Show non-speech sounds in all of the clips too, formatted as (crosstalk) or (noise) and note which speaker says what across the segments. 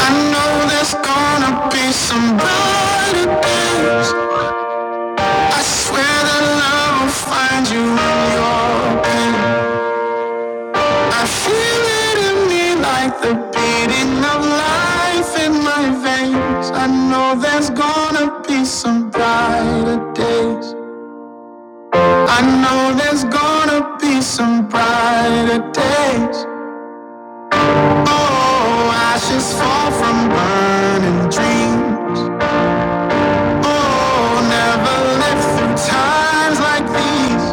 Speaker 1: I know there's gonna be some brighter days. I swear that love will find you in your pain. I feel it in me like the beating of life in my veins. I know there's gonna be some brighter days. I know there's gonna be some brighter days. Oh, ashes fall from burning dreams. Oh, never lived through times like these.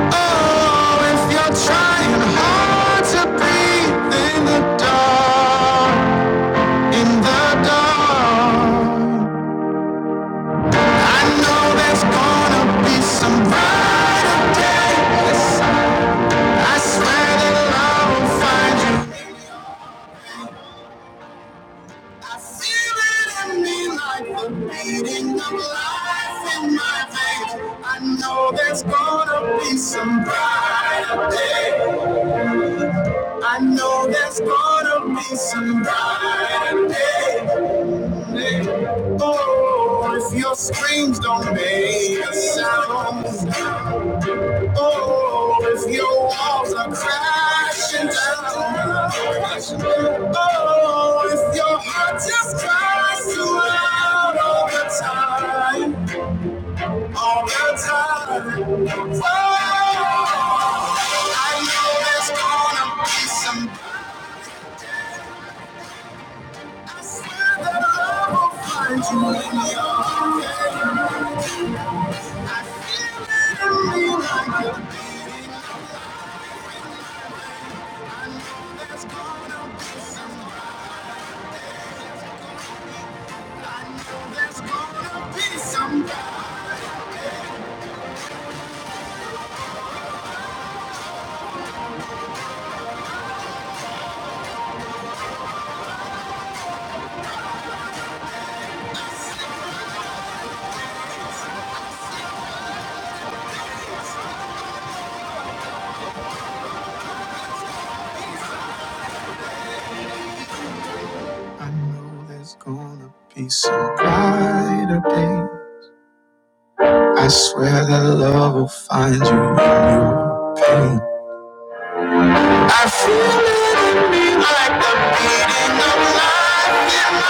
Speaker 1: Oh, if you're trying hard to breathe in the dark, in the dark. I know there's gonna be some brighter days. I swear that love will find you. I feel it in me like the beating of life in my veins. I know there's gonna be some brighter day. I know there's gonna be some brighter day. Oh, if your screams don't make a sound, Oh, if your walls are crashing down. Oh, if your heart just cries you out all the time. All the time. Oh, I know there's gonna be some that's where the love will find you in your There's gonna be some, there's gonna be some I know there's gonna be some brighter day. I swear that love will find you in your pain. I feel like the beating of life.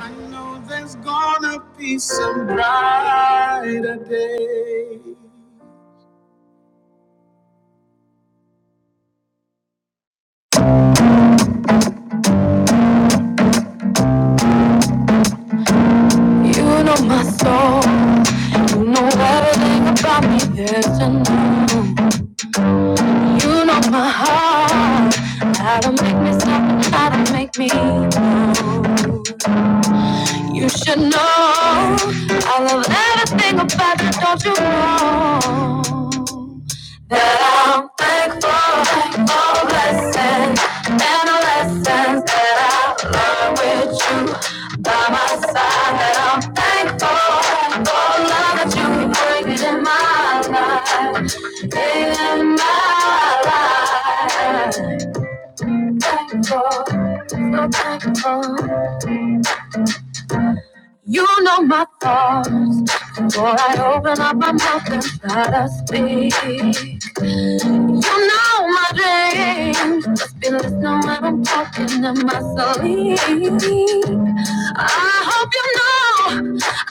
Speaker 1: I know there's gonna be some brighter day. You know my soul. You know everything about me there's to know. You know my heart. How to make me stop and how to make me move. You should know I love everything about you, don't you know? That I'm thankful for blessings and the lessons that I learned with you by my side. That I'm thankful for the love that you bring in my life, in my life. Thankful, so thankful. You know my thoughts. Before I open up my mouth and try to speak. You know my dreams. Just be listening when I'm talking in my sleep. I hope you know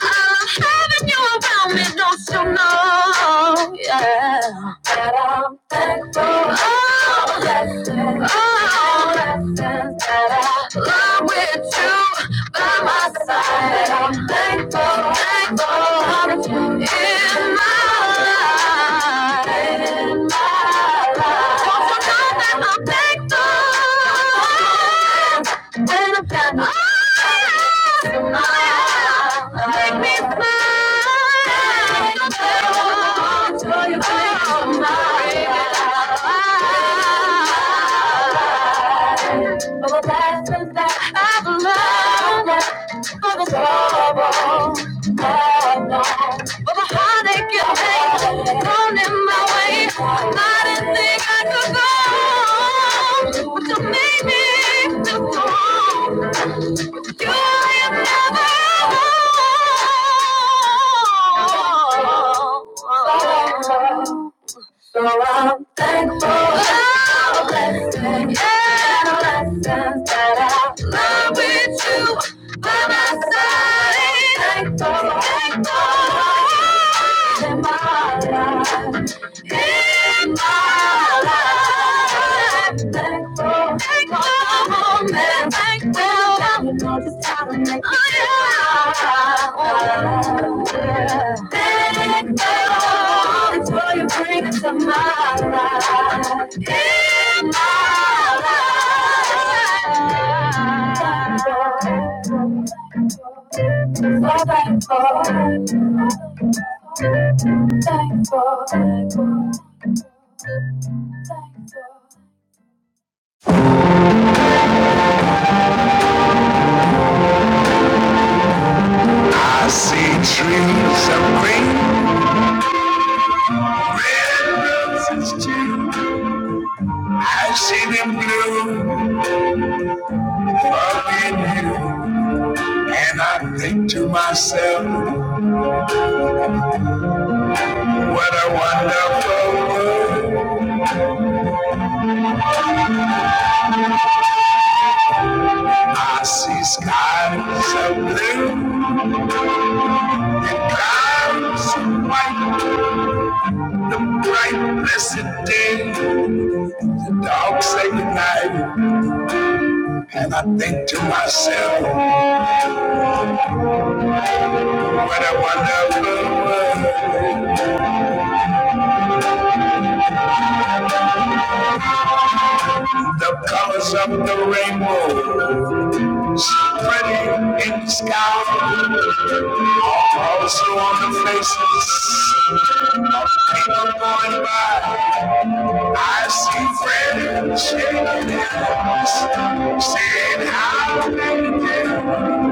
Speaker 1: I love having you around me. Don't you know? Yeah. That I'm thankful. Oh, blessings, oh, blessings that I love with you by my side. That I'm thankful, thankful I'm in my life. For the lessons that I've learned, for the trouble I've known. But my heartache and pain thrown in my way. I didn't think I could go, but you made me feel so wrong. You ain't never wrong. So I'm thankful I'm and i that I love with you by my side. Thankful, thankful for you in my life. In my life, thankful, thankful woman, thankful we know just how to make it right. Thankful for you bring into my life. In my life, so thankful, thankful, thankful. I see trees of green. and roses too. I see them blue, hugging you. And I think to myself, what a wonderful world. I see skies of blue and clouds of white. The bright, blessed day, the dark, sacred night. And I think to myself, what a wonderful world. The colors of the rainbow. spreading in the sky, also on the faces of people going by. I see friends shaking hands, saying how they did.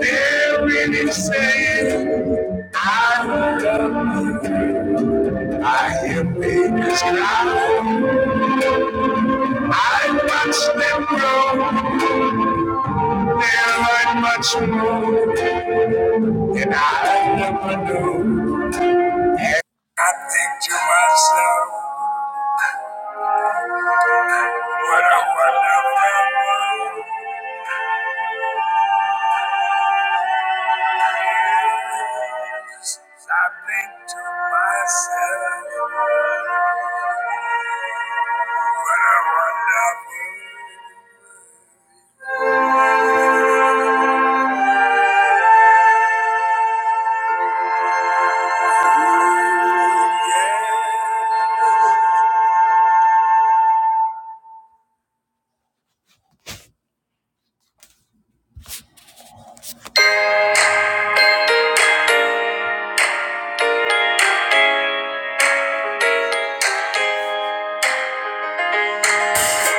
Speaker 1: They're really saying, I love you." I hear babies cry. I watch them grow. They learn much more than I never knew. I think to myself, what a wonderful world is. I think to myself, what a wonderful world.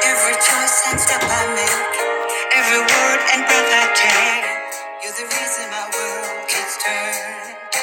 Speaker 1: Every choice and step I make, every word and breath I take, you're the reason my world keeps turning.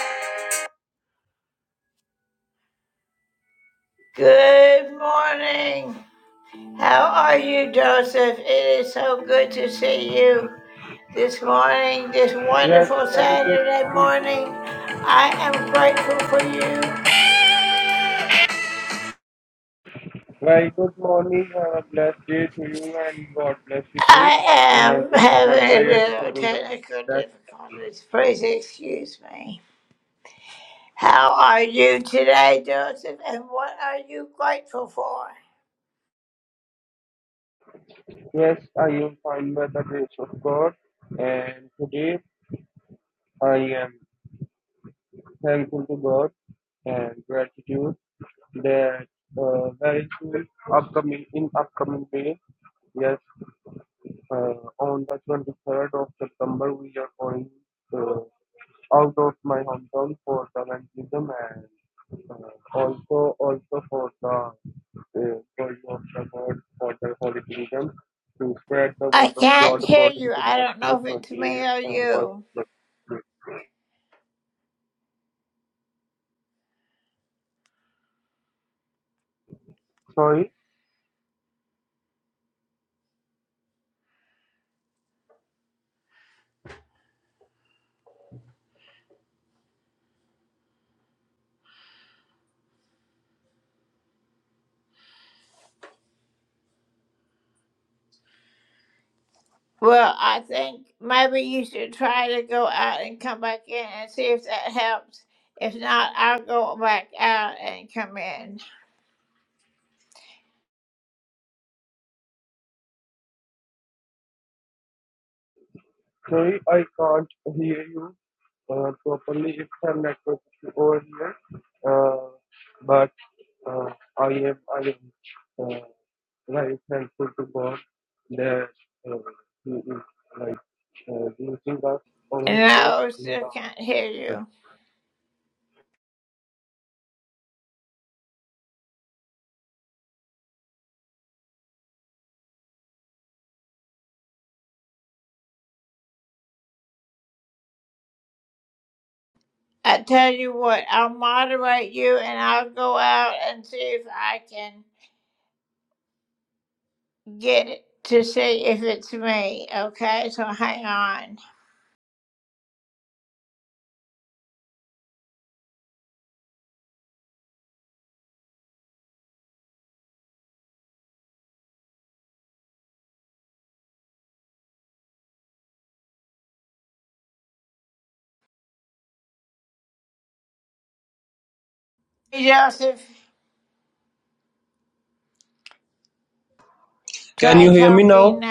Speaker 2: Can you hear me now?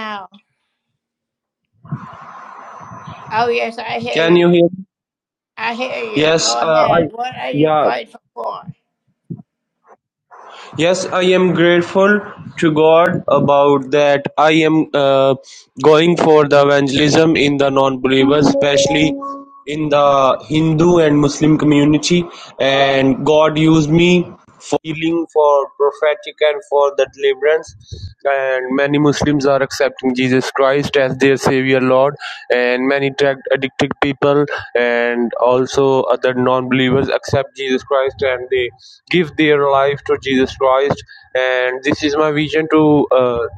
Speaker 2: Can you hear me? Yes, uh, I yeah. Yes, I am grateful to God about that. I am uh, going for the evangelism in the non-believers, especially in the Hindu and Muslim community, and God used me for healing, for prophetic, and for the deliverance. And many Muslims are accepting Jesus Christ as their Savior Lord, and many drug addicted people and also other non believers accept Jesus Christ and they give their life to Jesus Christ. And this is my vision to uh,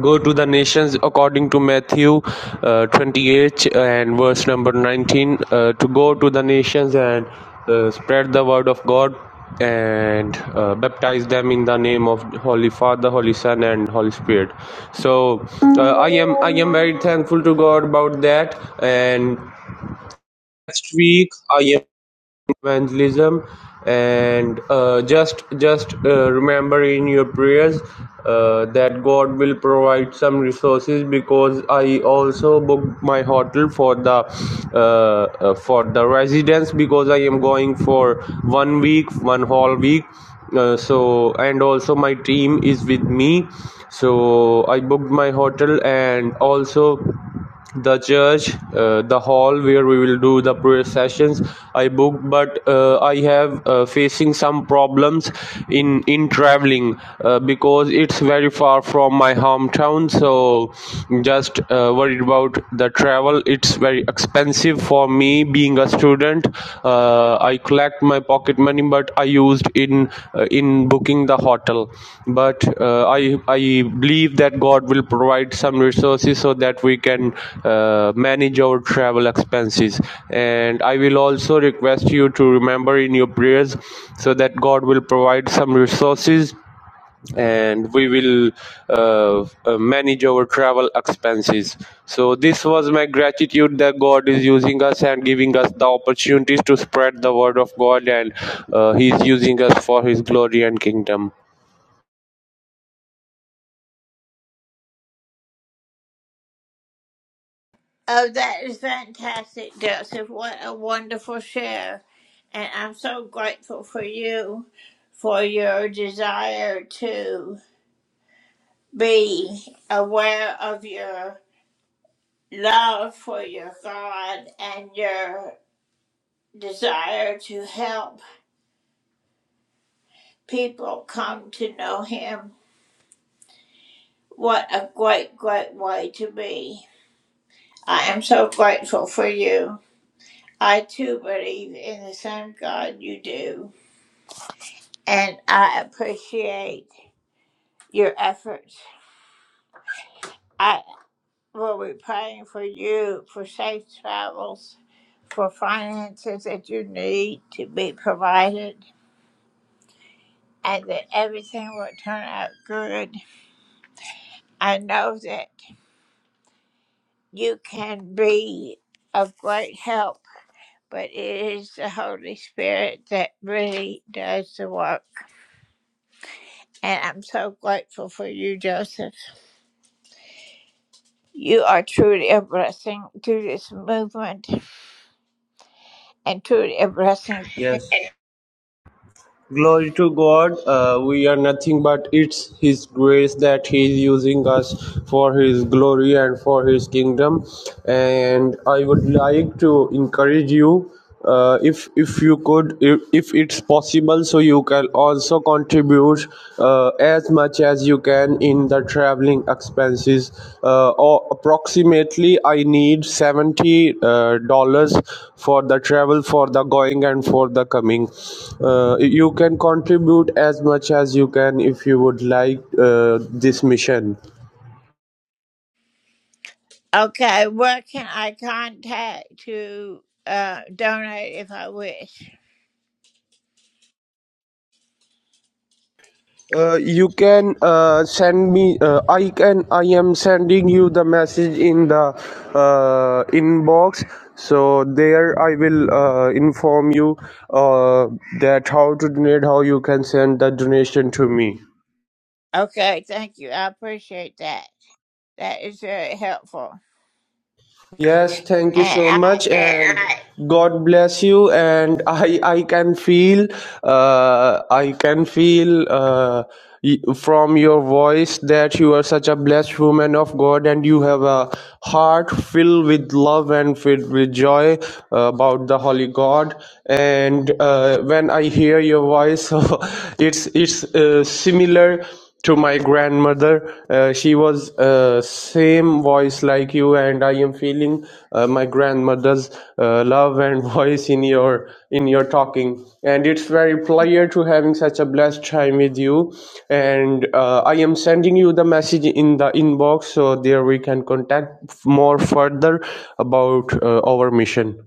Speaker 2: Go to the nations according to Matthew uh, 28 uh, and verse number 19. Uh, to go to the nations and uh, spread the word of God and uh, baptize them in the name of Holy Father, Holy Son, and Holy Spirit. So uh, I am I am very thankful to God about that. And next week I am evangelism and uh, just just uh, remember in your prayers uh, that god will provide some resources because i also booked my hotel for the uh, uh, for the residence because i am going for one week one whole week uh, so and also my team is with me so i booked my hotel and also the church, uh, the hall where we will do the prayer sessions. I booked, but uh, I have uh, facing some problems in in traveling uh, because it's very far from my hometown. So just uh, worried about the travel. It's very expensive for me being a student. Uh, uh, I collect my pocket money, but I used in uh, in booking the hotel. But uh, I I believe that God will provide some resources so that we can uh, manage our travel expenses. And I will also request you to remember in your prayers so that God will provide some resources and we will uh, uh, manage our travel expenses so this was my gratitude that god is using us and giving us the opportunities to spread the word of god and uh, he is using us for his glory and kingdom Yes. Glory to God, uh, we are nothing but it's His grace that He is using us for His glory and for His kingdom. And I would like to encourage you, uh, if if you could, if, if it's possible, so you can also contribute uh, uh, as much as you can in the traveling expenses uh, or approximately i need 70 uh, dollars for the travel for the going and for the coming uh, you can contribute as much as you can if you would like uh, this mission uh, you can uh, send me uh, i can i am sending you the message in the uh, inbox so there i will uh, inform you uh, that how to donate how you can send the donation to me Yes, thank you so much, and God bless you. And (laughs) I, I can feel, uh, I can feel uh, y- from your voice that you are such a blessed woman of God, and you have a heart filled with love and filled with joy uh, about the Holy God. And uh, when I hear your voice, (laughs) it's it's uh, similar to my grandmother uh, she was uh, same voice like you and i am feeling uh, my grandmother's uh, love and (laughs) voice in your in your talking and it's very pleasure to having such a blessed time with you and uh, i am sending you the message in the inbox so there we can contact more further about uh, our mission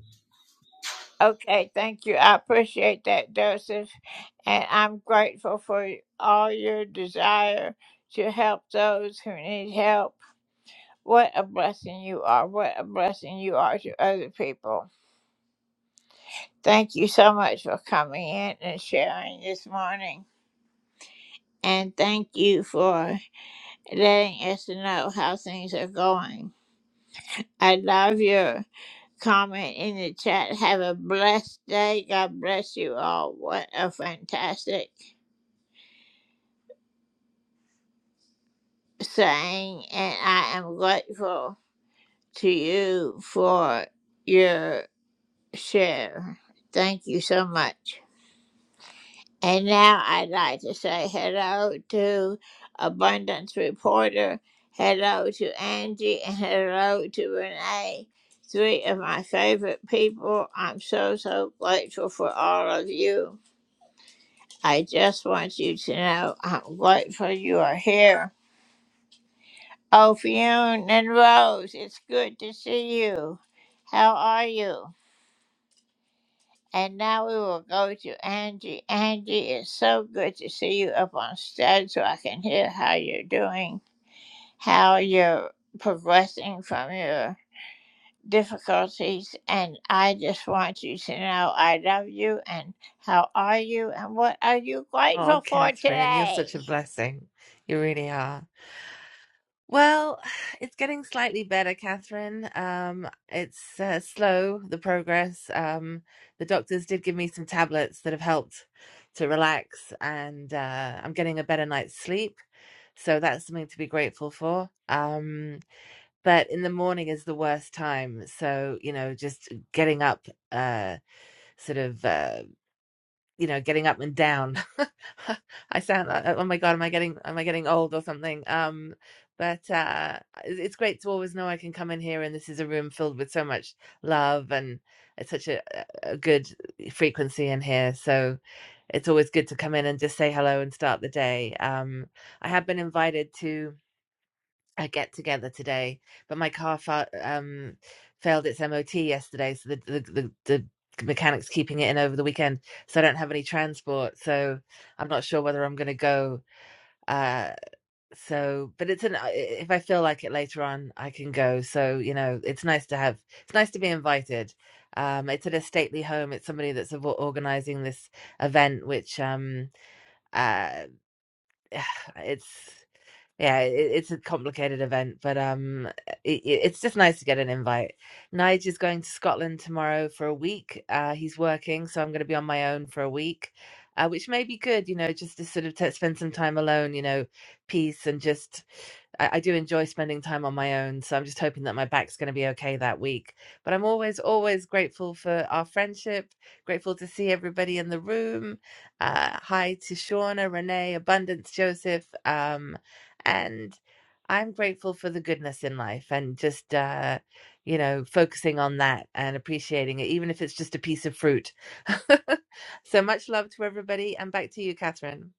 Speaker 3: Oh, Catherine, you're such a blessing. You really are. Well, (sighs) it's getting slightly better, Catherine. Um, it's uh, slow, the progress. Um, the doctors did give me some tablets that have helped to relax, and uh, I'm getting a better night's sleep. So that's something to be grateful for. Um, but in the morning is the worst time. So, you know, just getting up uh, sort of. Uh, you know getting up and down (laughs) i sound uh, oh my god am i getting am i getting old or something um but uh it's great to always know i can come in here and this is a room filled with so much love and it's such a, a good frequency in here so it's always good to come in and just say hello and start the day um i have been invited to a get together today, but my car fa- um, failed its MOT yesterday, so the, the the the mechanic's keeping it in over the weekend. So I don't have any transport, so I'm not sure whether I'm going to go. Uh, so, but it's an if I feel like it later on, I can go. So you know, it's nice to have. It's nice to be invited. Um, it's at a stately home. It's somebody that's organizing this event, which um, uh, (sighs) it's yeah, it, it's a complicated event, but um, it, it's just nice to get an invite. Nige is going to Scotland tomorrow for a week. Uh, he's working, so I'm going to be on my own for a week, uh, which may be good, you know, just to sort of t- spend some time alone, you know, peace and just. I, I do enjoy spending time on my own, so I'm just hoping that my back's going to be okay that week. But I'm always, always grateful for our friendship. Grateful to see everybody in the room. Uh, hi to Shauna, Renee, Abundance, Joseph. Um, and I'm grateful for the goodness in life and just uh you know focusing on that and appreciating it even if it's just a piece of fruit. (laughs) so much love to everybody and back to you Catherine.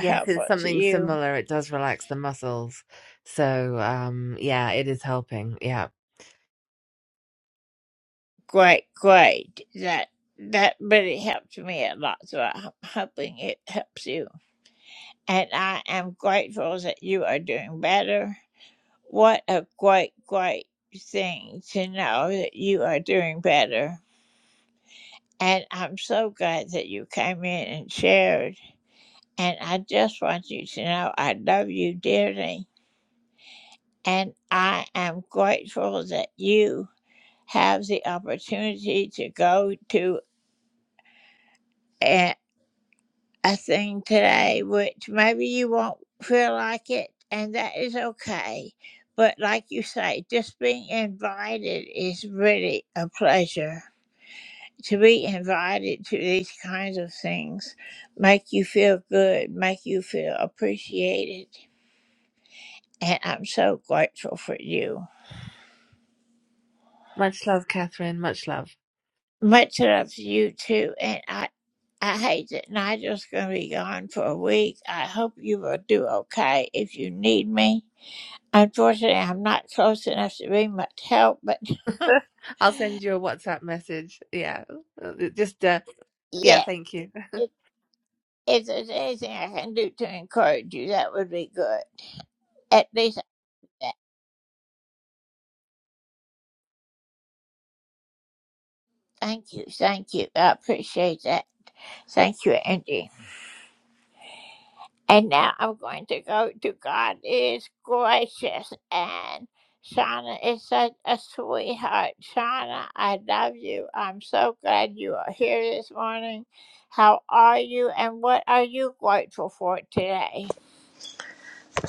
Speaker 3: Yes, it's something similar. It does relax the muscles. So um yeah, it is helping. Yeah. Much love Catherine, much love. (laughs) I'll send you a WhatsApp message. Yeah. Uh, Just uh yeah, thank you.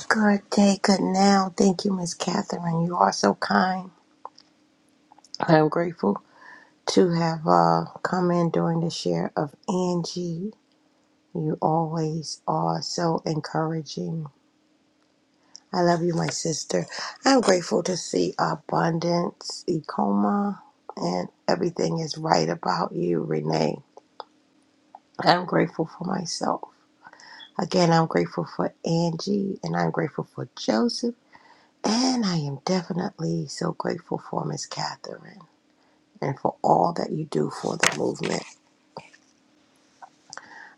Speaker 4: Good day, good now. Thank you, Miss Catherine. You are so kind. I am grateful to have uh, come in during the share of Angie. You always are so encouraging. I love you, my sister. I'm grateful to see abundance, Ecoma, and everything is right about you, Renee. I'm grateful for myself. Again, I'm grateful for Angie, and I'm grateful for Joseph. And I am definitely so grateful for Miss Catherine. and for all that you do for the movement.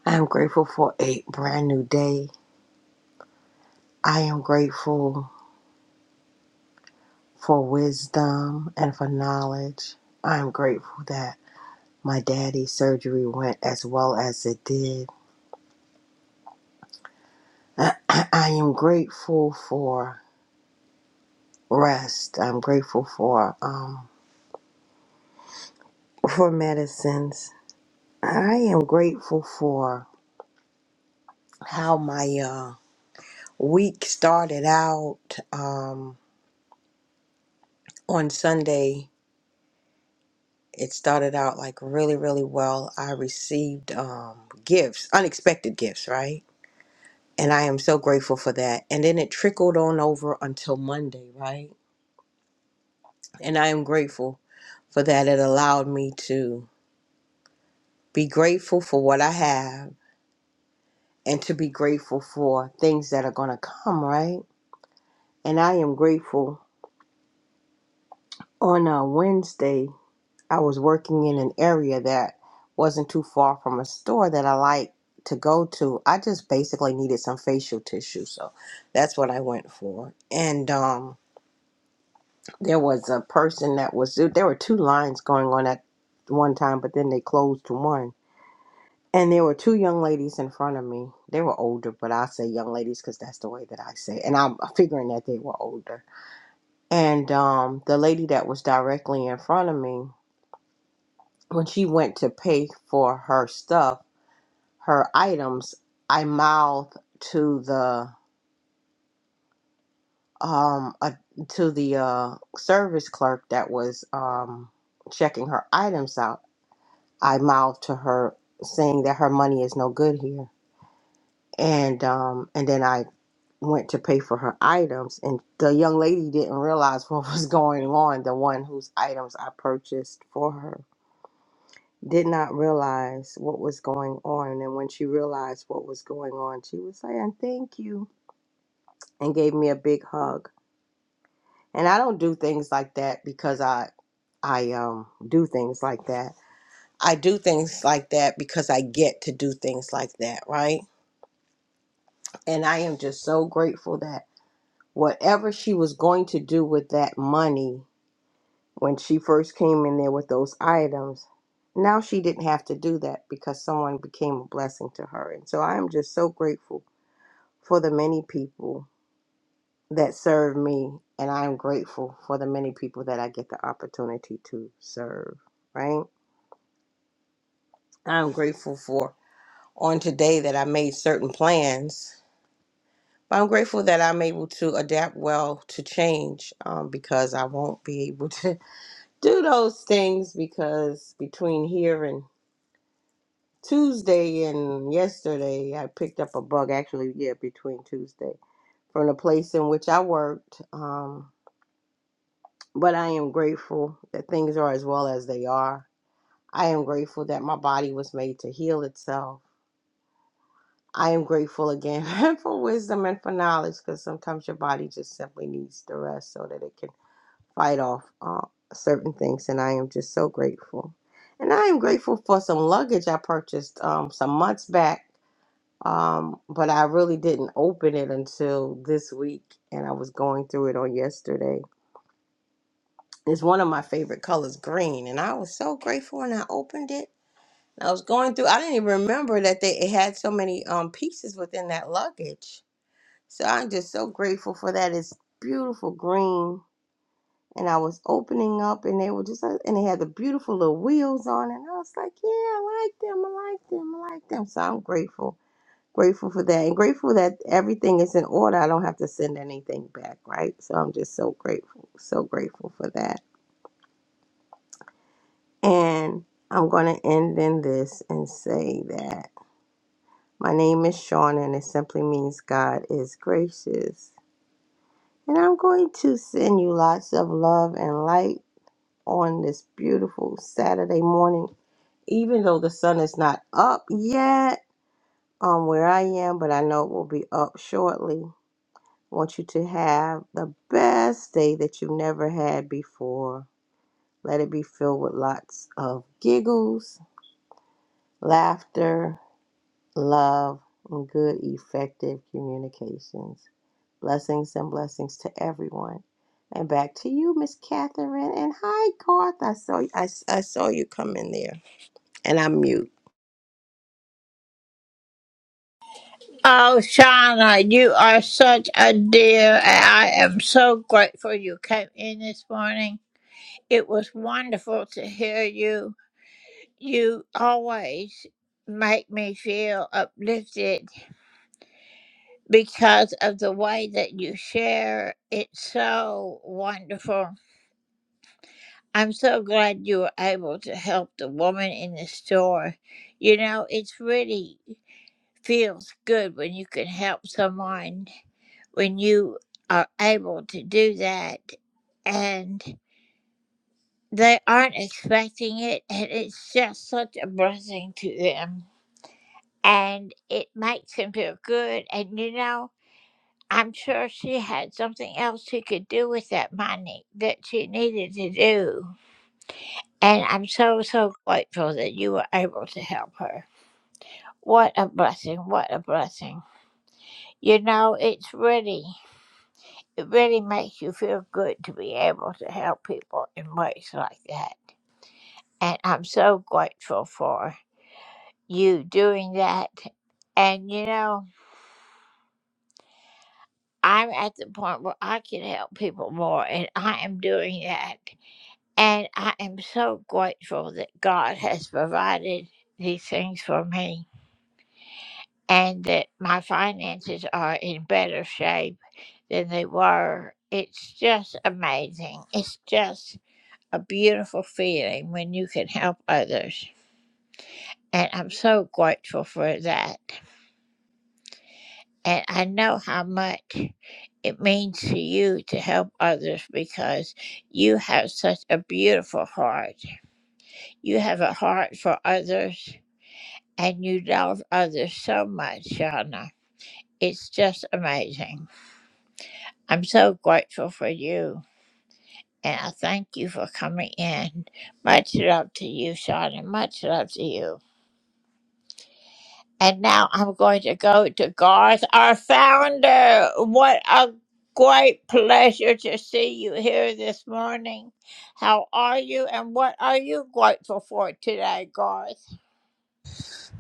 Speaker 4: I am grateful for a brand new day. I am grateful for wisdom and for knowledge. I am grateful that my daddy's surgery went as well as it did. (clears throat) I, I, I am grateful for rest. I'm grateful for um for medicines. I am grateful for how my uh, week started out um, on Sunday it started out like really really well i received um gifts unexpected gifts right and i am so grateful for that and then it trickled on over until monday right and i am grateful for that it allowed me to be grateful for what i have and to be grateful for things that are going to come right and i am grateful on a wednesday I was working in an area that wasn't too far from a store that I like to go to. I just basically needed some facial tissue, so that's what I went for. And um, there was a person that was there were two lines going on at one time, but then they closed to one. And there were two young ladies in front of me. They were older, but I say young ladies because that's the way that I say. It. And I'm figuring that they were older. And um, the lady that was directly in front of me when she went to pay for her stuff, her items, I mouthed to the um uh, to the uh service clerk that was um checking her items out. I mouthed to her saying that her money is no good here. And um and then I went to pay for her items and the young lady didn't realize (laughs) what was going on, the one whose items I purchased for her did not realize what was going on. And when she realized what was going on, she was saying, Thank you, and gave me a big hug. And I don't do things like that because I I um do things like that. I do things like that because I get to do things like that, right? And I am just so grateful that whatever she was going to do with that money when she first came in there with those items, now she didn't have to do that because someone became a blessing to her. And so I am just so grateful for the many people that serve me, and I am grateful for the many people that I get the opportunity to serve, right? I'm grateful for on today that I made certain plans. But I'm grateful that I'm able to adapt well to change um, because I won't be able to (laughs) do those things because between here and Tuesday and yesterday, I picked up a bug. Actually, yeah, between Tuesday from the place in which I worked. Um, but I am grateful that things are as well as they are. I am grateful that my body was made to heal itself. I am grateful again (laughs) for wisdom and for knowledge because sometimes your body just simply needs the rest so that it can fight off uh, certain things. And I am just so grateful. And I am grateful for some luggage I purchased um, some months back Um, but I really didn't open it until this week, and I was going through it on yesterday. It's one of my favorite colors, green, and I was so grateful when I opened it. I was going through. I didn't even remember that they it had so many um pieces within that luggage. So I'm just so grateful for that. It's beautiful green, and I was opening up, and they were just like, and they had the beautiful little wheels on, and I was like, yeah, I like them, I like them, I like them. So I'm grateful Grateful for that and grateful that everything is in order. I don't have to send anything back, right? So I'm just so grateful, so grateful for that. And I'm going to end in this and say that my name is Sean and it simply means God is gracious. And I'm going to send you lots of love and light on this beautiful Saturday morning, even though the sun is not up yet on where I am, but I know it will be up shortly. want you to have the best day that you've never had before. Let it be filled with lots of giggles, laughter, love, and good, effective communications. Blessings and blessings to everyone. And back to you, Miss Catherine. And hi, Garth. I saw I, I saw you come in there, and I'm mute.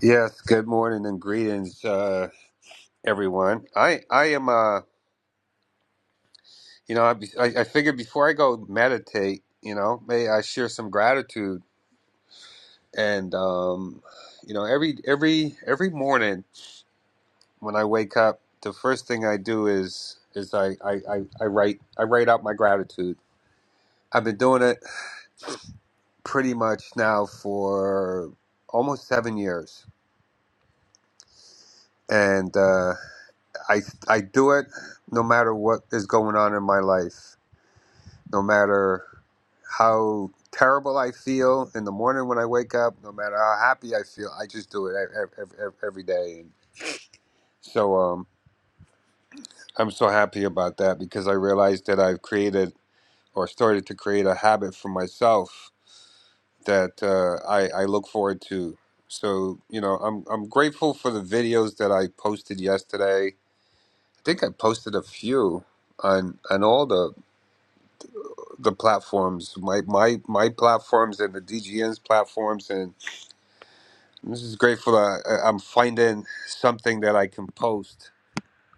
Speaker 5: Yes, good morning and greetings, uh, everyone. I, I am, uh, you know, I, I I figured before I go meditate, you know, may I share some gratitude. And, um, you know, every, every, every morning when I wake up, the first thing I do is, is I, I, I, I write, I write out my gratitude. I've been doing it pretty much now for almost seven years. And, uh, I, I do it no matter what is going on in my life no matter how terrible I feel in the morning when I wake up, no matter how happy I feel, I just do it every, every, every day. And so um, I'm so happy about that because I realized that I've created or started to create a habit for myself that uh, I, I look forward to. So you know, I'm I'm grateful for the videos that I posted yesterday. I think I posted a few on on all the the platforms, my my my platforms and the DGN's platforms and I'm just grateful that I- I'm finding something that I can post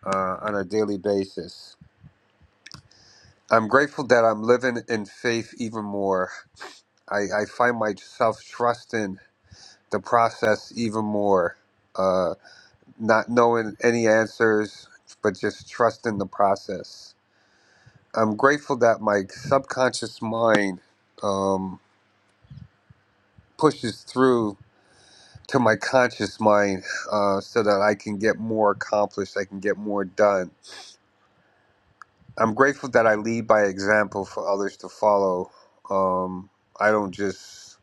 Speaker 5: uh, on a daily basis. I'm grateful that I'm living in faith even more. I, I find myself trusting the process even more, uh, not knowing any answers, but just trusting the process. I'm grateful that my subconscious mind um, pushes through to my conscious mind uh, so that I can get more accomplished, I can get more done I'm grateful that I lead by example for others to follow. Um, I don't just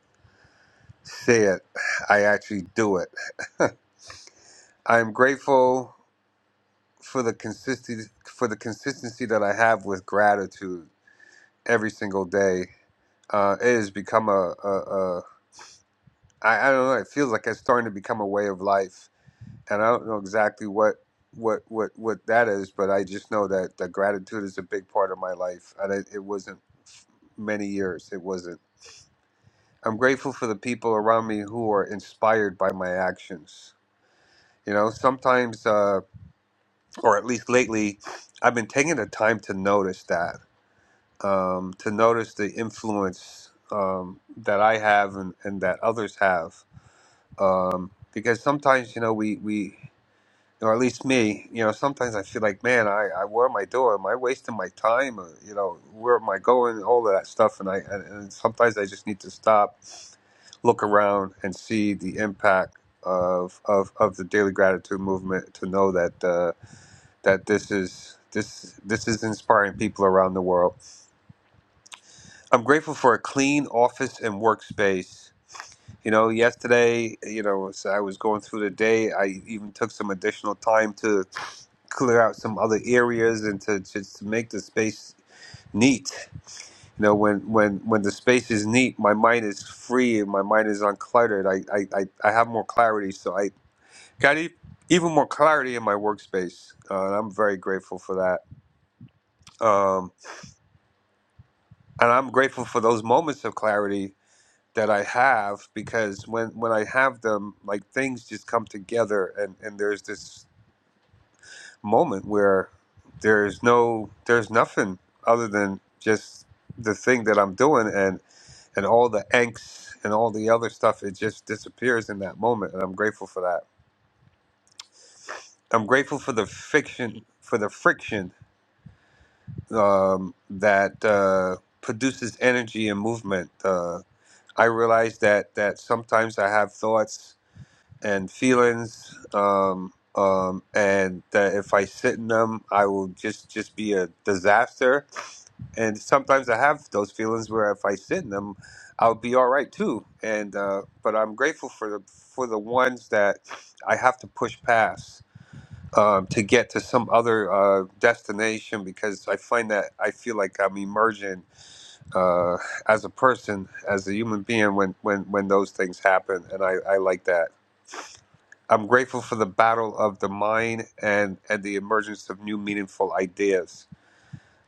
Speaker 5: say it, I actually do it. (laughs) I'm grateful for the consistency for the consistency that I have with gratitude every single day. Uh, it has become a, a, a I, I don't know. It feels like it's starting to become a way of life. and I don't know exactly what what what what that is, but I just know that that gratitude is a big part of my life, and it, it wasn't many years. It wasn't. I'm grateful for the people around me who are inspired by my actions. You know, sometimes, uh, or at least lately, I've been taking the time to notice that, um, to notice the influence um, that I have and, and that others have. Um, because sometimes, you know, we, we or at least me, you know, sometimes I feel like, man, I, I what am I doing? Am I wasting my time? Or, you know, where am I going? All of that stuff, and I and, and sometimes I just need to stop, look around, and see the impact of of, of the daily gratitude movement to know that uh, that this is. This, this is inspiring people around the world. I'm grateful for a clean office and workspace. You know, yesterday, you know, as I was going through the day, I even took some additional time to clear out some other areas and to just to make the space neat. You know, when when when the space is neat, my mind is free and my mind is uncluttered. I I I, I have more clarity, so I got e- even more clarity in my workspace, uh, and I'm very grateful for that. Um, and I'm grateful for those moments of clarity that I have because when when I have them, like things just come together, and and there's this. moment where there's no there's nothing other than just the thing that I'm doing and and all the angst and all the other stuff it just disappears in that moment and I'm grateful for that. I'm grateful for the fiction for the friction um, that uh, produces energy and movement. Uh, I realize that that sometimes I have thoughts and feelings um, um, and that if I sit in them I will just just be a disaster and sometimes I have those feelings where if I sit in them, I'll be all right too. And uh, but I'm grateful for the for the ones that I have to push past um, to get to some other uh, destination because I find that I feel like I'm emerging uh, as a person, as a human being when when when those things happen, and I, I like that. I'm grateful for the battle of the mind and and the emergence of new meaningful ideas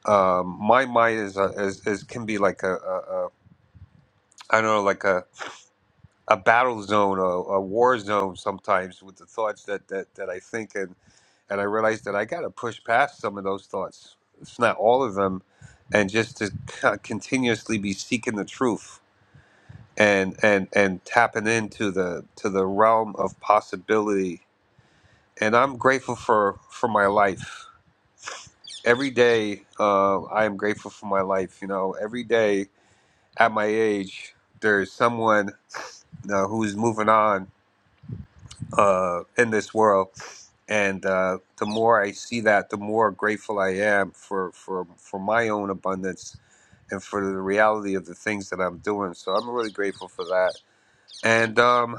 Speaker 5: um, my mind is, a, is is can be like a a, I don't know, like a, a battle zone or a war zone sometimes with the thoughts that, that, that I think. And, and I realize that I got to push past some of those thoughts, It's not all of them, and just to co- continuously be seeking the truth and, and, and tapping into the, to the realm of possibility. And I'm grateful for, for my life. Every day, uh, I am grateful for my life. You know, every day at my age, there's someone uh, who's moving on uh, in this world. And uh, the more I see that, the more grateful I am for, for, for my own abundance and for the reality of the things that I'm doing. So I'm really grateful for that. And um,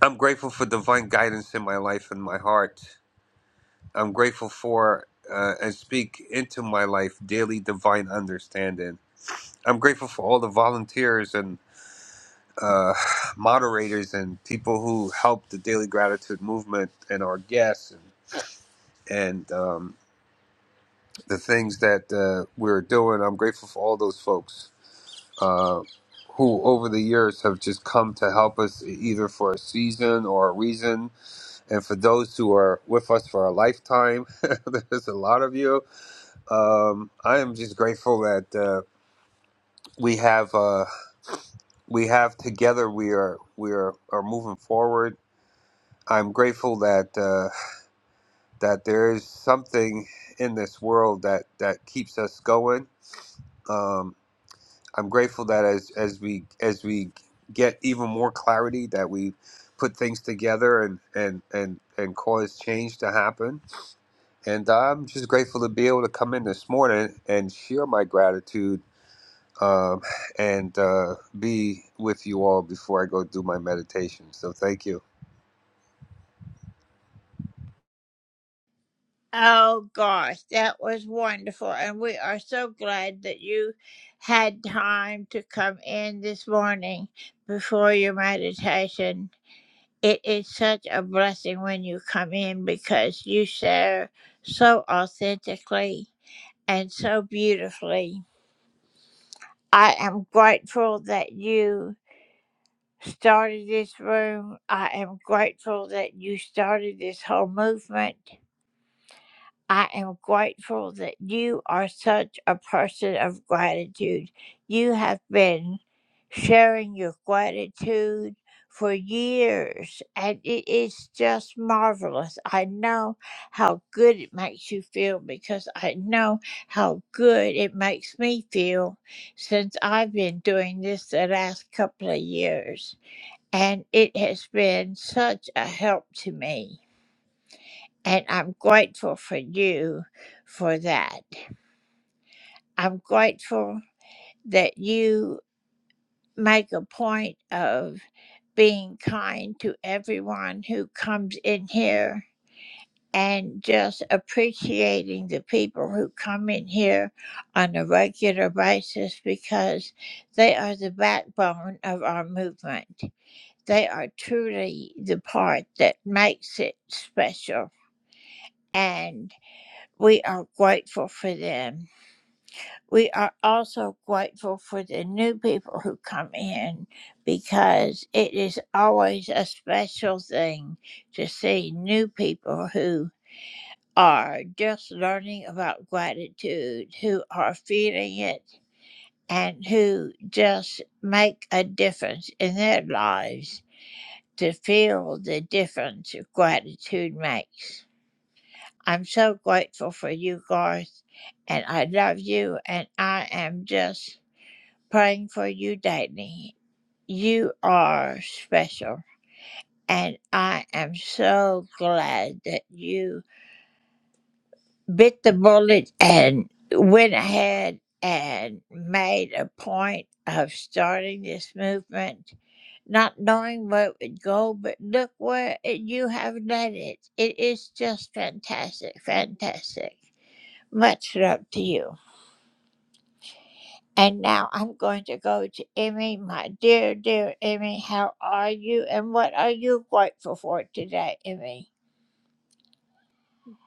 Speaker 5: I'm grateful for divine guidance in my life and my heart. I'm grateful for uh, and speak into my life daily divine understanding. I'm grateful for all the volunteers and uh, (sighs) moderators and people who help the Daily Gratitude movement and our guests and and um, the things that uh, we're doing. I'm grateful for all those folks uh, who, over the years, have just come to help us e-, either for a season or a reason, and for those who are with us for a lifetime. (laughs) there's a lot of you. Um, I am just grateful that uh, we have uh, we have together. We are we are, are moving forward. I'm grateful that uh, that there is something in this world that that keeps us going Um, I'm grateful that as as we as we get even more clarity that we put things together and and and and cause change to happen. And I'm just grateful to be able to come in this morning and share my gratitude um, and uh, be with you all before I go do my meditation. So thank you.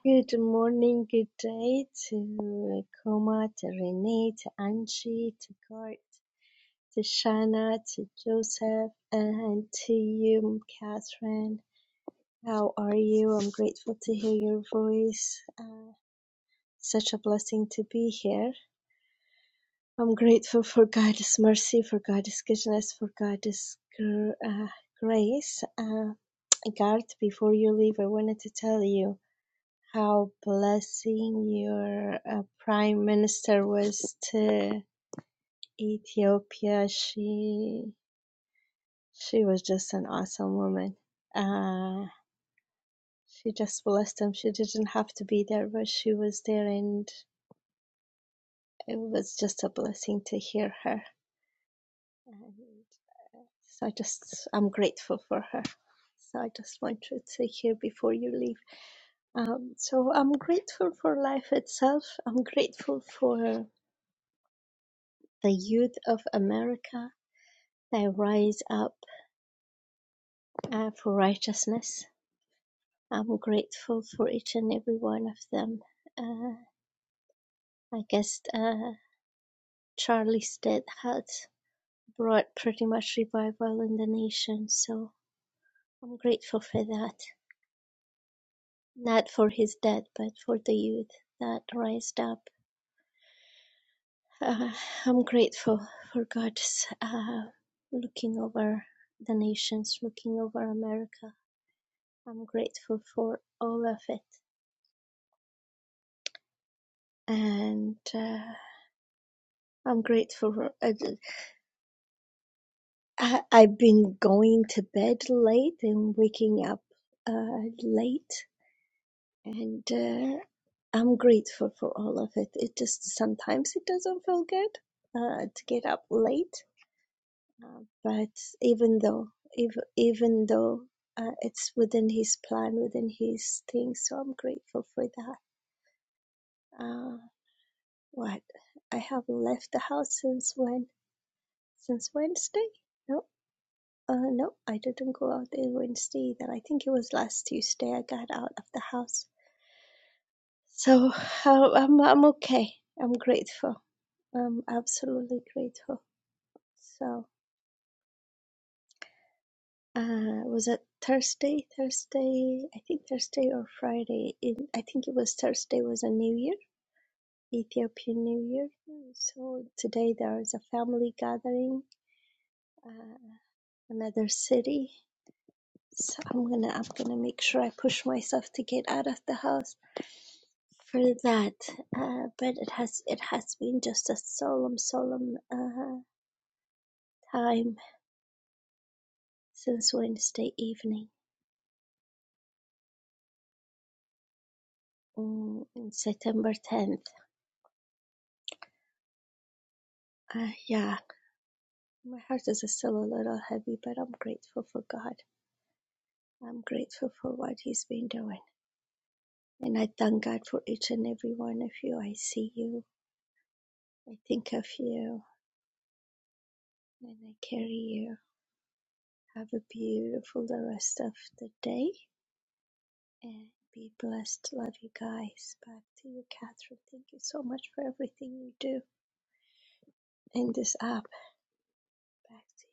Speaker 6: Good morning, good day to Koma, to Renee, to Angie, to Gart, to Shana, to Joseph, and to you, Catherine. How are you? I'm grateful to hear your voice. Uh, such a blessing to be here. I'm grateful for God's mercy, for God's goodness, for God's gr- uh, grace. Uh, Garth, before you leave, I wanted to tell you. how blessing your uh, prime minister was to Ethiopia. She she was just an awesome woman. Uh, she just blessed them. She didn't have to be there, but she was there, and it was just a blessing to hear her. And uh, so I just I'm grateful for her. So I just want you to hear before you leave. Um, so I'm grateful for life itself. I'm grateful for The youth of America, they rise up uh, for righteousness. I'm grateful for each and every one of them. Uh, I guess uh, Charlie's death had brought pretty much revival in the nation, so I'm grateful for that. Not for his death, but for the youth that rised up. Uh, I'm grateful for God's uh, looking over the nations, looking over America. I'm grateful for all of it. and uh, I'm grateful for. I, I- I've been going to bed late and waking up uh, late, and uh, I'm grateful for all of it. It just sometimes it doesn't feel good uh, to get up late, uh, but even though, even even though. Uh, it's within his plan, within his thing, so I'm grateful for that. Uh, what? I have left the house since when? Since Wednesday? No. Uh, no, I didn't go out there Wednesday either. I think it was last Tuesday I got out of the house. So uh, I'm I'm okay. I'm grateful. I'm absolutely grateful. So uh, was it Thursday? Thursday? I think Thursday or Friday. It, I think it was Thursday. Was a New Year, Ethiopian New Year. So today there is a family gathering, uh, another city. So I'm gonna I'm gonna make sure I push myself to get out of the house for that. Uh, but it has it has been just a solemn solemn uh, time since Wednesday evening, mm, September 10th. Uh, yeah, my heart is still a little heavy, but I'm grateful for God. I'm grateful for what He's been doing, and I thank God for each and every one of you. I see you. I think of you, and I carry you. Have a beautiful the rest of the day and be blessed. Love you guys. Back to you, Catherine. Thank you so much for everything you do in this app. Back to you.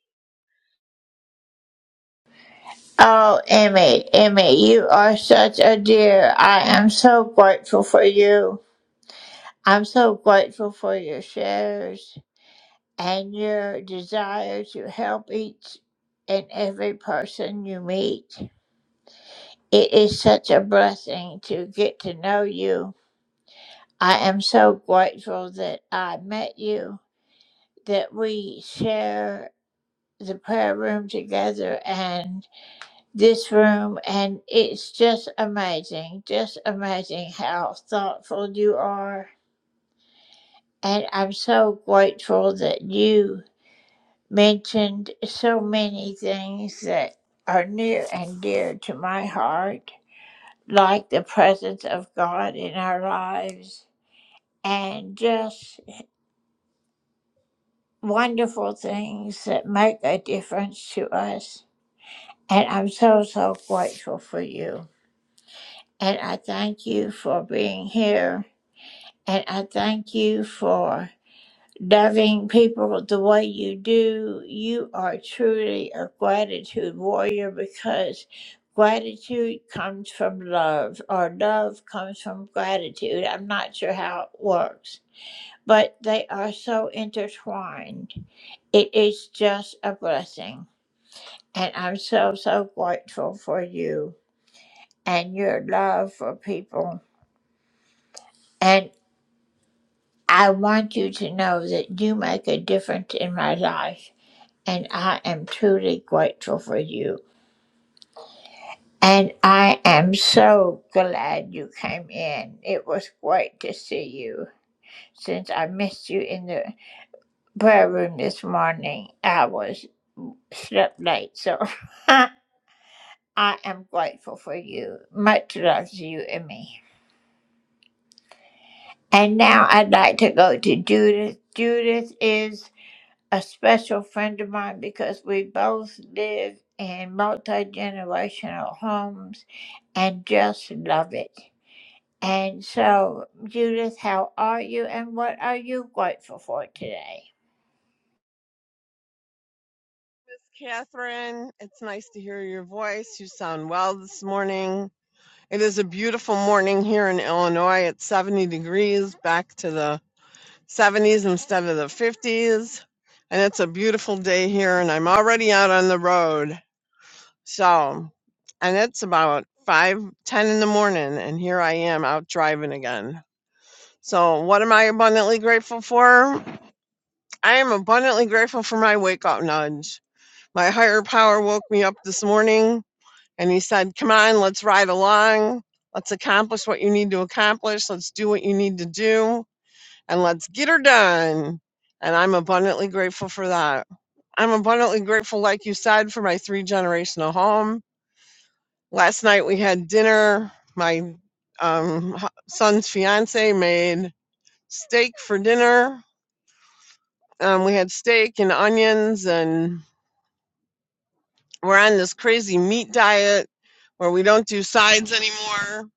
Speaker 7: Catherine, it's nice to hear your voice. You sound well this morning. It is a beautiful morning here in Illinois. It's 70 degrees, back to the 70s instead of the 50s. And it's a beautiful day here, and I'm already out on the road. So, and it's about five ten in the morning, and here I am out driving again. So, what am I abundantly grateful for? I am abundantly grateful for my wake up nudge. My higher power woke me up this morning And he said, Come on, let's ride along. Let's accomplish what you need to accomplish. Let's do what you need to do. And let's get her done. And I'm abundantly grateful for that. I'm abundantly grateful, like you said, for my three generational home. Last night we had dinner. My um, hu- son's fiance made steak for dinner. Um, we had steak and onions, and we're on this crazy meat diet where we don't do sides anymore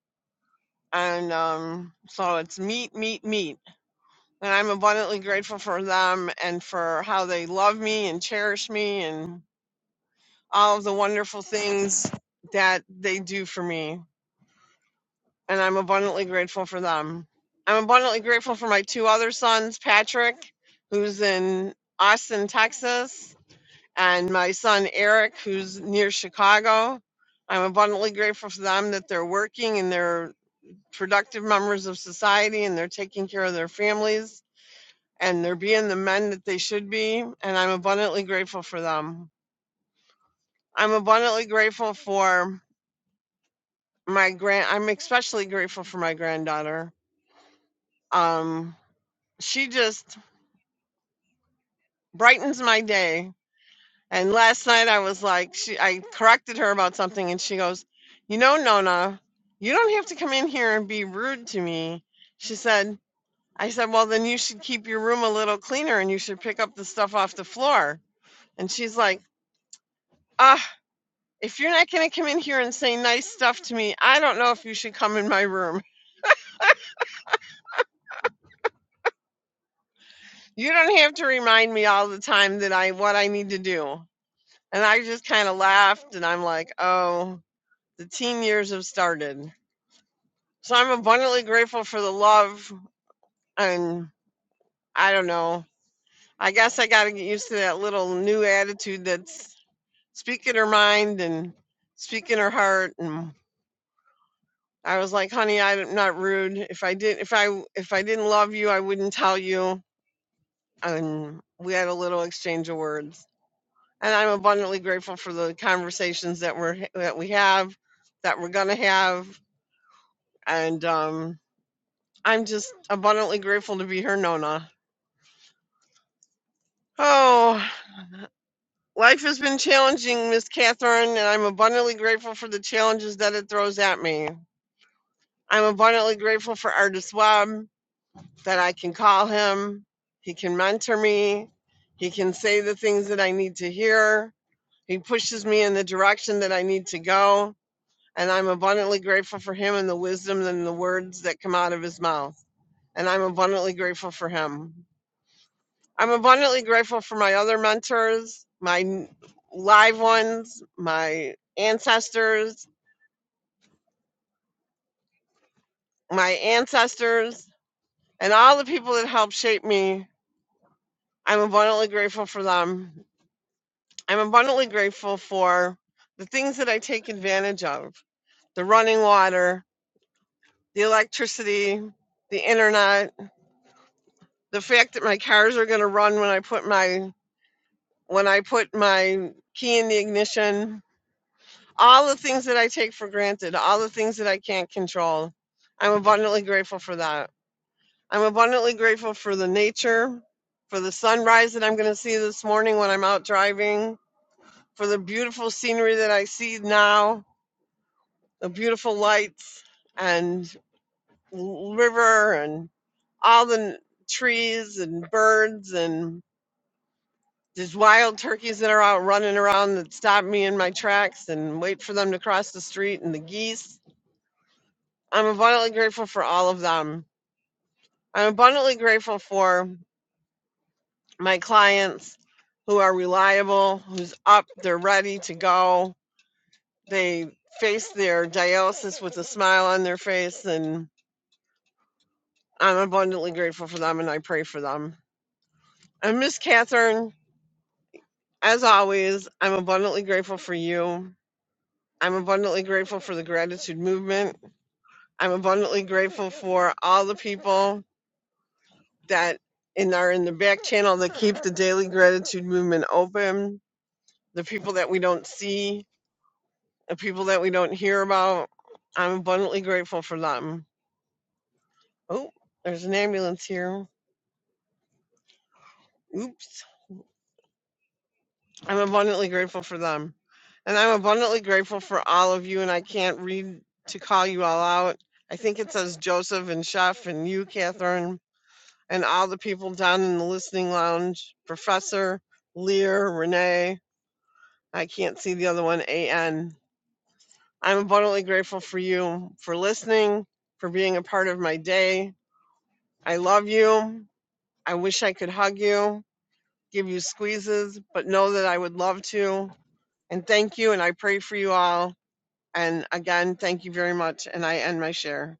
Speaker 7: and um, so it's meat, meat, meat. And I'm abundantly grateful for them and for how they love me and cherish me and all of the wonderful things that they do for me. And I'm abundantly grateful for them. I'm abundantly grateful for my two other sons, Patrick, who's in Austin, Texas, and my son, Eric, who's near Chicago. I'm abundantly grateful for them that they're working and they're productive members of society and they're taking care of their families and they're being the men that they should be. And I'm abundantly grateful for them. I'm abundantly grateful for my grand, I'm especially grateful for my granddaughter. Um, she just brightens my day. And last night I was like, she, I corrected her about something and she goes, You know, Nona, you don't have to come in here and be rude to me. She said, I said, Well, then you should keep your room a little cleaner and you should pick up the stuff off the floor. And she's like, Ah, if you're not going to come in here and say nice stuff to me, I don't know if you should come in my room. You don't have to remind me all the time that I what I need to do. And I just kind of laughed and I'm like, Oh, the teen years have started. So I'm abundantly grateful for the love and I don't know. I guess I got to get used to that little new attitude that's Speaking her mind and speaking her heart and i was like honey i'm not rude if i did if I, if i didn't love you i wouldn't tell you and we had a little exchange of words and i'm abundantly grateful for the conversations that we're that we have that we're gonna have and um i'm just abundantly grateful to be her nona oh life has been challenging miss catherine and i'm abundantly grateful for the challenges that it throws at me I'm abundantly grateful for Artist Webb that I can call him. He can mentor me. He can say the things that I need to hear. He pushes me in the direction that I need to go. And I'm abundantly grateful for him and the wisdom and the words that come out of his mouth. And I'm abundantly grateful for him. I'm abundantly grateful for my other mentors, my live ones, my ancestors, my ancestors, and all the people that helped shape me I'm abundantly grateful for them. I'm abundantly grateful for the things that I take advantage of the running water, the electricity, the internet, the fact that my cars are going to run when I put my when I put my key in the ignition, all the things that I take for granted, all the things that I can't control. I'm abundantly grateful for that. I'm abundantly grateful for the nature, for the sunrise that I'm going to see this morning when I'm out driving, for the beautiful scenery that I see now, the beautiful lights and river and all the trees and birds and there's wild turkeys that are out running around that stop me in my tracks and wait for them to cross the street and the geese. I'm abundantly grateful for all of them. I'm abundantly grateful for my clients who are reliable, who's up, they're ready to go they face their dialysis with a smile on their face, and I'm abundantly grateful for them and I pray for them. And Miss Catherine, as always, I'm abundantly grateful for you. I'm abundantly grateful for the gratitude movement. I'm abundantly grateful for all the people that in are in the back channel that keep the daily gratitude movement open, the people that we don't see, the people that we don't hear about. I'm abundantly grateful for them. Oh, there's an ambulance here. Oops. I'm abundantly grateful for them. And I'm abundantly grateful for all of you. And I can't read to call you all out. I think it says Joseph and Chef and you, Catherine, and all the people down in the listening lounge Professor, Lear, Renee. I can't see the other one, A. am abundantly grateful for you, for listening, for being a part of my day. I love you. I wish I could hug you, give you squeezes, but know that I would love to. And thank you, and I pray for you all. And again, thank you very much. And I end my share.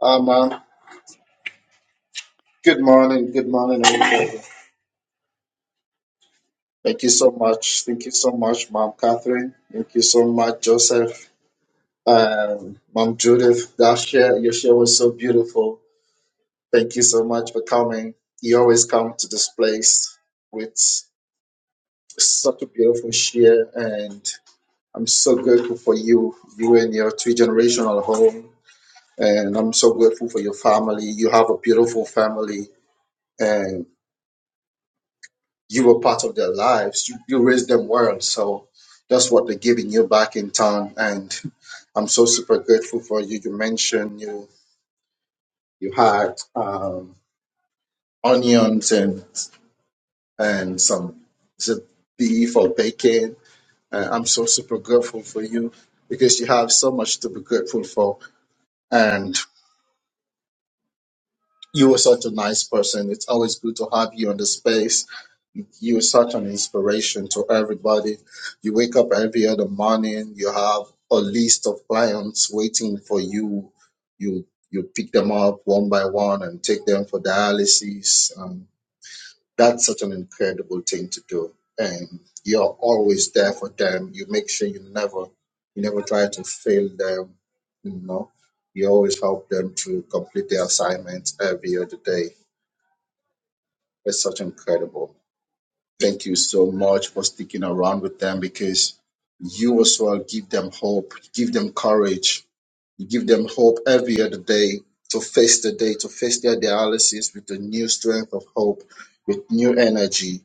Speaker 8: Uh, ma'am, good morning. Good morning, everybody. Thank you so much. Thank you so much, Ma'am Catherine. Thank you so much, Joseph. Um, Mom Judith, that share, your share was so beautiful. Thank you so much for coming. You always come to this place with such a beautiful share, and I'm so grateful for you, you and your three generational home. And I'm so grateful for your family. You have a beautiful family You were part of their lives. You, you raised them well. So that's what they're giving you back in turn. And (laughs) I'm so super grateful for you. You mentioned you you had um, onions and and some is it beef or bacon. Uh, I'm so super grateful for you because you have so much to be grateful for. And You were such a nice person. It's always good to have you on the space. You are such an inspiration to everybody. You wake up every other morning. You have a list of clients waiting for you. You you pick them up one by one and take them for dialysis. Um, that's such an incredible thing to do and you're always there for them you make sure you never you never try to fail them you know you always help them to complete their assignments every other day it's such incredible thank you so much for sticking around with them because you as well give them hope give them courage you give them hope every other day to face the day to face their dialysis with a new strength of hope with new energy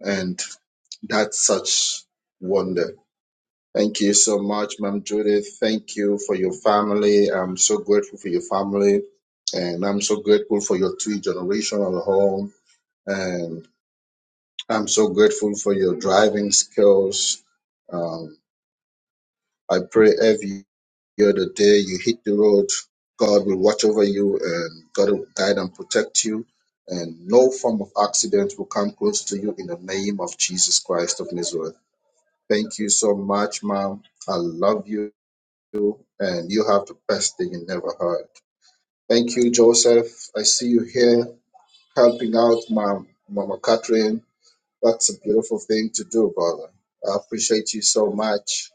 Speaker 8: and. That's such wonder. Thank you so much, Ma'am Judith. Thank you for your family. I'm so grateful for your family. And I'm so grateful for your three generational home. And I'm so grateful for your driving skills. Um, I pray every year the day you hit the road, God will watch over you and God will guide and protect you. And no form of accident will come close to you in the name of Jesus Christ of Nazareth. Thank you so much, mom. I love you, and you have the best thing you never heard. Thank you, Joseph. I see you here helping out mom, Mama Catherine. That's a beautiful thing to do, brother. I appreciate you so much.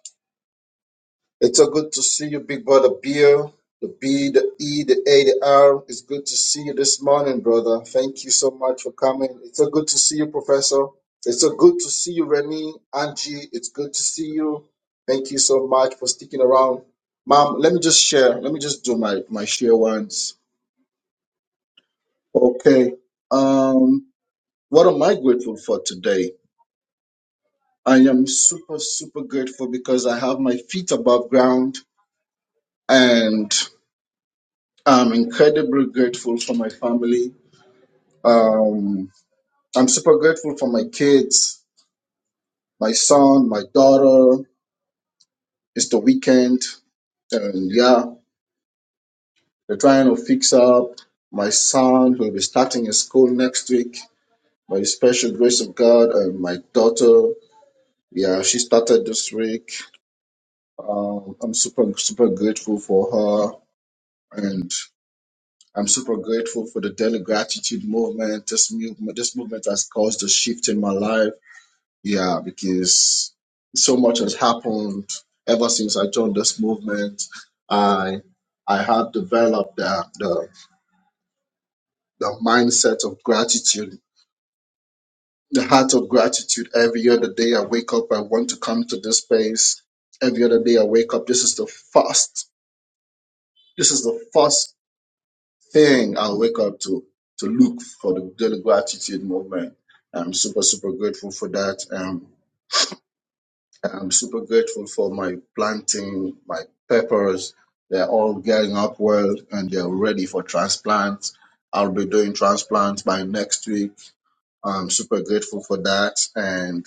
Speaker 8: It's so good to see you, big brother Bill. The B, the E, the A, the R. It's good to see you this morning, brother. Thank you so much for coming. It's so good to see you, Professor. It's so good to see you, Remy, Angie. It's good to see you. Thank you so much for sticking around. Mom, let me just share. Let me just do my, my share once. Okay. Um, what am I grateful for today? I am super, super grateful because I have my feet above ground and. I'm incredibly grateful for my family. Um, I'm super grateful for my kids, my son, my daughter. It's the weekend, and yeah, they're trying to fix up. My son will be starting his school next week by the special grace of God, and my daughter, yeah, she started this week. Um, I'm super, super grateful for her, and I'm super grateful for the daily gratitude movement. This, move, this movement has caused a shift in my life Yeah, because so much has happened ever since I joined this movement. I I have developed the the, the mindset of gratitude, the heart of gratitude. Every other day I wake up, I want to come to this space. Every other day I wake up, this is the first, this is the first thing I wake up to to look for the, the gratitude movement. I'm super super grateful for that. Um, I'm super grateful for my planting, my peppers. They're all getting up well and they're ready for transplants. I'll be doing transplants by next week. I'm super grateful for that. And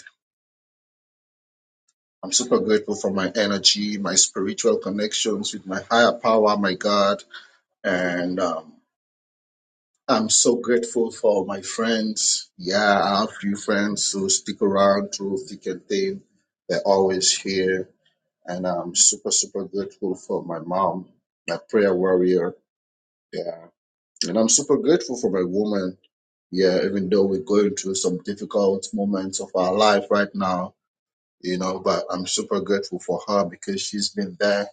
Speaker 8: I'm super grateful for my energy, my spiritual connections with my higher power, my God. And um, I'm so grateful for my friends. Yeah, I have few friends who stick around through thick and thin. They're always here and I'm super, super grateful for my mom, my prayer warrior. Yeah. And I'm super grateful for my woman. Yeah, even though we're going through some difficult moments of our life right now, you know, but I'm super grateful for her because she's been there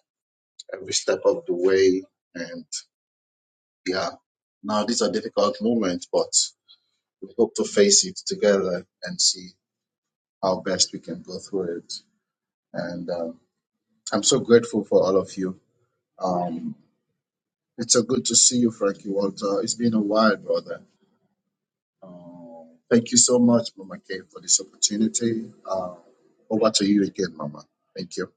Speaker 8: every step of the way. And yeah, now these are difficult moments, but we hope to face it together and see how best we can go through it. And um, I'm so grateful for all of you. Um, It's so good to see you, Frankie Walter. It's been a while, brother. Um, thank you so much, Mama Kay, for this opportunity. Uh, over to you again, Mama. Thank you.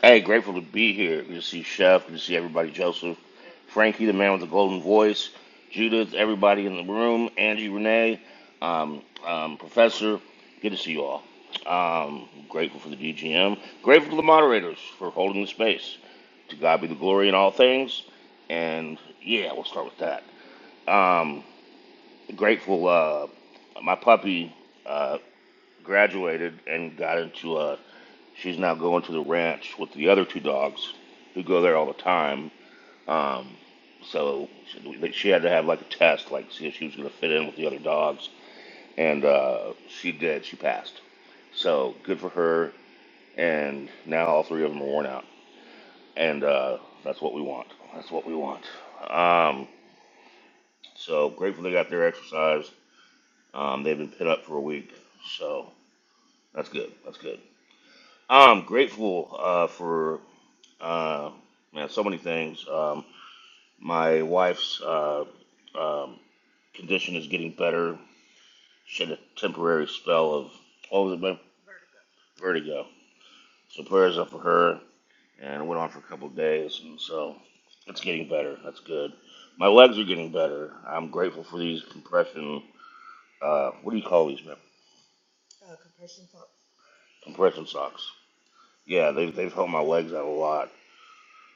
Speaker 9: Hey, grateful to be here. Good to see Chef. Good to see everybody. Joseph, Frankie, the man with the golden voice, Judith, everybody in the room, Angie, Renee, um, um, Professor. Good to see you all. Um, grateful for the DGM. Grateful to the moderators for holding the space. To God be the glory in all things. And yeah, we'll start with that. Grateful. Uh, my puppy uh, graduated and got into a She's now going to the ranch with the other two dogs who go there all the time. Um, so she, like, she had to have like a test, like see if she was going to fit in with the other dogs. And uh, she did. She passed. So good for her. And now all three of them are worn out. And uh, that's what we want. That's what we want. Um, so grateful they got their exercise. Um, they've been pit up for a week. So that's good. That's good. I'm grateful uh, for uh, man, so many things. Um, My wife's uh, um, condition is getting better. She had a temporary spell of what was it, vertigo. So prayers up for her, and it went on for a couple of days, and so it's getting better. That's good. My legs are getting better. I'm grateful for these compression. Uh, what do you call these, man? Compression socks. Yeah, they've they've helped my legs out a lot.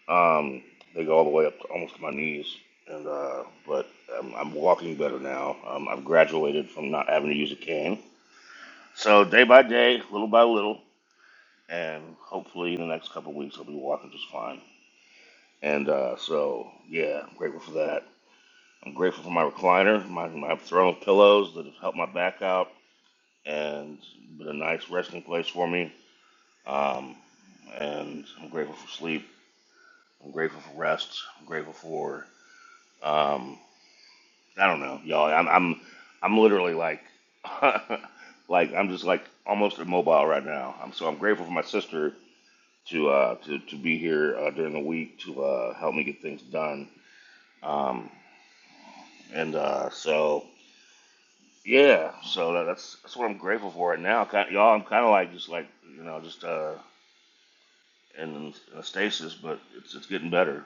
Speaker 9: Um, they go all the way up to almost to my knees, and uh, but I'm, I'm walking better now. Um, I've graduated from not having to use a cane So day by day, little by little, and hopefully in the next couple weeks I'll be walking just fine. And uh, so yeah, I'm grateful for that. I'm grateful for my recliner, my, my throne of pillows that have helped my back out and been a nice resting place for me. Um, and I'm grateful for sleep. I'm grateful for rest. I'm grateful for um, I don't know, y'all. I'm I'm I'm literally like (laughs) like I'm just like almost immobile right now. I'm so I'm grateful for my sister to uh, to to be here uh, during the week to uh, help me get things done. Um, and uh, so yeah, so that, that's that's what I'm grateful for right now. Kind y'all, I'm kind of like just like you know just uh, in, in a stasis, but it's it's getting better.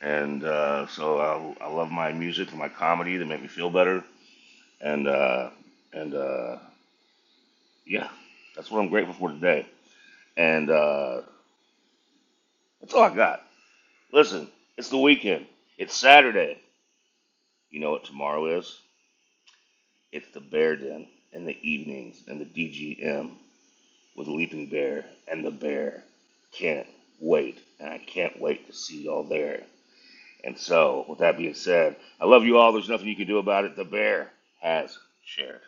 Speaker 9: And uh, so I, I love my music and my comedy. They make me feel better. And uh, and uh, yeah, that's what I'm grateful for today. And uh, that's all I got. Listen, it's the weekend. It's Saturday. You know what tomorrow is? It's the bear den and the evenings and the DGM with Leaping Bear and the bear. Can't wait, and I can't wait to see y'all there. And so, with that being said, I love you all. There's nothing you can do about it. The bear has shared.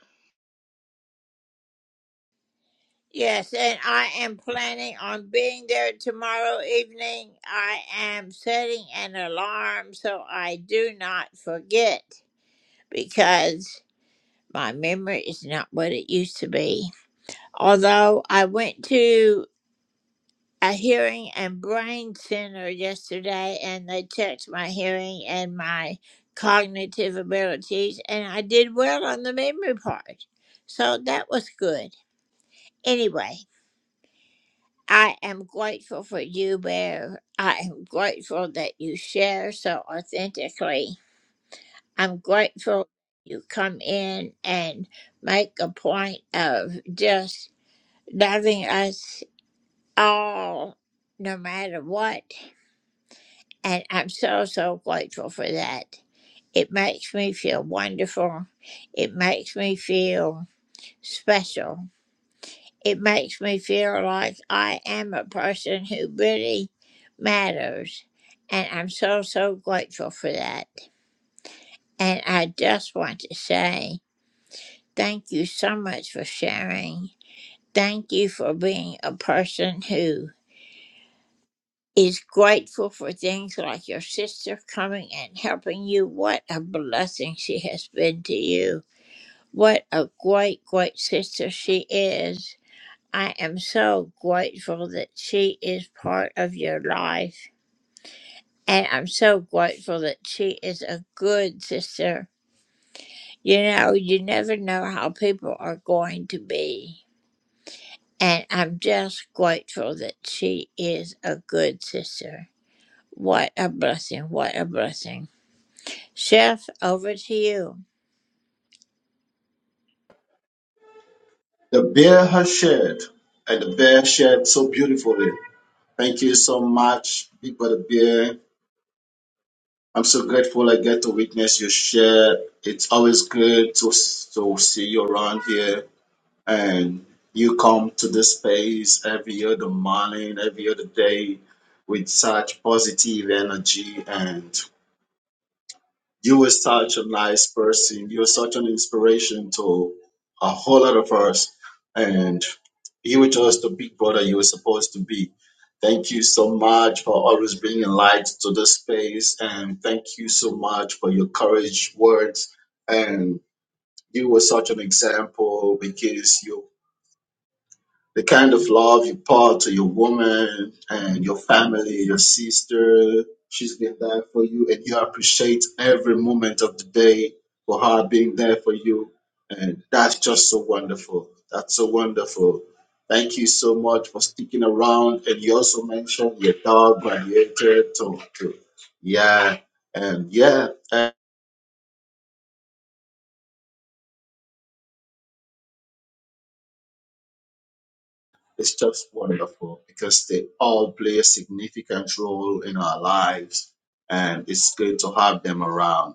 Speaker 8: The bear has shared, and the bear shared so beautifully. Thank you so much, Big Brother Bear. I'm so grateful I get to witness your share. It's always good to, to see you around here. and you come to this space every other morning, every other day with such positive energy. And you were such a nice person. You were such an inspiration to a whole lot of us. And you were just the big brother you were supposed to be. Thank you so much for always bringing light to this space. And thank you so much for your courage words. And you were such an example because you the kind of love you pour to your woman and your family, your sister, she's been there for you, and you appreciate every moment of the day for her being there for you. And that's just so wonderful. That's so wonderful. Thank you so much for sticking around. And you also mentioned your dog graduated. So, so, yeah. And yeah. It's just wonderful because they all play a significant role in our lives, and it's good to have them around.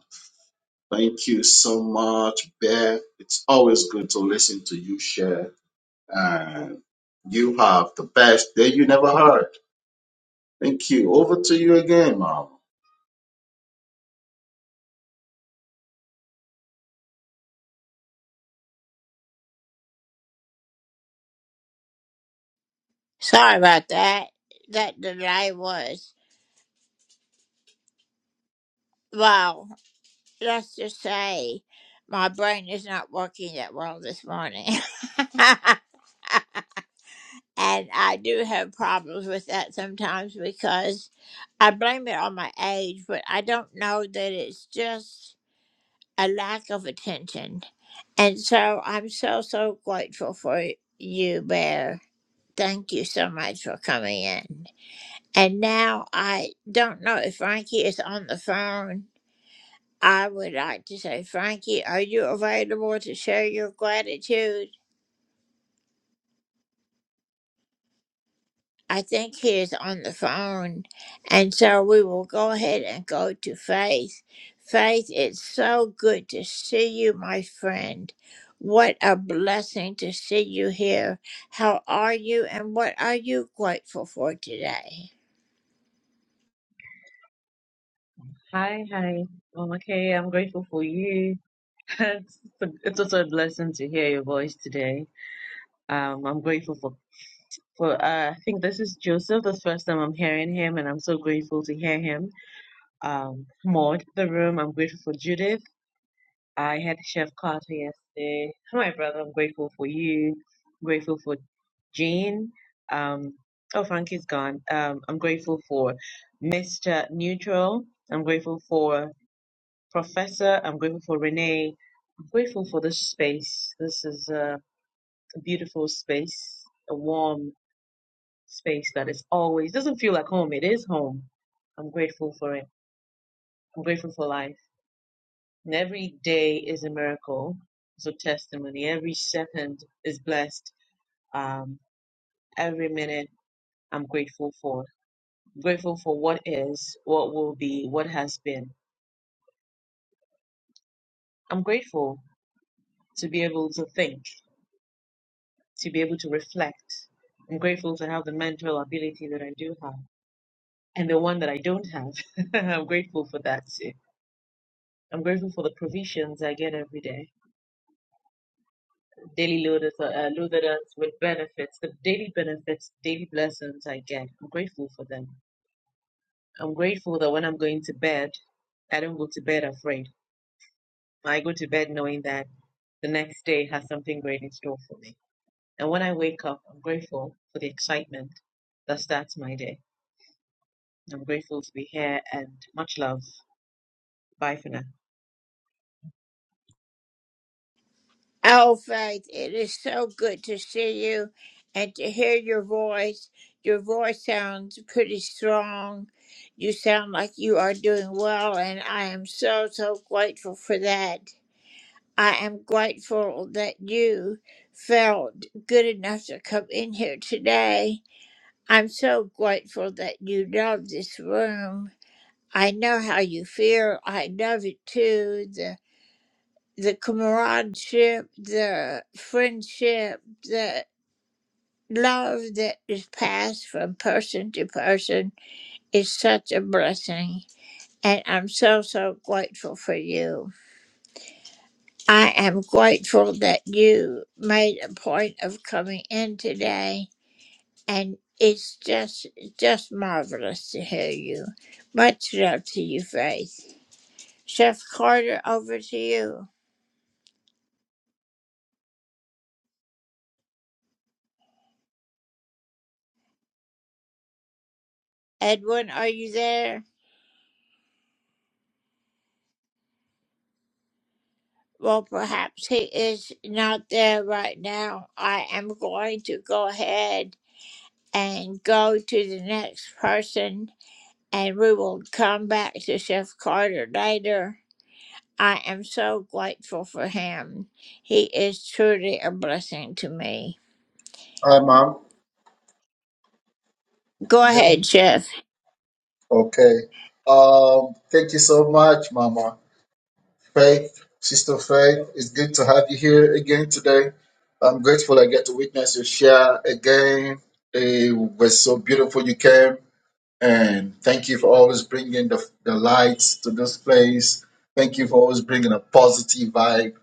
Speaker 8: Thank you so much, Beth. It's always good to listen to you share, and you have the best day you never heard. Thank you. Over to you again, Mom.
Speaker 10: Hi, hi. Um, okay, I'm grateful for you. (laughs) It's it's also a blessing to hear your voice today. Um, I'm grateful for for uh, I think this is Joseph. This first time I'm hearing him, and I'm so grateful to hear him. Um, Maud, the room. I'm grateful for Judith. I had Chef Carter yesterday. My brother. I'm grateful for you. grateful for Jean. Um, oh, Frankie's gone. Um, I'm grateful for Mr. Neutral. I'm grateful for. Professor, I'm grateful for Renee. I'm grateful for this space. This is a beautiful space, a warm space that is always doesn't feel like home. It is home. I'm grateful for it. I'm grateful for life. And every day is a miracle. So testimony. Every second is blessed. Um, every minute I'm grateful for. grateful for what is, what will be, what has been. I'm grateful to be able to think. to be able to reflect. I'm grateful to have the mental ability that I do have and the one that I don't have. (laughs) I'm grateful for that too. I'm grateful for the provisions I get every day. Daily loaded, uh, loaded us with benefits, the daily benefits, daily blessings I get. I'm grateful for them. I'm grateful that when I'm going to bed, I don't go to bed afraid. I go to bed knowing that the next day has something great in store for me. And when I wake up, I'm grateful for the excitement that starts my day. I'm grateful to be here and much love. Bye for now.
Speaker 8: Hi, Mom. Yeah. Okay. Um, thank you so much, Mama. Faith, Sister Faith, it's good to have you here again today. I'm grateful I get to witness your share again. It was so beautiful you came, and thank you for always bringing the, the lights to this place. Thank you for always bringing a positive vibe.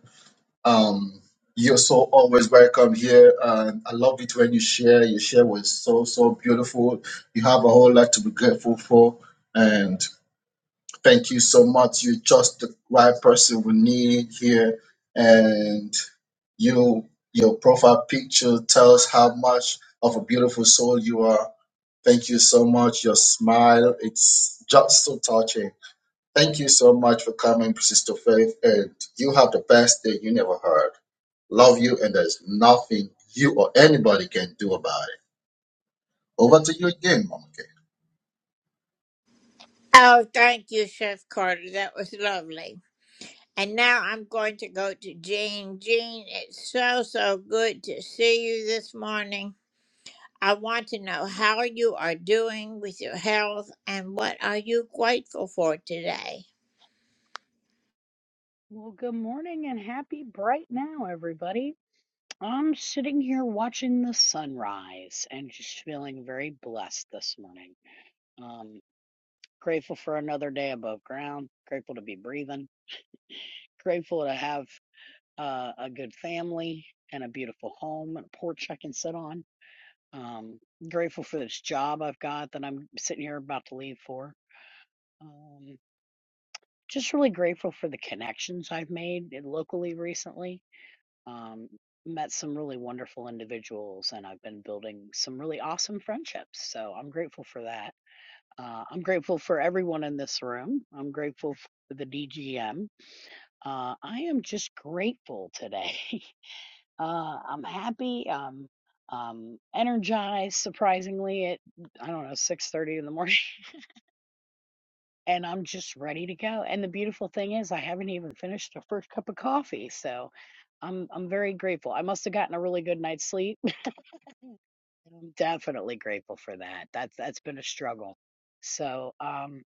Speaker 8: Um, you're so always welcome here, and I love it when you share. Your share was so so beautiful. You have a whole lot to be grateful for, and. Thank you so much. You're just the right person we need here. And you your profile picture tells how much of a beautiful soul you are. Thank you so much. Your smile, it's just so touching. Thank you so much for coming, Sister Faith. And you have the best day you never heard. Love you, and there's nothing you or anybody can do about it. Over to you again, Mama. Kay.
Speaker 11: Well, good morning and happy bright now, everybody. I'm sitting here watching the sunrise and just feeling very blessed this morning. Um, grateful for another day above ground, grateful to be breathing, grateful to have uh, a good family and a beautiful home and a porch I can sit on. Um, grateful for this job I've got that I'm sitting here about to leave for. Um, just really grateful for the connections I've made locally recently um, met some really wonderful individuals and I've been building some really awesome friendships. So I'm grateful for that. Uh, I'm grateful for everyone in this room. I'm grateful for the DGM. Uh, I am just grateful today. (laughs) uh, I'm happy. Um, um energized surprisingly at i don't know 6:30 in the morning (laughs) and i'm just ready to go and the beautiful thing is i haven't even finished the first cup of coffee so i'm i'm very grateful i must have gotten a really good night's sleep I'm definitely grateful for that. That's that's been a struggle. So, um,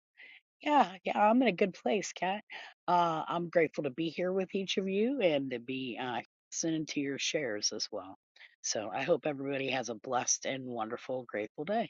Speaker 11: yeah, yeah, I'm in a good place, Kat. Uh, I'm grateful to be here with each of you and to be uh, listening to your shares as well. So, I hope everybody has a blessed and wonderful, grateful day.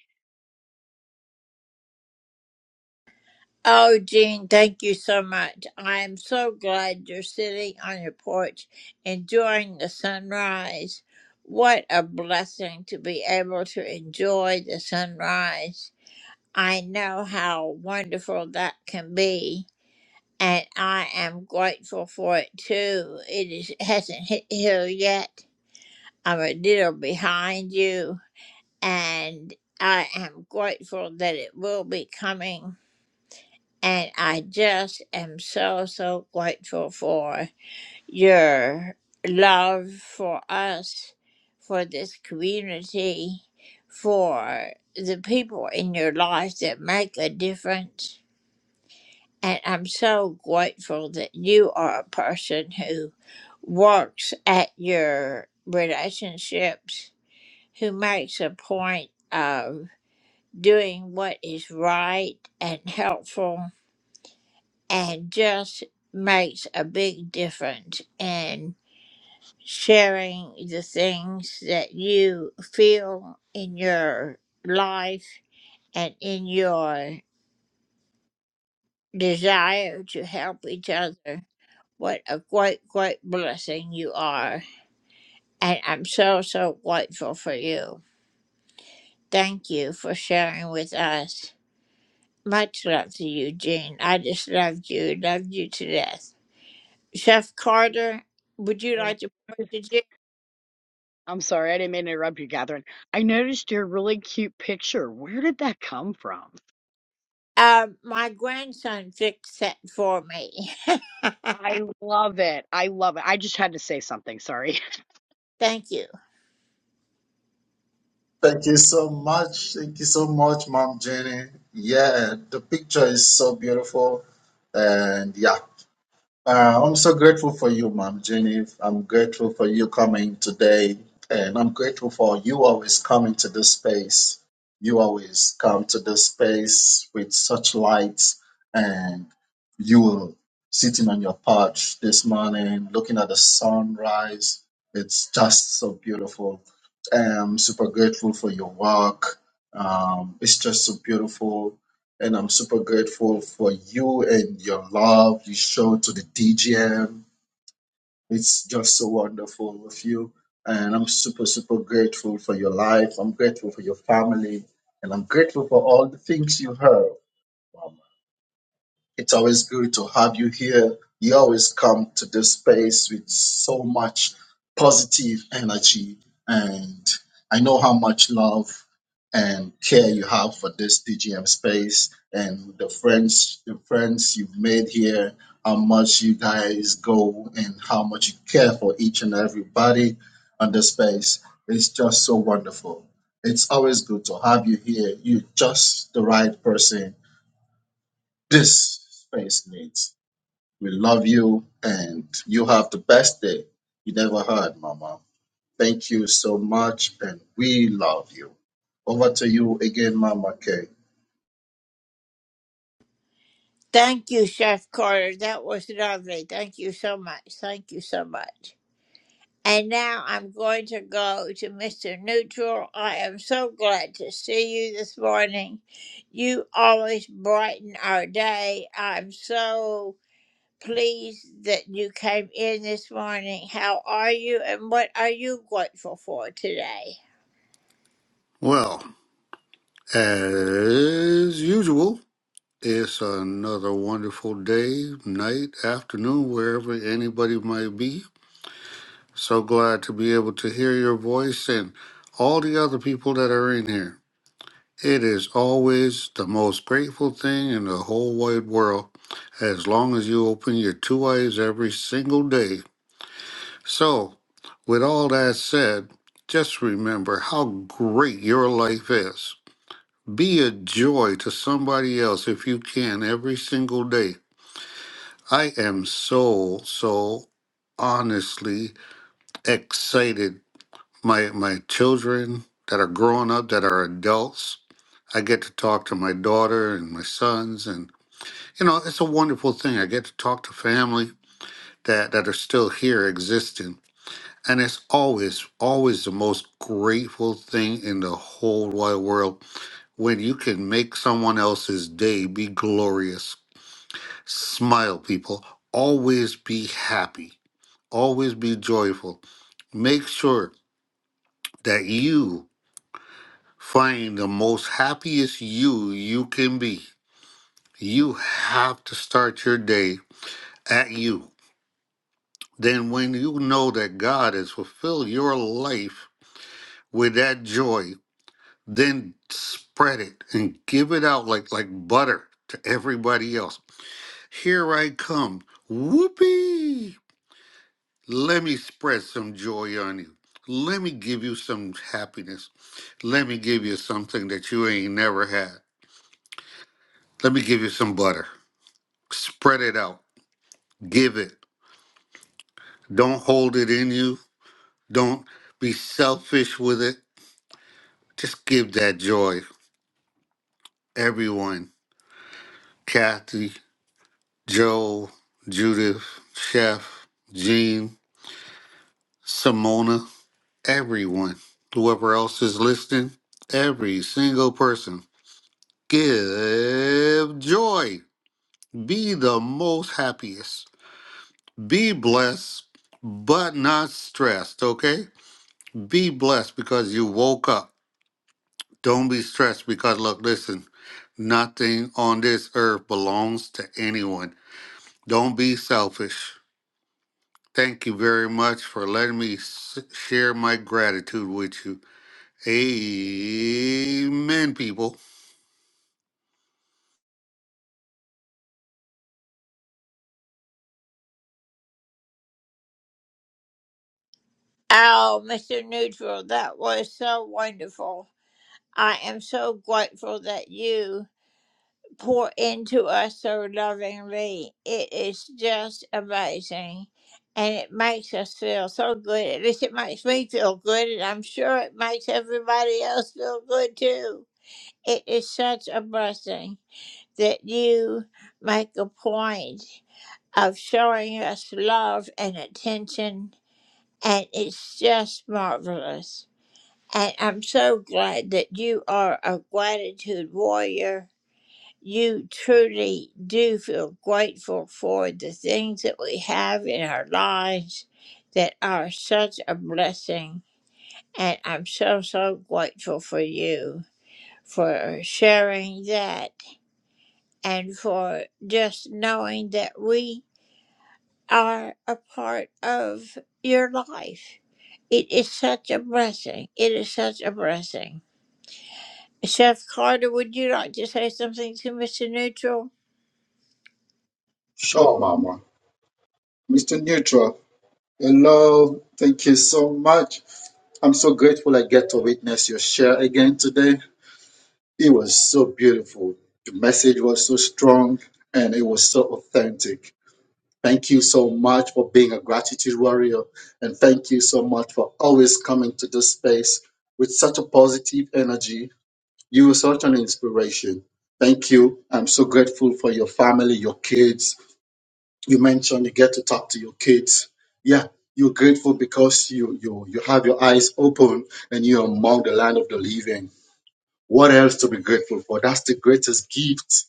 Speaker 11: And I (laughs) noticed- I'm sorry, I didn't mean to interrupt you, Catherine. I noticed your really cute picture. Where did that come from? I love it. I love it. I just had to say something. Sorry.
Speaker 8: Thank you so much. Thank you so much, Mom Jenny. Yeah, the picture is so beautiful. And yeah. Uh, I'm so grateful for you, Mom Jenny. I'm grateful for you coming today, and I'm grateful for you always coming to this space. You always come to this space with such light, and you were sitting on your porch this morning, looking at the sunrise. It's just so beautiful. I'm super grateful for your work. Um, it's just so beautiful and I'm super grateful for you and your love you show to the DGM. It's just so wonderful with you. And I'm super, super grateful for your life. I'm grateful for your family. And I'm grateful for all the things you have. It's always good to have you here. You always come to this space with so much positive energy, and I know how much love and care you have for this DGM space and the friends, the friends you've made here. How much you guys go and how much you care for each and everybody on this space. It's just so wonderful. It's always good to have you here. You're just the right person this space needs. We love you and you have the best day you never had, Mama. Thank you so much and we love you. Over to you again, Mama Kay.
Speaker 12: Well, as usual, it's another wonderful day, night, afternoon, wherever anybody might be. So glad to be able to hear your voice and all the other people that are in here. It is always the most grateful thing in the whole wide world as long as you open your two eyes every single day. So, with all that said, just remember how great your life is. Be a joy to somebody else if you can every single day. I am so, so honestly excited. My my children that are growing up, that are adults, I get to talk to my daughter and my sons and you know, it's a wonderful thing. I get to talk to family that, that are still here existing. And it's always, always the most grateful thing in the whole wide world when you can make someone else's day be glorious Smile, people. Always be happy. Always be joyful. Make sure that you find the most happiest you you can be. You have to start your day at you. Then, when you know that God has fulfilled your life with that joy, then spread it and give it out like, like butter to everybody else. Here I come. Whoopee! Let me spread some joy on you. Let me give you some happiness. Let me give you something that you ain't never had. Let me give you some butter. Spread it out. Give it. Don't hold it in you. Don't be selfish with it. Just give that joy. Everyone Kathy, Joe, Judith, Chef, Jean, Simona, everyone. Whoever else is listening, every single person. Give joy. Be the most happiest. Be blessed, but not stressed, okay? Be blessed because you woke up. Don't be stressed because, look, listen, nothing on this earth belongs to anyone. Don't be selfish. Thank you very much for letting me s- share my gratitude with you. Amen, people.
Speaker 8: Sure, Mama. Mr. Neutral, hello. Thank you so much. I'm so grateful I get to witness your share again today. It was so beautiful. The message was so strong and it was so authentic. Thank you so much for being a gratitude warrior. And thank you so much for always coming to this space with such a positive energy. You are such an inspiration. Thank you. I'm so grateful for your family, your kids. You mentioned you get to talk to your kids. Yeah, you're grateful because you you you have your eyes open and you're among the land of the living. What else to be grateful for? That's the greatest gift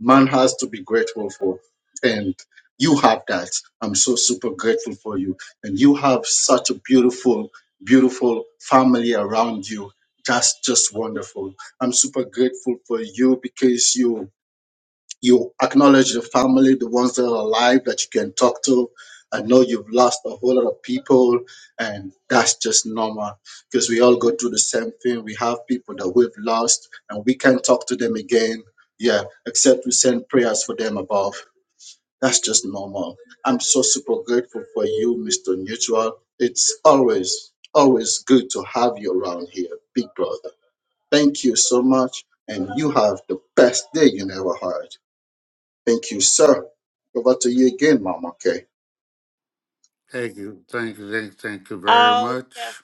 Speaker 8: man has to be grateful for. And you have that. I'm so super grateful for you. And you have such a beautiful, beautiful family around you. That's just wonderful. I'm super grateful for you because you you acknowledge the family, the ones that are alive that you can talk to. I know you've lost a whole lot of people, and that's just normal because we all go through the same thing. We have people that we've lost, and we can not talk to them again. Yeah, except we send prayers for them above. That's just normal. I'm so super grateful for you, Mr. Neutral. It's always, always good to have you around here, big brother. Thank you so much, and you have the best day you never had. Thank you, sir. Over to you again, Mama Kay.
Speaker 12: Thank you. Thank you. Thank, thank you very much.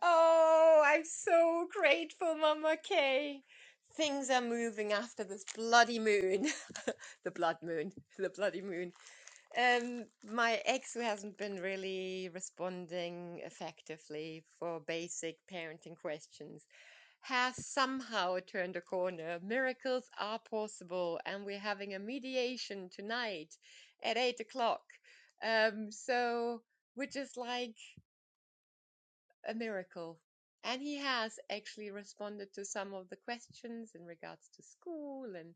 Speaker 13: Oh, I'm so grateful, Mama Kay. Things are moving after this bloody moon. (laughs) the blood moon. (laughs) The bloody moon. Um, my ex, who hasn't been really responding effectively for basic parenting questions, has somehow turned a corner. Miracles are possible, and we're having a mediation tonight at eight o'clock. Um, so we're just like, a miracle. And he has actually responded to some of the questions in regards to school and,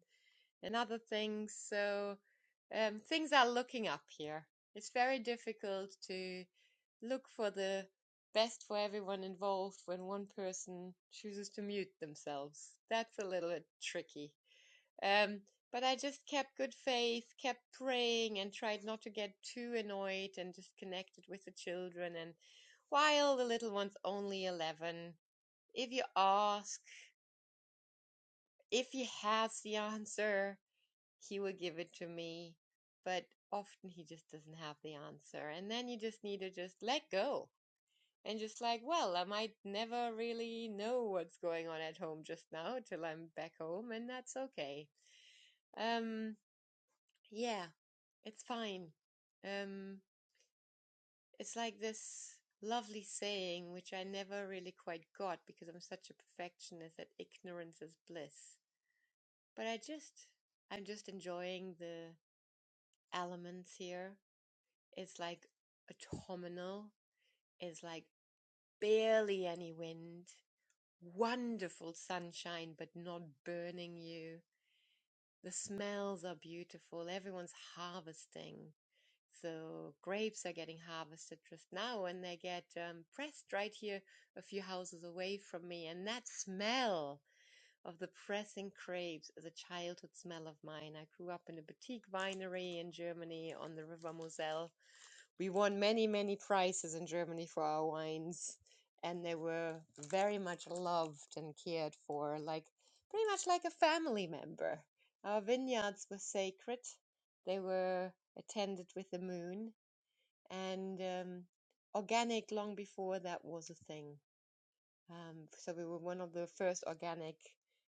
Speaker 13: and other things. So um, things are looking up here. It's very difficult to look for the best for everyone involved when one person chooses to mute themselves. That's a little bit tricky. Um, but I just kept good faith, kept praying, and tried not to get too annoyed and just connected with the children. And while the little one's only 11, if you ask, if he has the answer, he will give it to me. But often he just doesn't have the answer. And then you just need to just let go and just like, well, I might never really know what's going on at home just now till I'm back home, and that's okay. Um, yeah, It's fine. Um, it's like this lovely saying, which I never really quite got because I'm such a perfectionist that ignorance is bliss. But I just, I'm just enjoying the elements here. It's like autumnal. It's like barely any wind. Wonderful sunshine, but not burning you. The smells are beautiful. Everyone's harvesting So grapes are getting harvested just now, and they get um, pressed right here, a few houses away from me. And that smell of the pressing grapes is a childhood smell of mine. I grew up in a boutique winery in Germany on the River Moselle. We won many, many prizes in Germany for our wines, and they were very much loved and cared for, like pretty much like a family member. Our vineyards were sacred. They were attended with the moon and um, organic long before that was a thing. Um, so we were one of the first organic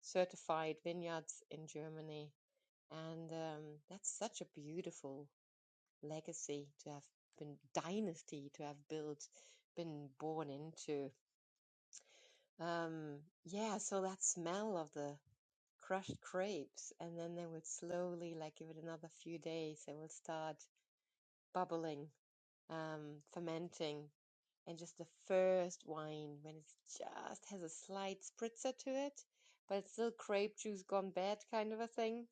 Speaker 13: certified vineyards in Germany, and um, that's such a beautiful legacy to have been dynasty to have built, been born into. Um, yeah, so that smell of the crushed grapes, and then they would slowly, like give it another few days, they will start bubbling, um, fermenting, and just the first wine when it just has a slight spritzer to it, but it's still grape juice gone bad kind of a thing.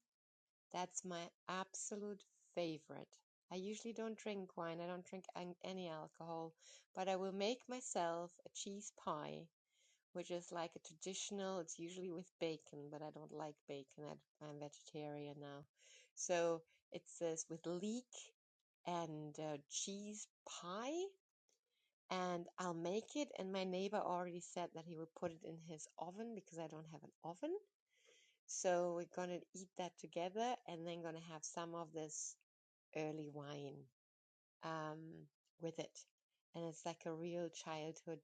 Speaker 13: That's my absolute favorite. I usually don't drink wine, I don't drink any alcohol, but I will make myself a cheese pie, which is like a traditional, it's usually with bacon, but I don't like bacon. I, I'm vegetarian now. So it says with leek and uh, cheese pie and I'll make it. And my neighbor already said that he would put it in his oven because I don't have an oven. So we're gonna eat that together and then gonna have some of this early wine um, with it. And it's like a real childhood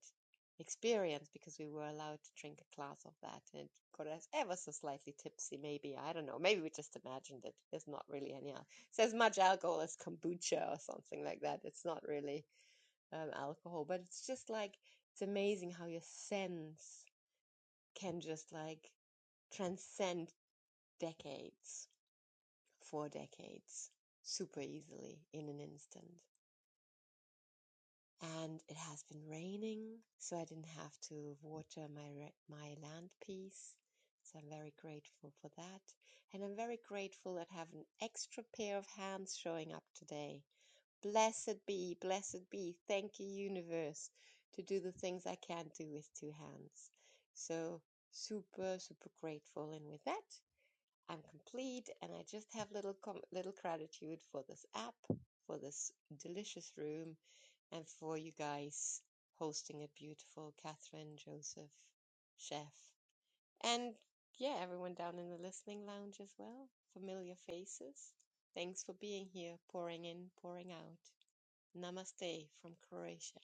Speaker 13: experience because we were allowed to drink a glass of that and it got us ever so slightly tipsy, maybe. I don't know. Maybe we just imagined it. There's not really any al- It's as much alcohol as kombucha or something like that. It's not really um, alcohol. But it's just like it's amazing how your sense can just like transcend decades, four decades, super easily in an instant. And it has been raining, so I didn't have to water my my land piece. So I'm very grateful for that, and I'm very grateful that I have an extra pair of hands showing up today Blessed be, blessed be. Thank you, universe, to do the things I can't do with two hands. So super, super grateful. And with that, I'm complete, and I just have little com- little gratitude for this app, for this delicious room, and for you guys hosting it. Beautiful, Catherine, Joseph, Chef, and yeah, everyone down in the listening lounge as well. Familiar faces. Thanks for being here, pouring in, pouring out. Namaste from Croatia.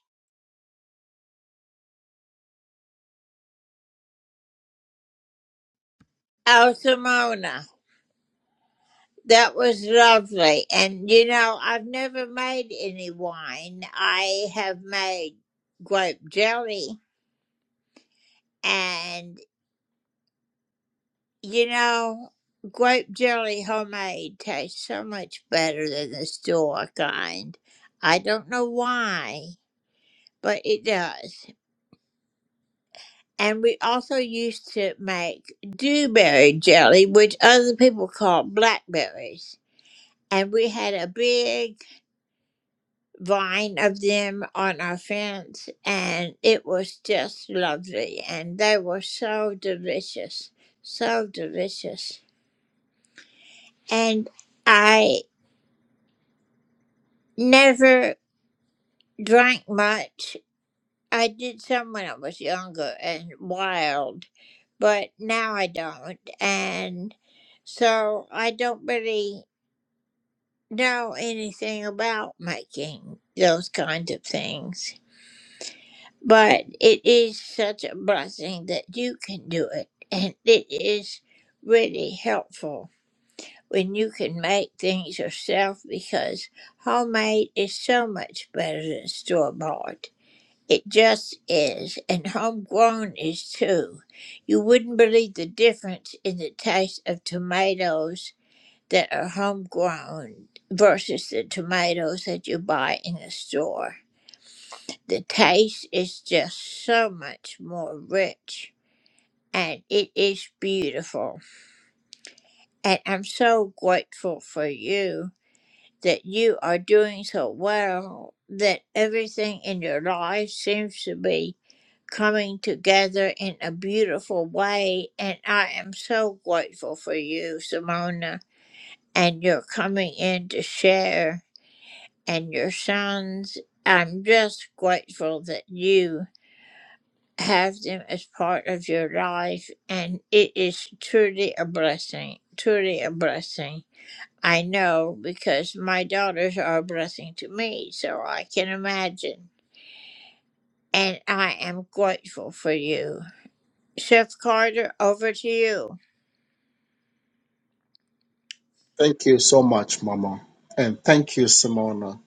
Speaker 8: Thank you so much, Mama. And thank you, Simona.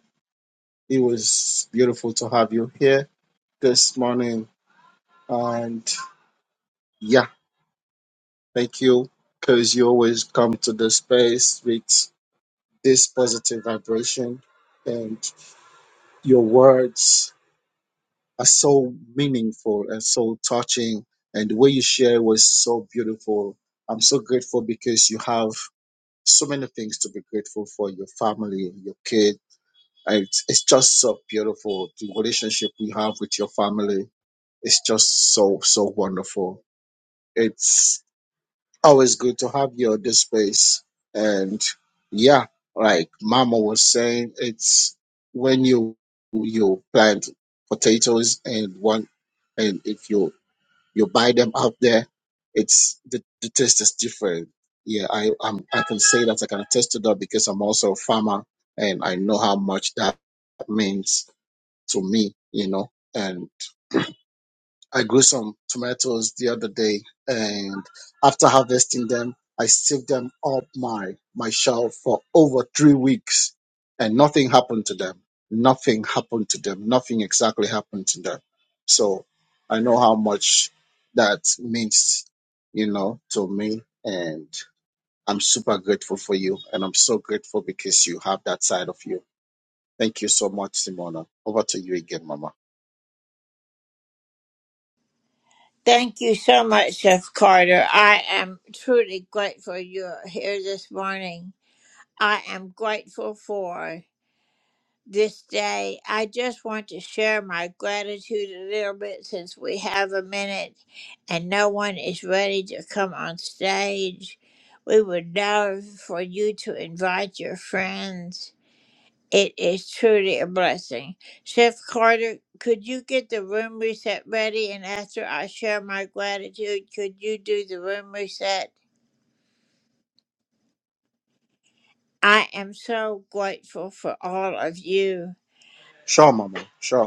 Speaker 8: It was beautiful to have you here this morning. And yeah, thank you because you always come to the space with this positive vibration. And your words are so meaningful and so touching. And the way you share was so beautiful. I'm so grateful because you have so many things to be grateful for your family, your kids It's, it's just so beautiful. The relationship we have with your family is just so, so wonderful. It's always good to have you in this space. And yeah, like Mama was saying, it's when you, you plant potatoes and one, and if you, you buy them out there, it's the, the taste is different. Yeah, I, I'm, I can say that I can attest to that because I'm also a farmer and I know how much that means to me, you know. And I grew some tomatoes the other day, and after harvesting them, I saved them up my my shelf for over three weeks, and nothing happened to them. Nothing happened to them. Nothing exactly happened to them. So I know how much that means, you know, to me. And I'm super grateful for you, and I'm so grateful because you have that side of you. Thank you so much, Simona. Over to you again, Mama. Sure, Mama. Sure.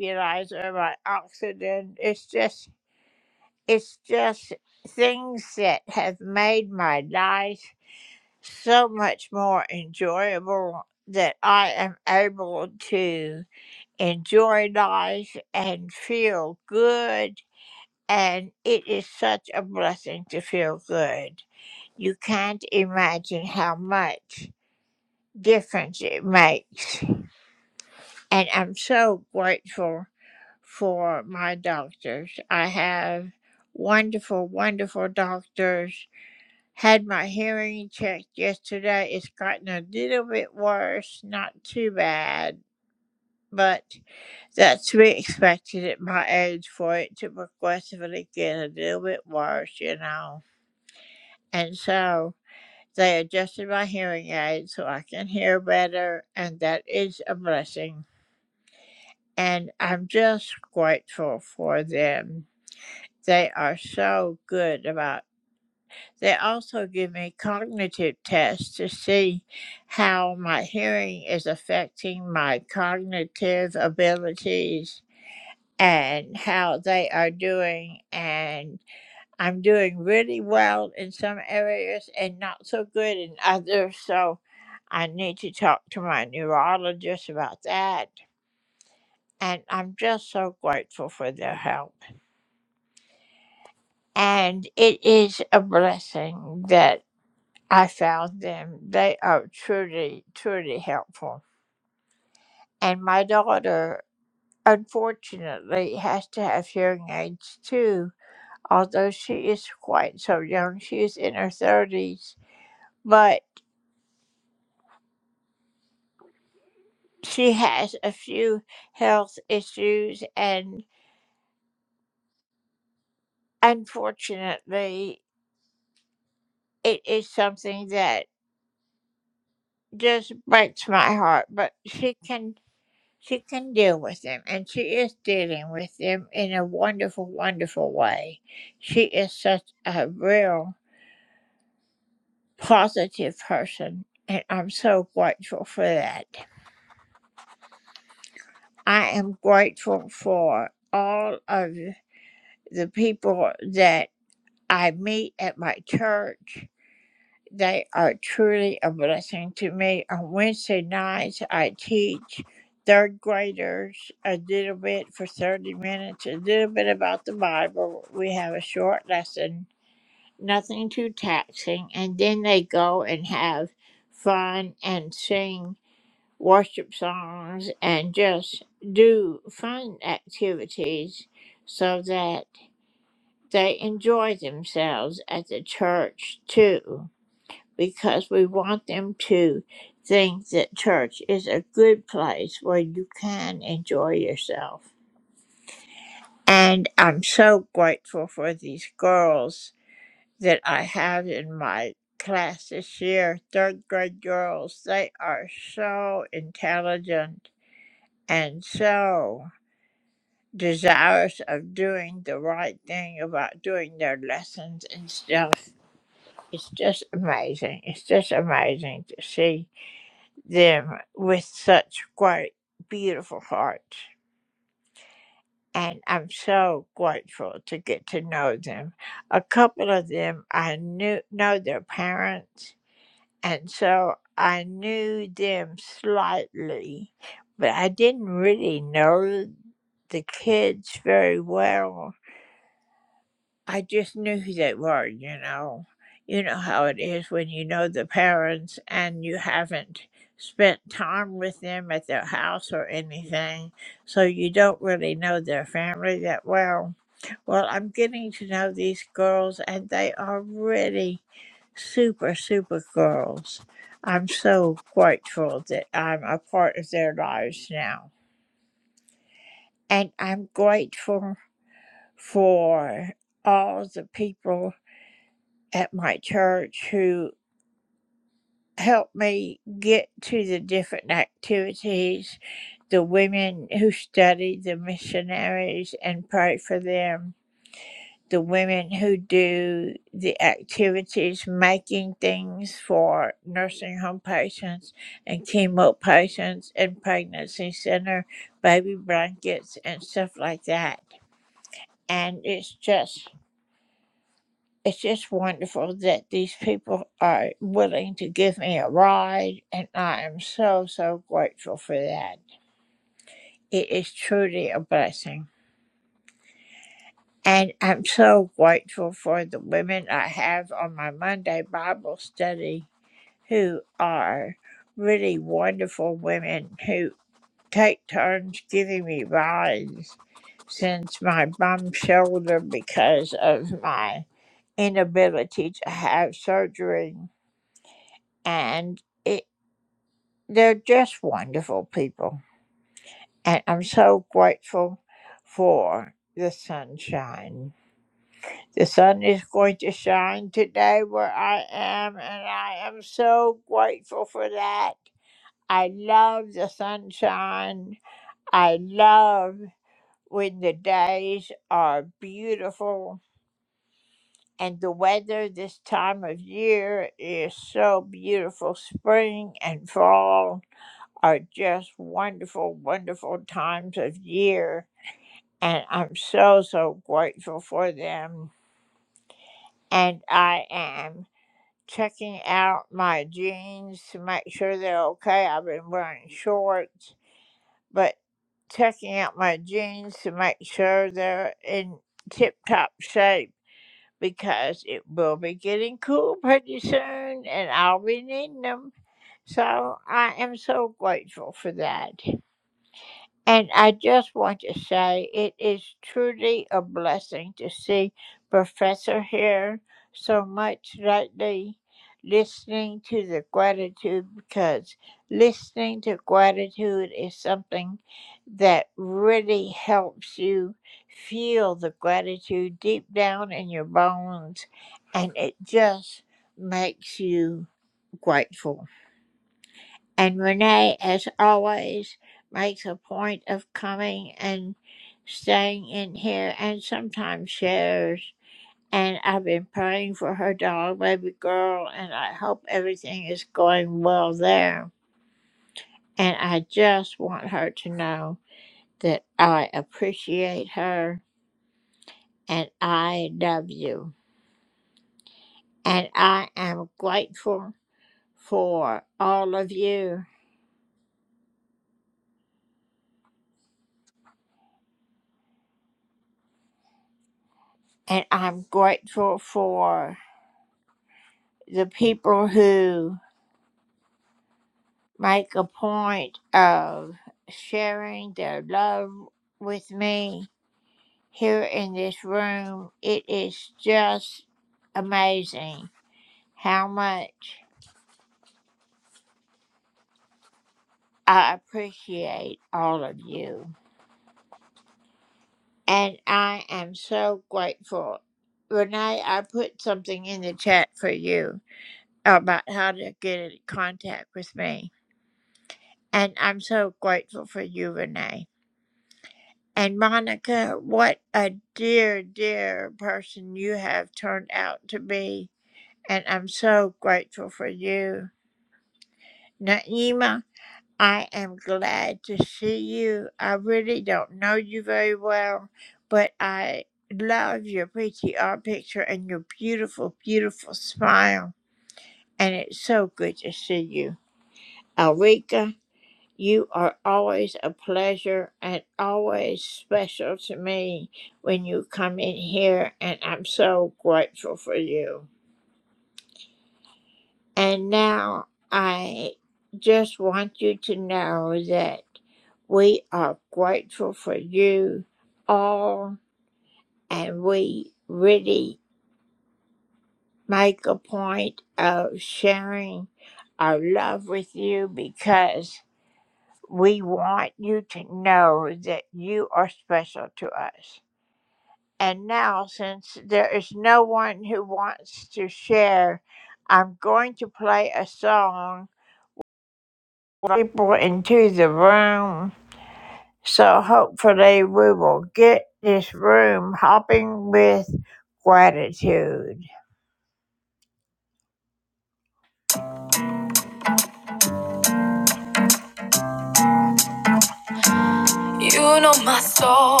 Speaker 1: You know my soul,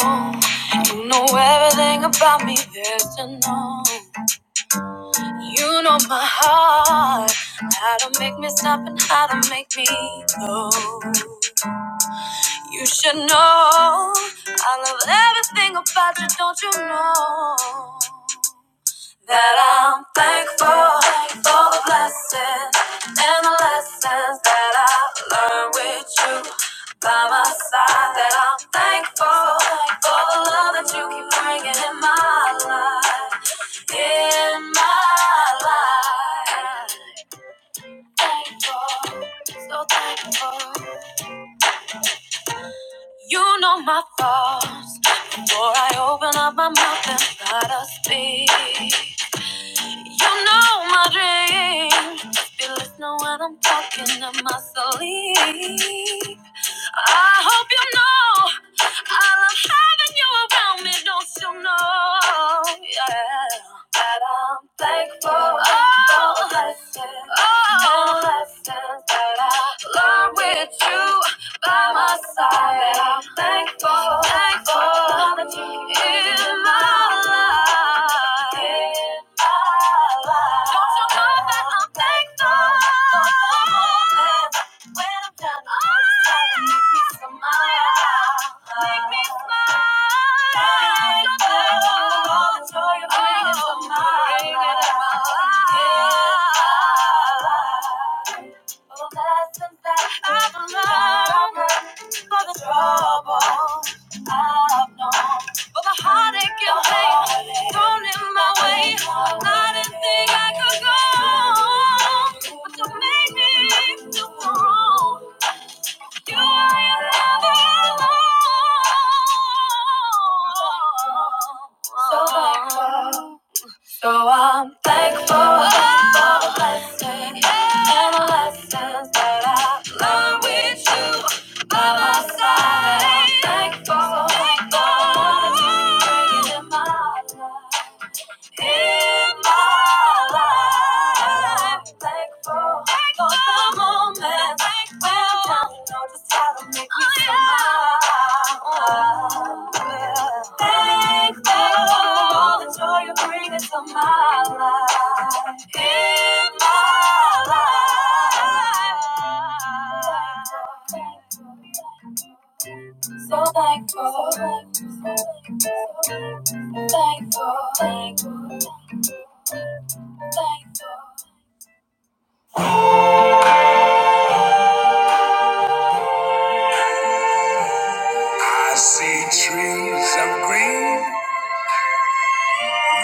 Speaker 1: you know everything about me, there's to know. You know my heart, how to make me stop and how to make me go. You should know, I love everything about you, don't you know? That I'm thankful for the blessings and the lessons that I learned with you by my side. That I'm thankful for the love that you keep bringing in my life, in my life. Thankful, so thankful. You know my thoughts before I open up my mouth and start to speak. You know my dreams. Be listening when I'm talking in my sleep. I hope you know I love having you around me. Don't you know? Yeah. That I'm thankful oh, for the blessings, oh, and lessons that I learned with you by my side. And I'm thankful, thankful that you're in my life. In my life. Don't you know that I'm thankful? And When I'm down, all this time, you make me smile. Make me smile. Thankful for all the joy you're bringing to my life. In my life. Oh, that's the fact I've learned for the trouble I've known. For the heartache and pain thrown in my way, I didn't think I could go. on, But you made me feel so wrong. You are your lover alone. So thankful. So I'm thankful for the blessings and the lessons that I learned with you by my side. I'm thankful, thankful for the journey you're bringing in my life in my life. Thankful for the moments when I don't know just how to make me smile. Thankful for all the joy you bring into my life. In my life. So thankful, so thankful, so thankful, So thankful. I see trees of green,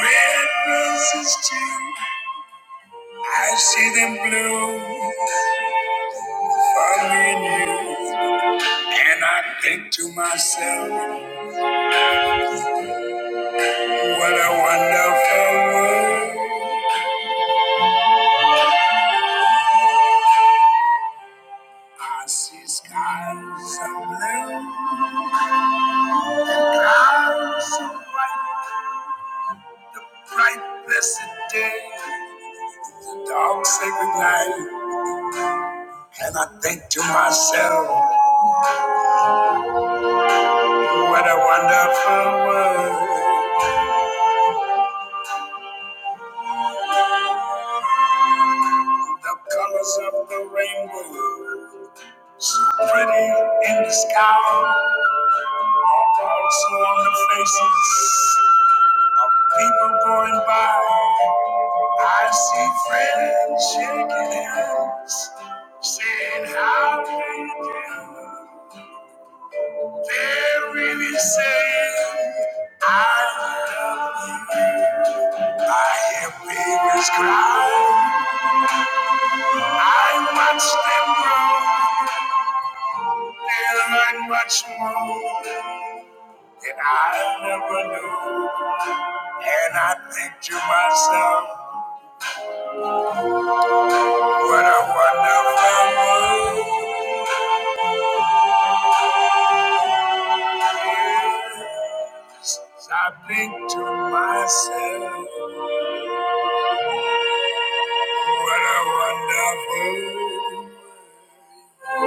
Speaker 1: red roses too. I see them bloom for me and you. And I think to myself, what a wonderful world. I see skies of blue, clouds of white, the bright blessed day, the dark sacred night. And I think to myself. What a wonderful world, the colors of the rainbow. So pretty in the sky, also on the faces of people going by. I see friends shaking hands, saying, How do you do? They're really saying, I love you. I hear babies cry. I watch them grow, they learn much more than I never knew. And I think to myself, what a wonderful world. Yes, I think to myself, what a wonderful world.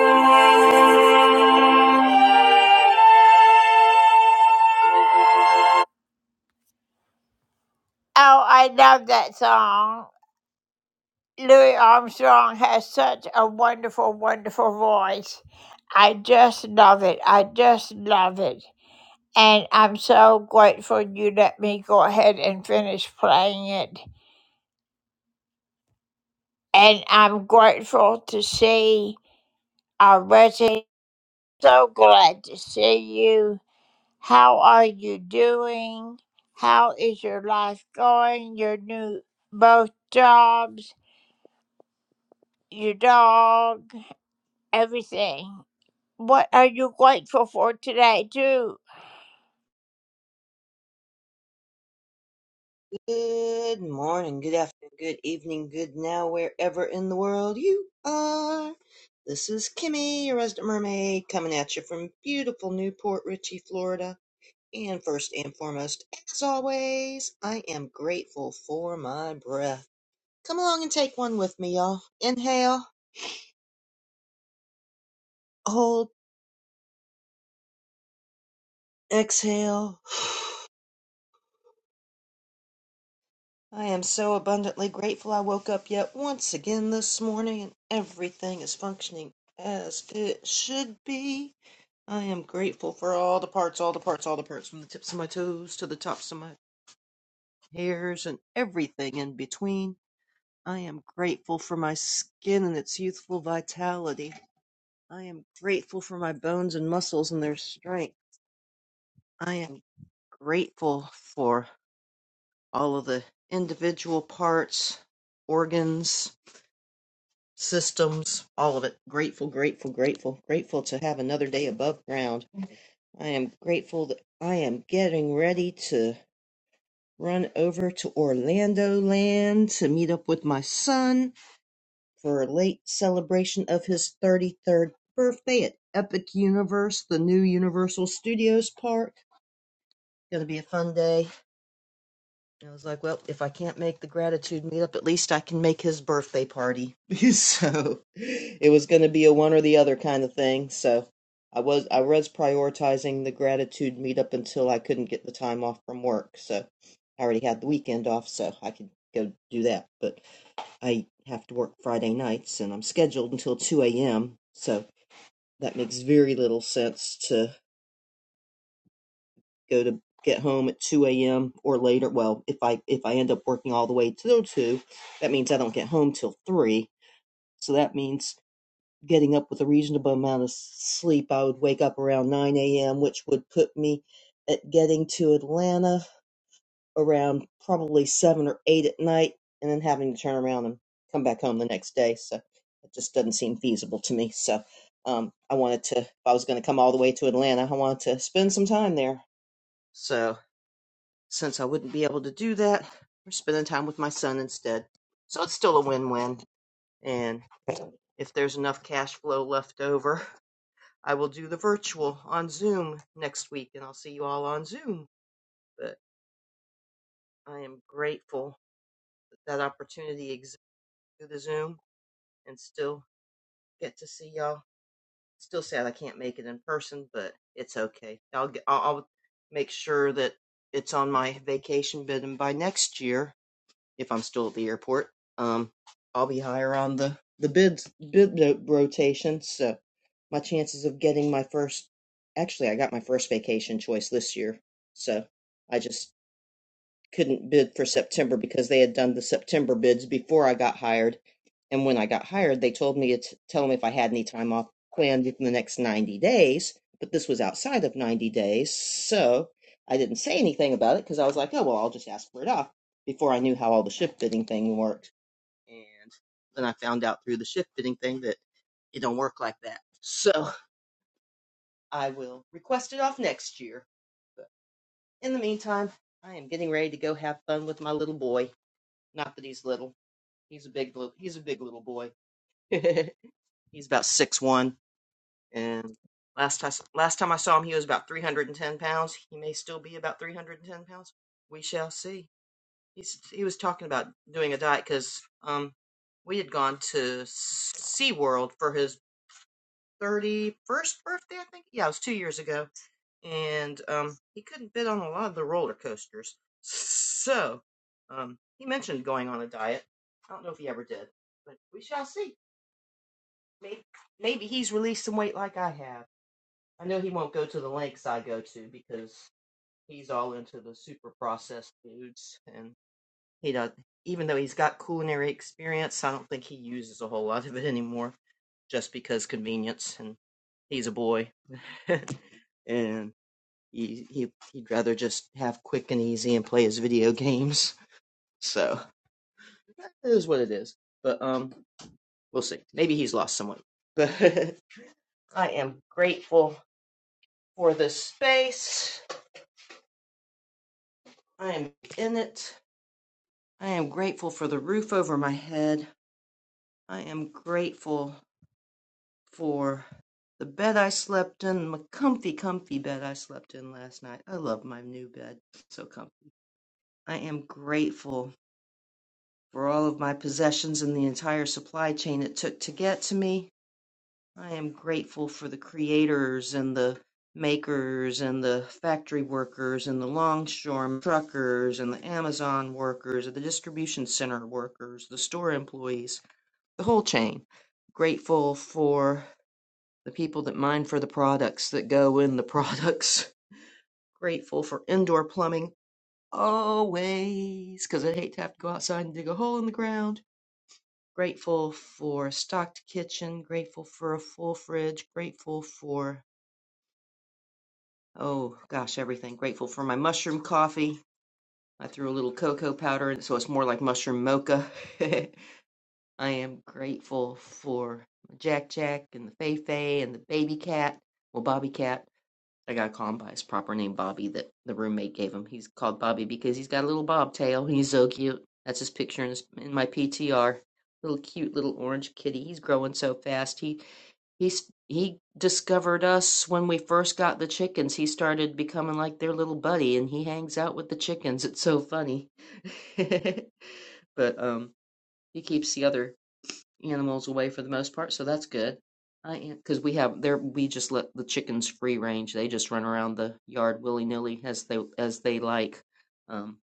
Speaker 14: Good morning, good afternoon, good evening, good now, wherever in the world you are. This is Kimmy, your resident mermaid, coming at you from beautiful Newport Richey, Florida. And first and foremost, as always, I am grateful for my breath. Come along and take one with me, y'all. Inhale, hold, exhale. (sighs) I am so abundantly grateful I woke up yet once again this morning and everything is functioning as it should be. I am grateful for all the parts, all the parts, all the parts, from the tips of my toes to the tops of my hairs and everything in between. I am grateful for my skin and its youthful vitality. I am grateful for my bones and muscles and their strength. I am grateful for all of the individual parts, organs, systems, all of it. Grateful, grateful, grateful, grateful to have another day above ground. I am grateful that I am getting ready to. run over to Orlando land to meet up with my son for a late celebration of his 33rd birthday at Epic Universe, the new Universal Studios park. Going to be a fun day. I was like, well, if I can't make the gratitude meetup, at least I can make his birthday party. (laughs) so it was going to be a one or the other kind of thing. So I was I was prioritizing the gratitude meetup until I couldn't get the time off from work. So I already had the weekend off, so I could go do that. But I have to work Friday nights, and I'm scheduled until two a.m. So that makes very little sense to go to get home at 2 a.m. or later. Well, if I if I end up working all the way till 2, that means I don't get home till 3. So that means getting up with a reasonable amount of sleep. I would wake up around 9 a.m., which would put me at getting to Atlanta around probably 7 or 8 at night and then having to turn around and come back home the next day. So it just doesn't seem feasible to me. So um, I wanted to, if I was going to come all the way to Atlanta, I wanted to spend some time there. So since I wouldn't be able to do that, we're spending time with my son instead. So it's still a win win. And if there's enough cash flow left over, I will do the virtual on Zoom next week and I'll see you all on Zoom. But I am grateful that that opportunity exists through the Zoom and still get to see y'all. Still sad I can't make it in person, but it's okay. I'll, get, I'll, I'll make sure that it's on my vacation bid and by next year if I'm still at the airport. Um, I'll be higher on the the bids bid no- rotation, so my chances of getting my first actually I got my first vacation choice this year, so I just couldn't bid for September because they had done the September bids before I got hired. And when I got hired, they told me to tell them if I had any time off planned in the next 90 days, but this was outside of 90 days. So I didn't say anything about it because I was like, oh, well, I'll just ask for it off before I knew how all the shift fitting thing worked. And then I found out through the shift fitting thing that it don't work like that. So I will request it off next year. But in the meantime, I am getting ready to go have fun with my little boy. Not that he's little. He's a big little. He's a big little boy. (laughs) he's about six one, and last time last time I saw him, he was about three hundred and ten pounds. He may still be about three hundred and ten pounds. We shall see. He's he was talking about doing a diet because um we had gone to SeaWorld for his 31st birthday, I think. Yeah, it was two years ago. And um, he couldn't fit on a lot of the roller coasters. So um, he mentioned going on a diet. I don't know if he ever did, but we shall see. Maybe, maybe he's released some weight like I have. I know he won't go to the lengths I go to because he's all into the super processed foods. And he does, even though he's got culinary experience, I don't think he uses a whole lot of it anymore just because convenience and he's a boy (laughs) and he, he he'd rather just have quick and easy and play his video games. (laughs) So it is what it is. But um, we'll see. Maybe he's lost someone. But (laughs) I am grateful for this space. I am in it. I am grateful for the roof over my head. I am grateful for the bed I slept in, my comfy, comfy bed I slept in last night. I love my new bed. So comfy. I am grateful for all of my possessions and the entire supply chain it took to get to me. I am grateful for the creators and the makers and the factory workers and the longshoremen, truckers and the Amazon workers and the distribution center workers, the store employees, the whole chain. Grateful for the people that mine for the products that go in the (laughs) products. Grateful for indoor plumbing always, 'cause I hate to have to go outside and dig a hole in the ground. Grateful for a stocked kitchen. Grateful for a full fridge. Grateful for, oh gosh, everything. Grateful for my mushroom coffee. I threw a little cocoa powder in it so it's more like mushroom mocha. (laughs) I am grateful for Jack Jack and the Fei Fei and the baby cat. Well, Bobby Cat I gotta call him by his proper name, Bobby, that the roommate gave him. He's called Bobby because he's got a little bobtail. He's so cute. That's his picture in, his, in my PTR. Little cute little orange kitty. He's growing so fast. He he's he discovered us when we first got the chickens. He started becoming like their little buddy, and he hangs out with the chickens. It's so funny. (laughs) but um, he keeps the other animals away for the most part, so that's good. I am because we have there we just let the chickens free range. They just run around the yard willy nilly as they as they like. Um,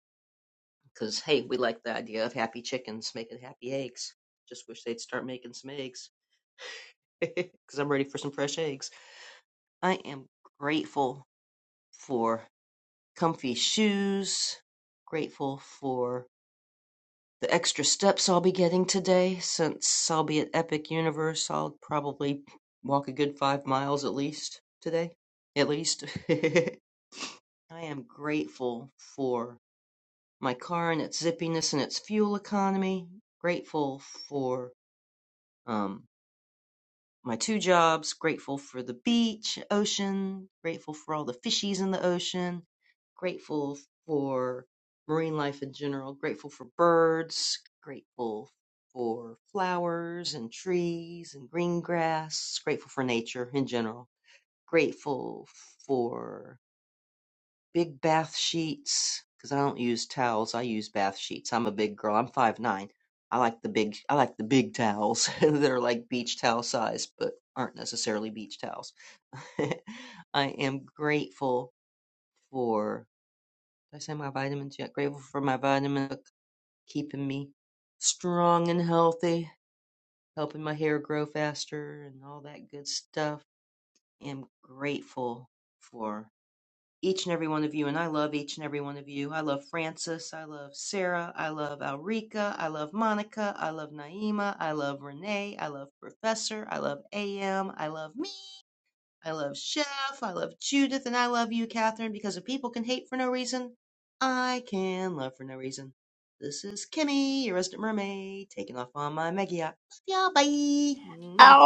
Speaker 14: because hey, we like the idea of happy chickens making happy eggs. Just wish they'd start making some eggs (laughs) because I'm ready for some fresh eggs. I am grateful for comfy shoes. Grateful for the extra steps I'll be getting today, since I'll be at Epic Universe, I'll probably walk a good five miles at least today. At least. (laughs) I am grateful for my car and its zippiness and its fuel economy. Grateful for, um, my two jobs, grateful for the beach, ocean, grateful for all the fishies in the ocean, grateful for marine life in general, grateful for birds, grateful for flowers and trees and green grass, grateful for nature in general, grateful for Big bath sheets, because I don't use towels. I use bath sheets. I'm a big girl. I'm five nine. I like the big. I like the big towels. (laughs) They're like beach towel size, but aren't necessarily beach towels. (laughs) I am grateful for. Did I say my vitamins yet? Grateful for my vitamins keeping me strong and healthy, helping my hair grow faster, and all that good stuff. I Am grateful for. each and every one of you. And I love each and every one of you. I love Francis. I love Sarah. I love Alrika. I love Monica. I love Naima. I love Renee. I love Professor. I love AM. I love me. I love Chef. I love Judith. And I love you, Catherine, because if people can hate for no reason, I can love for no reason. This is Kimmy, your resident mermaid, taking off on my mega yacht. Love y'all. Bye. Mwah.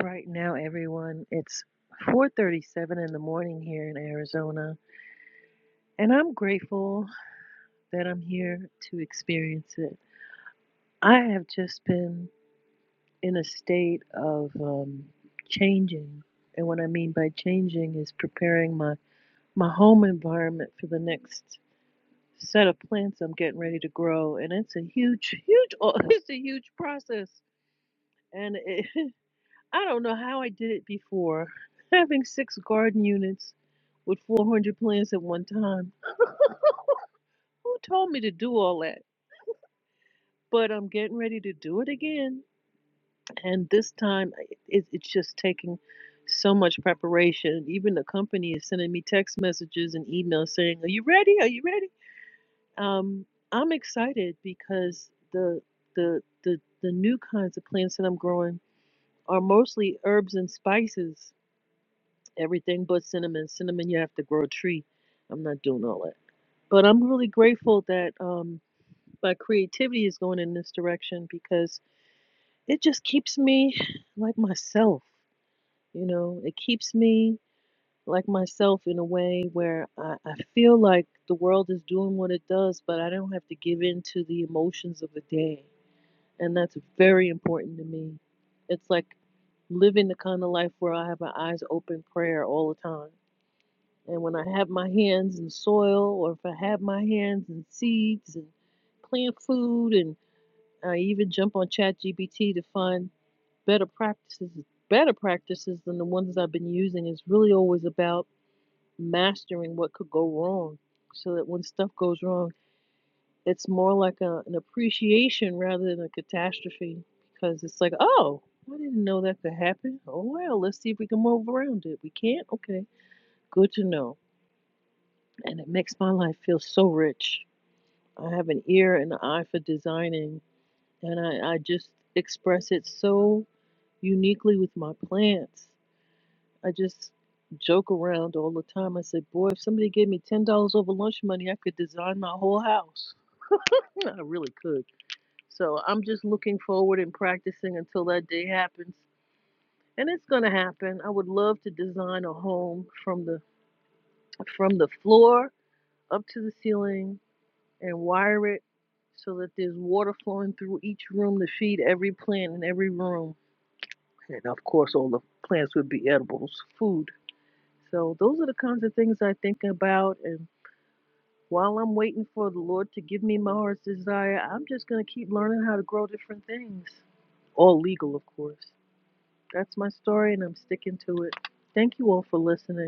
Speaker 15: Right now, everyone, it's 4:37 in the morning here in Arizona, and I'm grateful that I'm here to experience it. I have just been in a state of um, changing, and what I mean by changing is preparing my my home environment for the next set of plants I'm getting ready to grow, and it's a huge, huge, (laughs) it's a huge process, and it, (laughs) I don't know how I did it before. (laughs) Having six garden units with 400 plants at one time. Who told me to do all that? But I'm getting ready to do it again. And this time, I- it, it's just taking so much preparation. Even the company is sending me text messages and emails saying, Are you ready? Are you ready? Um, I'm excited because the, the, the, the new kinds of plants that I'm growing are mostly herbs and spices everything but cinnamon. Cinnamon, you have to grow a tree. I'm not doing all that. But I'm really grateful that um, my creativity is going in this direction because it just keeps me like myself. You know, it keeps me like myself in a way where I, I feel like the world is doing what it does, but I don't have to give in to the emotions of the day. And that's very important to me. It's like living the kind of life where I have my eyes open prayer all the time And when I have my hands in soil, or if I have my hands in seeds and plant food, and I even jump on ChatGPT to find better practices, better practices than the ones I've been using, is really always about mastering what could go wrong, so that when stuff goes wrong, it's more like a, an appreciation rather than a catastrophe, because it's like, oh, I didn't know that could happen. Oh well, let's see if we can move around it. We can't. Okay, good to know and it makes my life feel so rich. I have an ear and an eye for designing, and I, I just express it so uniquely with my plants. I just joke around all the time. I say, Boy, if somebody gave me $10 over lunch money, I could design my whole house. I really could. So I'm just looking forward and practicing until that day happens. And it's gonna happen. I would love to design a home from the from the floor up to the ceiling and wire it so that there's water flowing through each room to feed every plant in every room. And of course, all the plants would be edibles, food. So those are the kinds of things I think about. And while I'm waiting for the Lord to give me my heart's desire, I'm just going to keep learning how to grow different things. All legal, of course. That's my story, and I'm sticking to it. Thank you all for listening.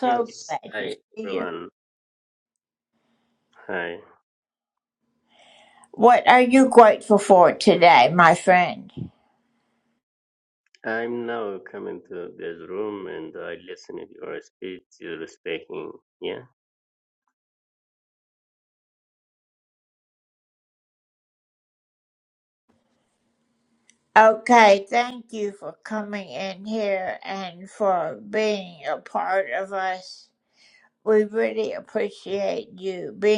Speaker 16: Yes, hi everyone. Hi. I'm now coming to this room and I listen to your speech you're speaking. Yeah.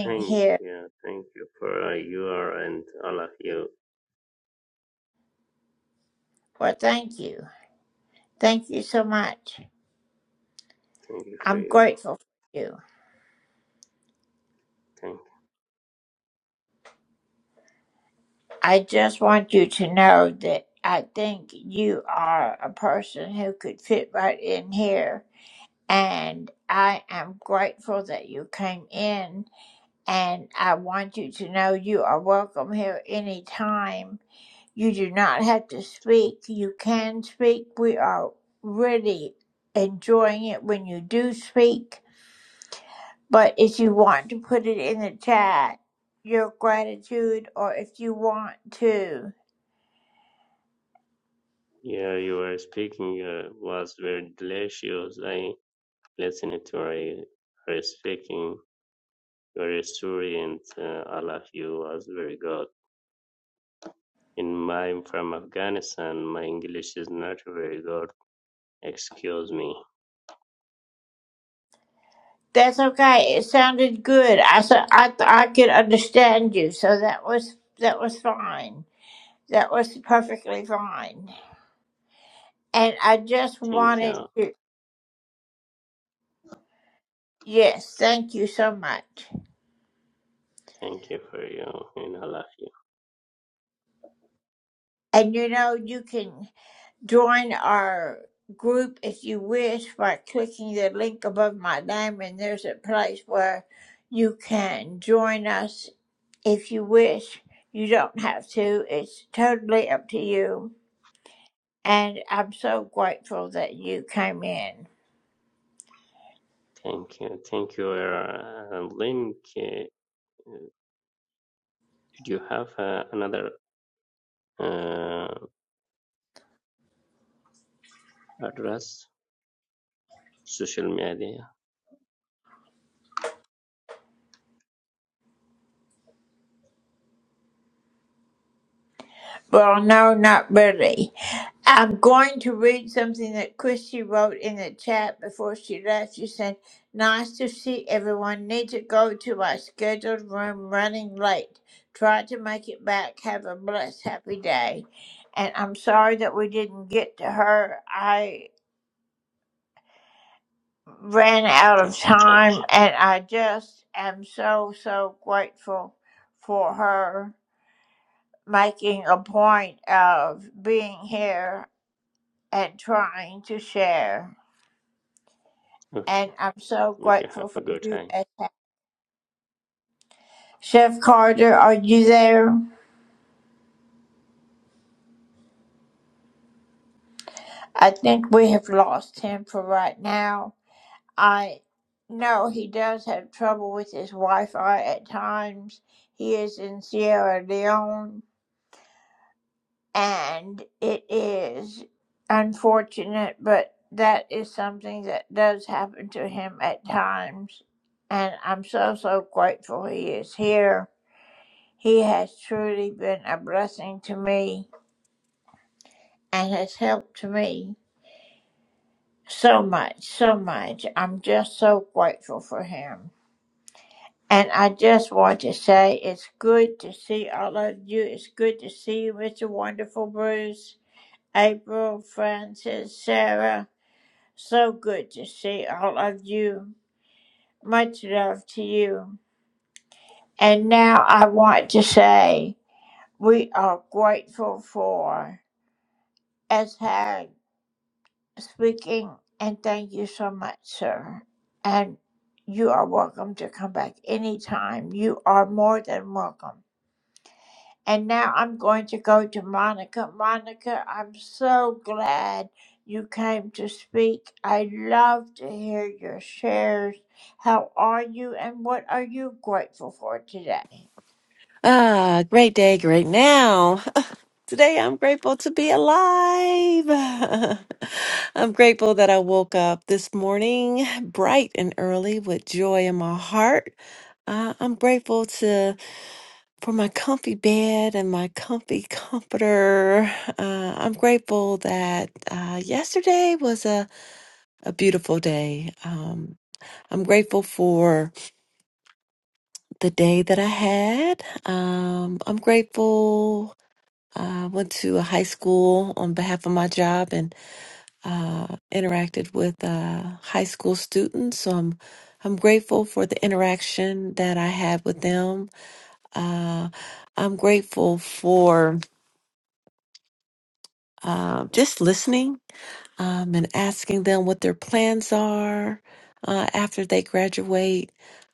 Speaker 16: Thank yeah, thank you for uh, you are and all of you. Thank you for you. Thank you. Yeah, you were speaking uh, was very delicious. I listened to your your speaking, your story and uh, all of you was very good. In my from Afghanistan, my English is not very good. Excuse me. Thank you. Thank you for you. And I love you. Thank you. Thank you, uh, Link. Uh, Did you have uh, another uh, address? Social media? Thank you. Okay. Okay. Have a good time.
Speaker 17: Ah, great day, great now. (laughs) Today I'm grateful to be alive. (laughs) I'm grateful that I woke up this morning bright and early with joy in my heart. Uh, I'm grateful to for my comfy bed and my comfy comforter. Uh, I'm grateful that uh, yesterday was a, a beautiful day. Um, I'm grateful for the day that I had. Um, I'm grateful I went to a high school on behalf of my job and uh, interacted with uh, high school students. So I'm I'm grateful for the interaction that I had with them. Uh, I'm grateful for uh, just listening um, and asking them what their plans are uh, after they graduate.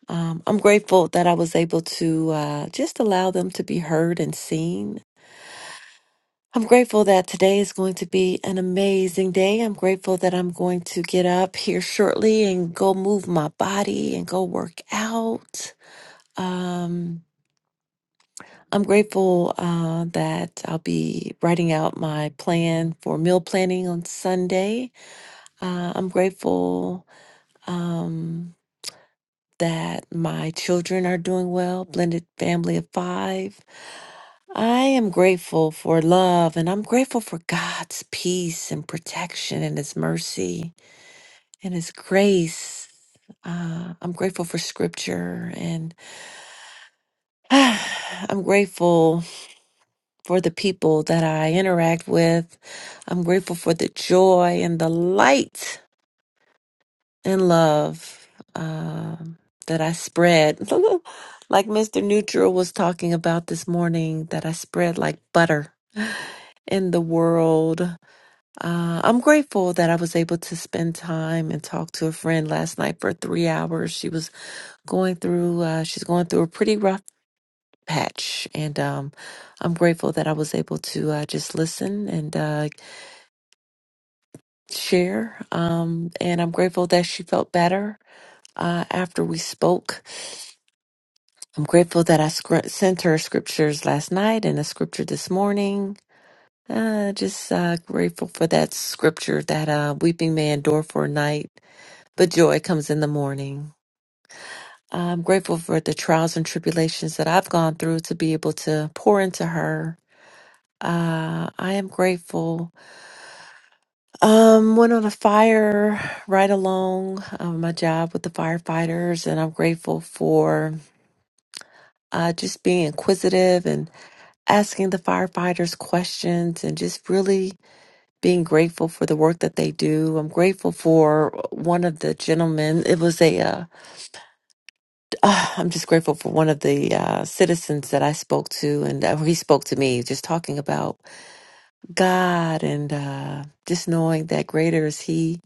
Speaker 17: Um, I'm grateful that I was able to uh, just allow them to be heard and seen I'm grateful that today is going to be an amazing day. I'm grateful that I'm going to get up here shortly and go move my body and go work out. Um, I'm grateful uh, that I'll be writing out my plan for meal planning on Sunday. Uh, I'm grateful. Um, that my children are doing well, blended family of five. I am grateful for love and I'm grateful for God's peace and protection and His mercy and His grace. Uh, I'm grateful for scripture and (sighs) I'm grateful for the people that I interact with. I'm grateful for the joy and the light and love um, that I spread, (laughs) like Mr. Neutral was talking about this morning, that I spread like butter in the world. Uh, I'm grateful that I was able to spend time and talk to a friend last night for three hours. She was going through, uh, she's going through a pretty rough patch, and um, I'm grateful that I was able to uh, just listen and uh, share. Um, and I'm grateful that she felt better uh, after we spoke. I'm grateful that I scr- sent her scriptures last night and a scripture this morning. Uh, just uh, grateful for that scripture that uh, weeping may endure for a night, but joy comes in the morning. I'm grateful for the trials and tribulations that I've gone through to be able to pour into her. Uh, I am grateful. Um, went on a fire right along um, my job with the firefighters, and I'm grateful for uh, just being inquisitive asking the firefighters questions and just really being grateful for the work that they do. I'm grateful for one of the gentlemen. It was a, uh, ah, I'm just grateful for one of the uh, citizens that I spoke to and uh, he spoke to me just talking about God and uh, just knowing that greater is he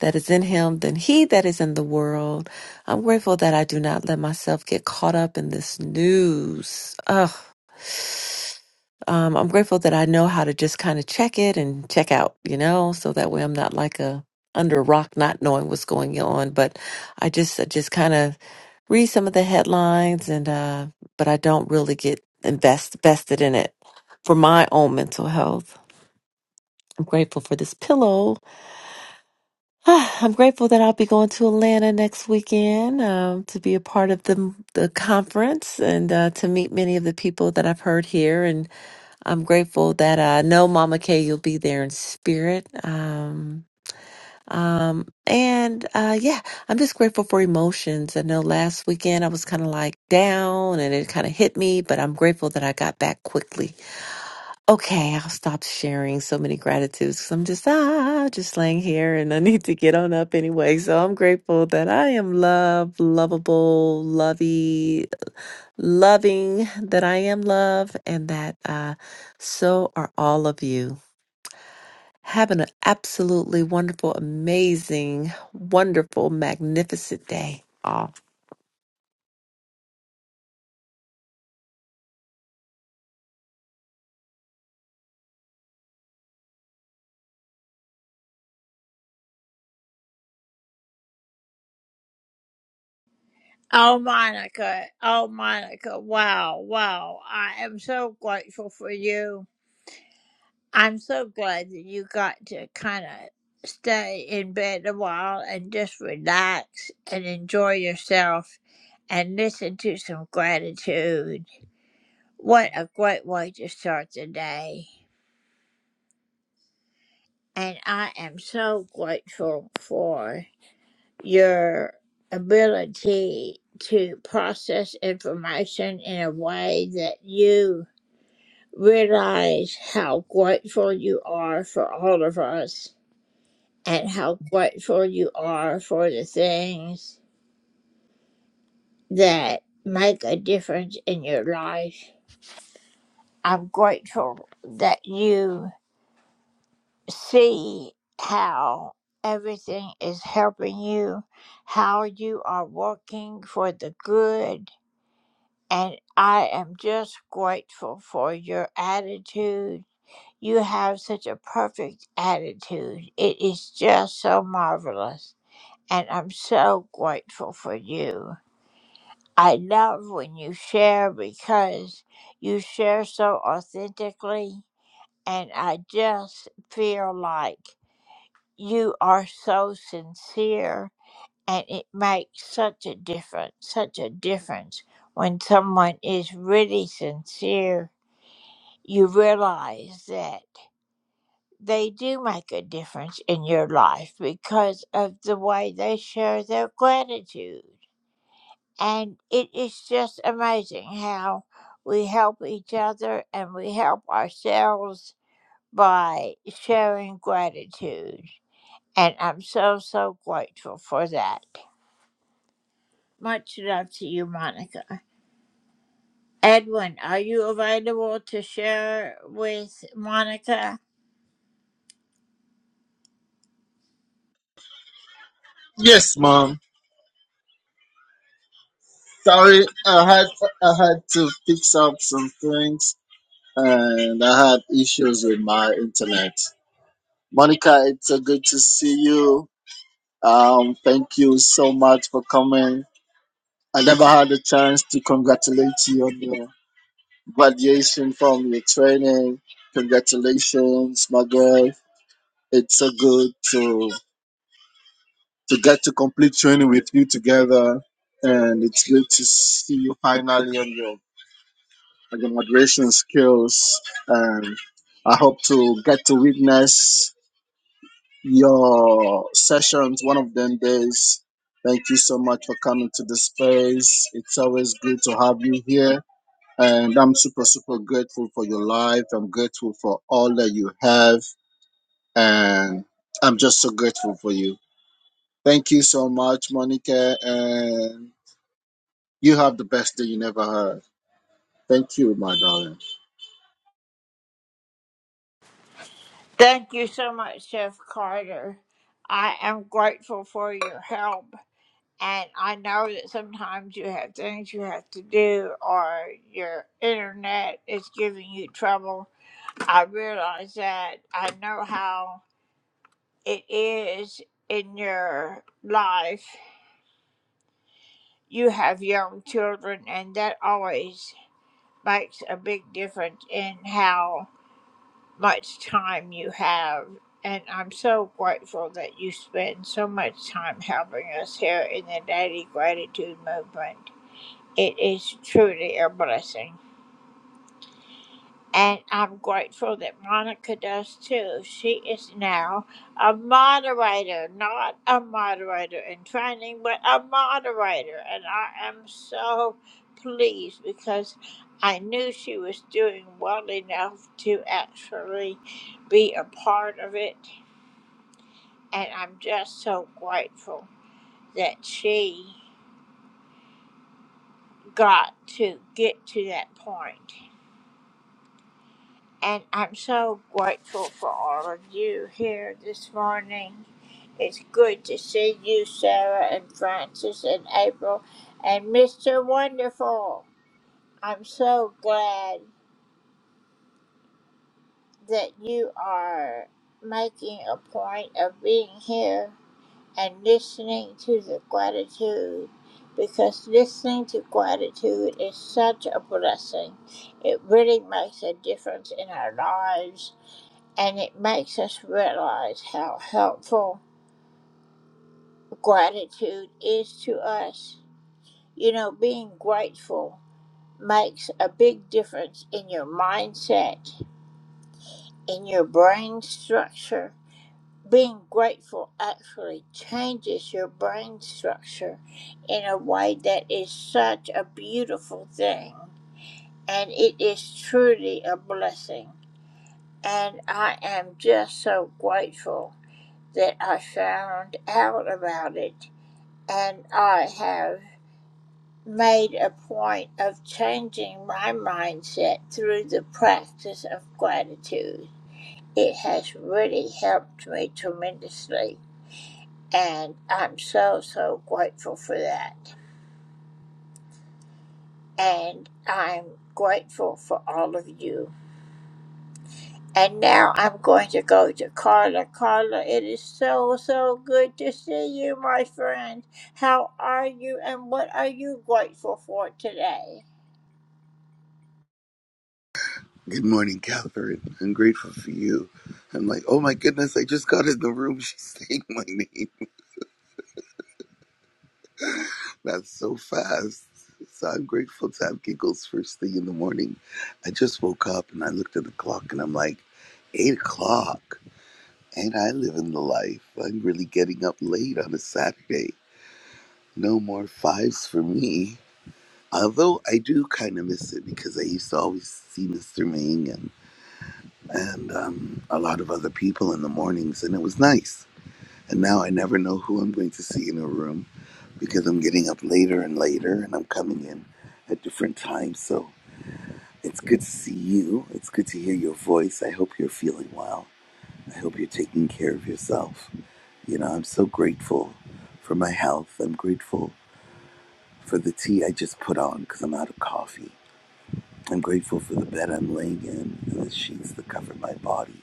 Speaker 17: that is in him than he that is in the world. I'm grateful that I do not let myself get caught up in this news. Ugh um, I'm grateful that I know how to just kind of check it and check out, you know, so that way I'm not like a under a rock, not knowing what's going on. But I just, I just kind of read some of the headlines, and uh, but I don't really get invest vested in it for my own mental health. I'm grateful for this pillow. (sighs) I'm grateful that I'll be going to Atlanta next weekend um, to be a part of the the conference and uh, to meet many of the people that I've heard here and I'm grateful that I know Mama Kay, you'll be there in spirit. Um, um, and uh, yeah, I'm just grateful for emotions. I know last weekend I was kind of like down and it kind of hit me, but I'm grateful that I got back quickly. Okay, I'll stop sharing so many gratitudes 'cause I'm just ah just laying here and I need to get on up anyway. So I'm grateful that I am loved, lovable, lovey, loving that I am love and that uh, so are all of you. Having an absolutely wonderful, amazing, wonderful, magnificent day. all.
Speaker 8: Yes, mom. Sorry, I had I had to fix up some things, and I had issues with my internet. Monica, it's so good to see you. Um, thank you so much for coming. I never had a chance to congratulate you on your graduation from your training. Congratulations, my girl. It's so good to to get to complete training with you together, and it's good to see you finally on your and the moderation skills. And I hope to get to witness your sessions one of them days. Thank you so much for coming to the space. It's always good to have you here. And I'm super, super grateful for your life. I'm grateful for all that you have. And I'm just so grateful for you. Thank you so much, Monica. And you have the best day you never had. Thank you, my darling.
Speaker 18: Good morning, Catherine. I'm grateful for you. I'm like, oh my goodness, I just got in the room. (laughs) She's saying my name. (laughs) That's so fast. So I'm grateful to have giggles first thing in the morning. I just woke up and I looked at the clock and I'm like, eight o'clock. And I live in the life. I'm really getting up late on a Saturday. No more fives for me. Although I do kind of miss it because I used to always see Mr. Ming and, and um, a lot of other people in the mornings, and it was nice And now I never know who I'm going to see in a room because I'm getting up later and later and I'm coming in at different times. So it's good to see you. It's good to hear your voice. I hope you're feeling well. I hope you're taking care of yourself. You know, I'm so grateful for my health. I'm grateful for the tea I just put on because I'm out of coffee. I'm grateful for the bed I'm laying in and the sheets that cover my body.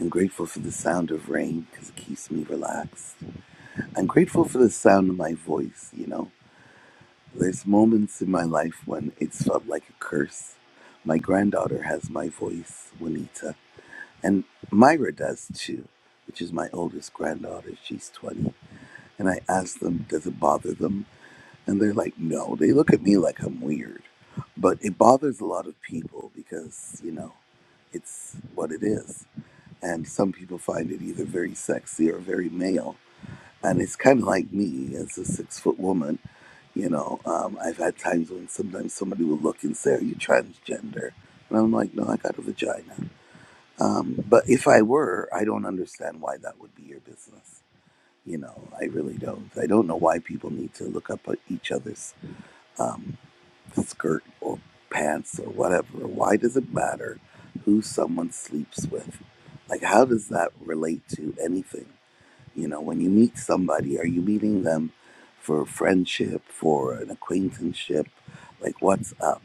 Speaker 18: I'm grateful for the sound of rain because it keeps me relaxed. I'm grateful for the sound of my voice, you know. There's moments in my life when it's felt like a curse. My granddaughter has my voice, Juanita, and Myra does too, which is my oldest granddaughter. She's 20. And I ask them, does it bother them? And they're like, no. They look at me like I'm weird. But it bothers a lot of people because, you know, it's what it is. And some people find it either very sexy or very male. And it's kind of like me as a six foot woman. You know, um, I've had times when sometimes somebody will look and say, Are you transgender? And I'm like, No, I got a vagina. Um, but if I were, I don't understand why that would be your business. You know, I really don't. I don't know why people need to look up at each other's um, skirt or pants or whatever. Why does it matter who someone sleeps with? Like, how does that relate to anything? You know, when you meet somebody, are you meeting them for friendship, for an acquaintanceship? Like, what's up?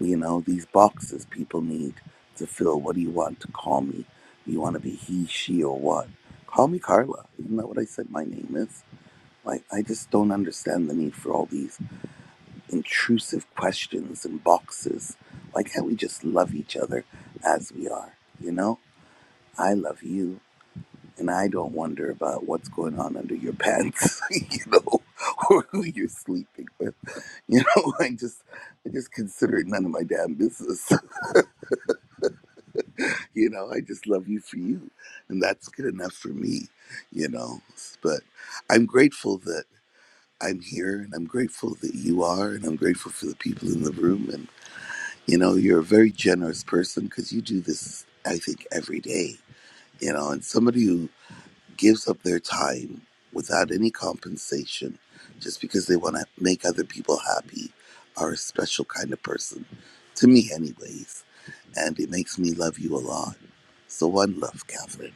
Speaker 18: You know, these boxes people need to fill. What do you want to call me? Do you want to be he, she, or what? Call me Carla. Isn't that what I said my name is? Like, I just don't understand the need for all these intrusive questions and boxes. Why can't we just love each other as we are? You know, I love you and I don't wonder about what's going on under your pants, (laughs) you know, or who you're sleeping with. You know, (laughs) I just I just consider it none of my damn business. (laughs) You know, I just love you for you. And that's good enough for me, you know. But I'm grateful that I'm here and I'm grateful that you are and I'm grateful for the people in the room and you know, you're a very generous person because you do this I think every day, you know, and somebody who gives up their time without any compensation just because they want to make other people happy are a special kind of person. To me, anyways. And it makes me love you a lot. So one love, Catherine.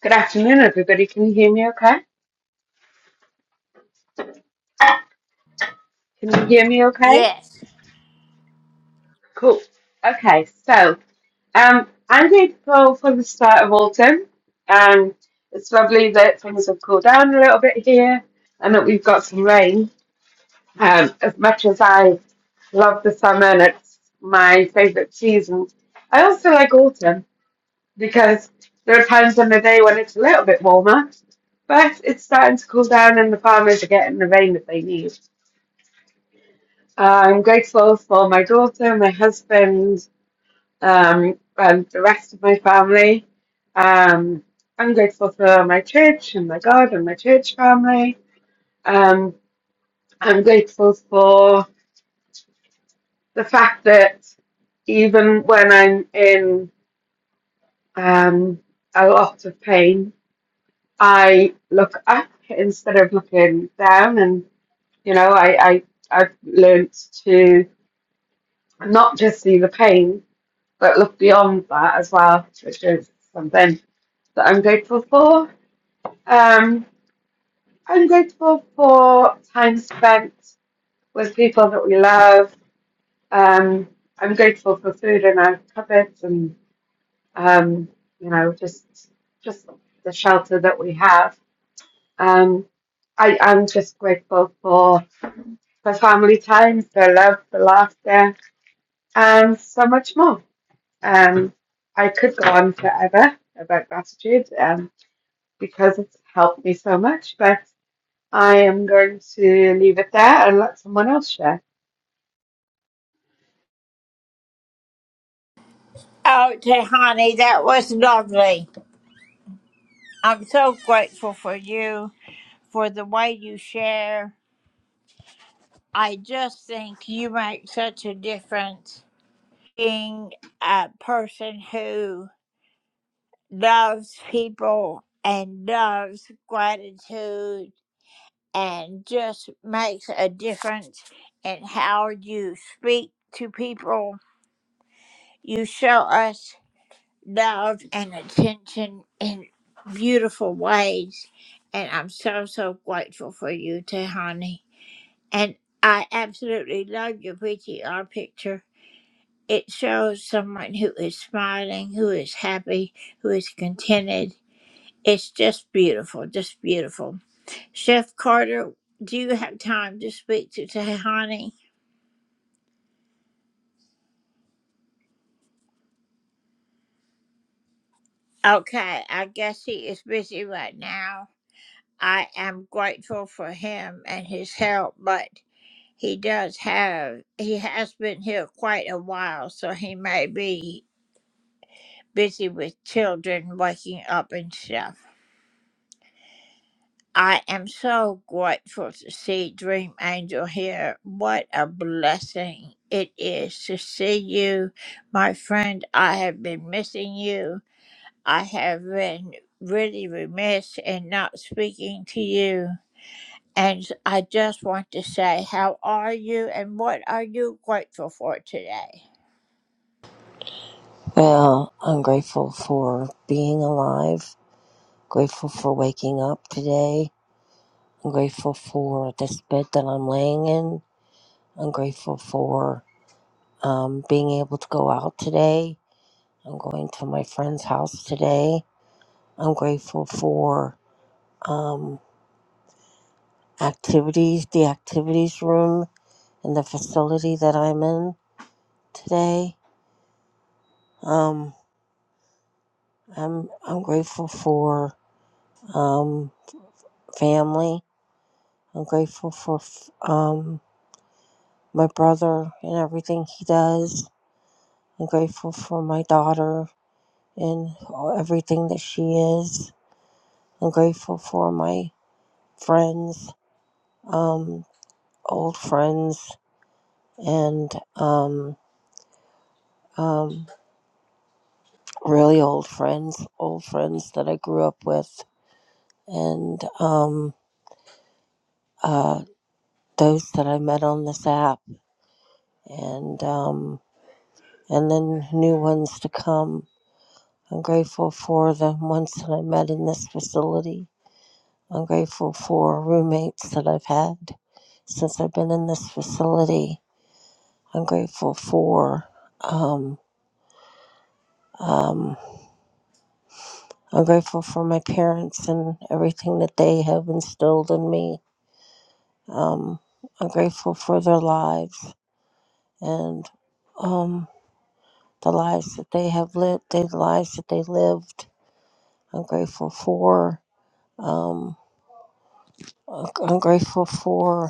Speaker 19: Good afternoon, everybody. Can you hear me okay? Can you hear me okay? Cool. Okay, so um, I'm grateful for the start of autumn. Um, it's lovely that things have cooled down a little bit here and that we've got some rain. Um, as much as I love the summer and it's my favourite season, I also like autumn because there are times in the day when it's a little bit warmer, but it's starting to cool down and the farmers are getting the rain that they need. Uh, I'm grateful for my daughter, my husband, um, and the rest of my family. Um, I'm grateful for my church and my God and my church family. Um, I'm grateful for the fact that even when I'm in um, a lot of pain, I look up instead of looking down, and you know, I I I've learnt to not just see the pain, but look beyond that as well, which is something that I'm grateful for. Um, I'm grateful for time spent with people that we love. Um, I'm grateful for food in our cupboards and um, you know just just the shelter that we have. Um, I am just grateful for for family time, for love, for laughter, and so much more. Um, I could go on forever about gratitude um, because it's helped me so much, but I am going to leave it there and let someone else share.
Speaker 20: Well, I'm grateful for being alive, grateful for waking up today. I'm grateful for this bed that I'm laying in. I'm grateful for um, being able to go out today. I'm going to my friend's house today. I'm grateful for um, activities, the activities room, and the facility that I'm in today. Um, I'm I'm grateful for um, family. I'm grateful for f- um, my brother and everything he does. I'm grateful for my daughter and everything that she is. I'm grateful for my friends, um, old friends, and um, um, really old friends, old friends that I grew up with, and um, uh, those that I met on this app, and um, and then new ones to come. I'm grateful for the ones that I met in this facility I'm grateful for roommates that I've had since I've been in this facility. I'm grateful for um, um, I'm grateful for my parents and everything that they have instilled in me. Um, I'm grateful for their lives and um, the lives that they have lived, the lives that they lived. I'm grateful for. Um, I'm grateful for.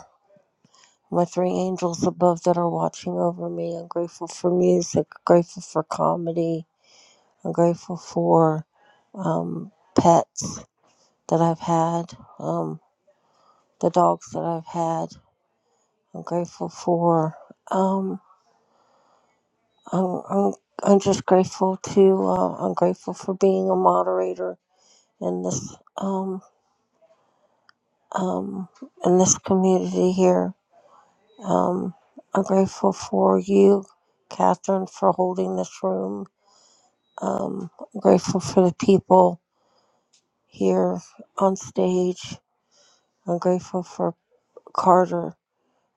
Speaker 20: my three angels above that are watching over me. I'm grateful for music, grateful for comedy, I'm grateful for um, pets that I've had, um, the dogs that I've had. I'm grateful for. Um, I'm, I'm I'm just grateful to. Uh, I'm grateful for being a moderator in this um, um, in this community here. Um, I'm grateful for you, Catherine, for holding this room. Um, I'm grateful for the people here on stage. I'm grateful for Carter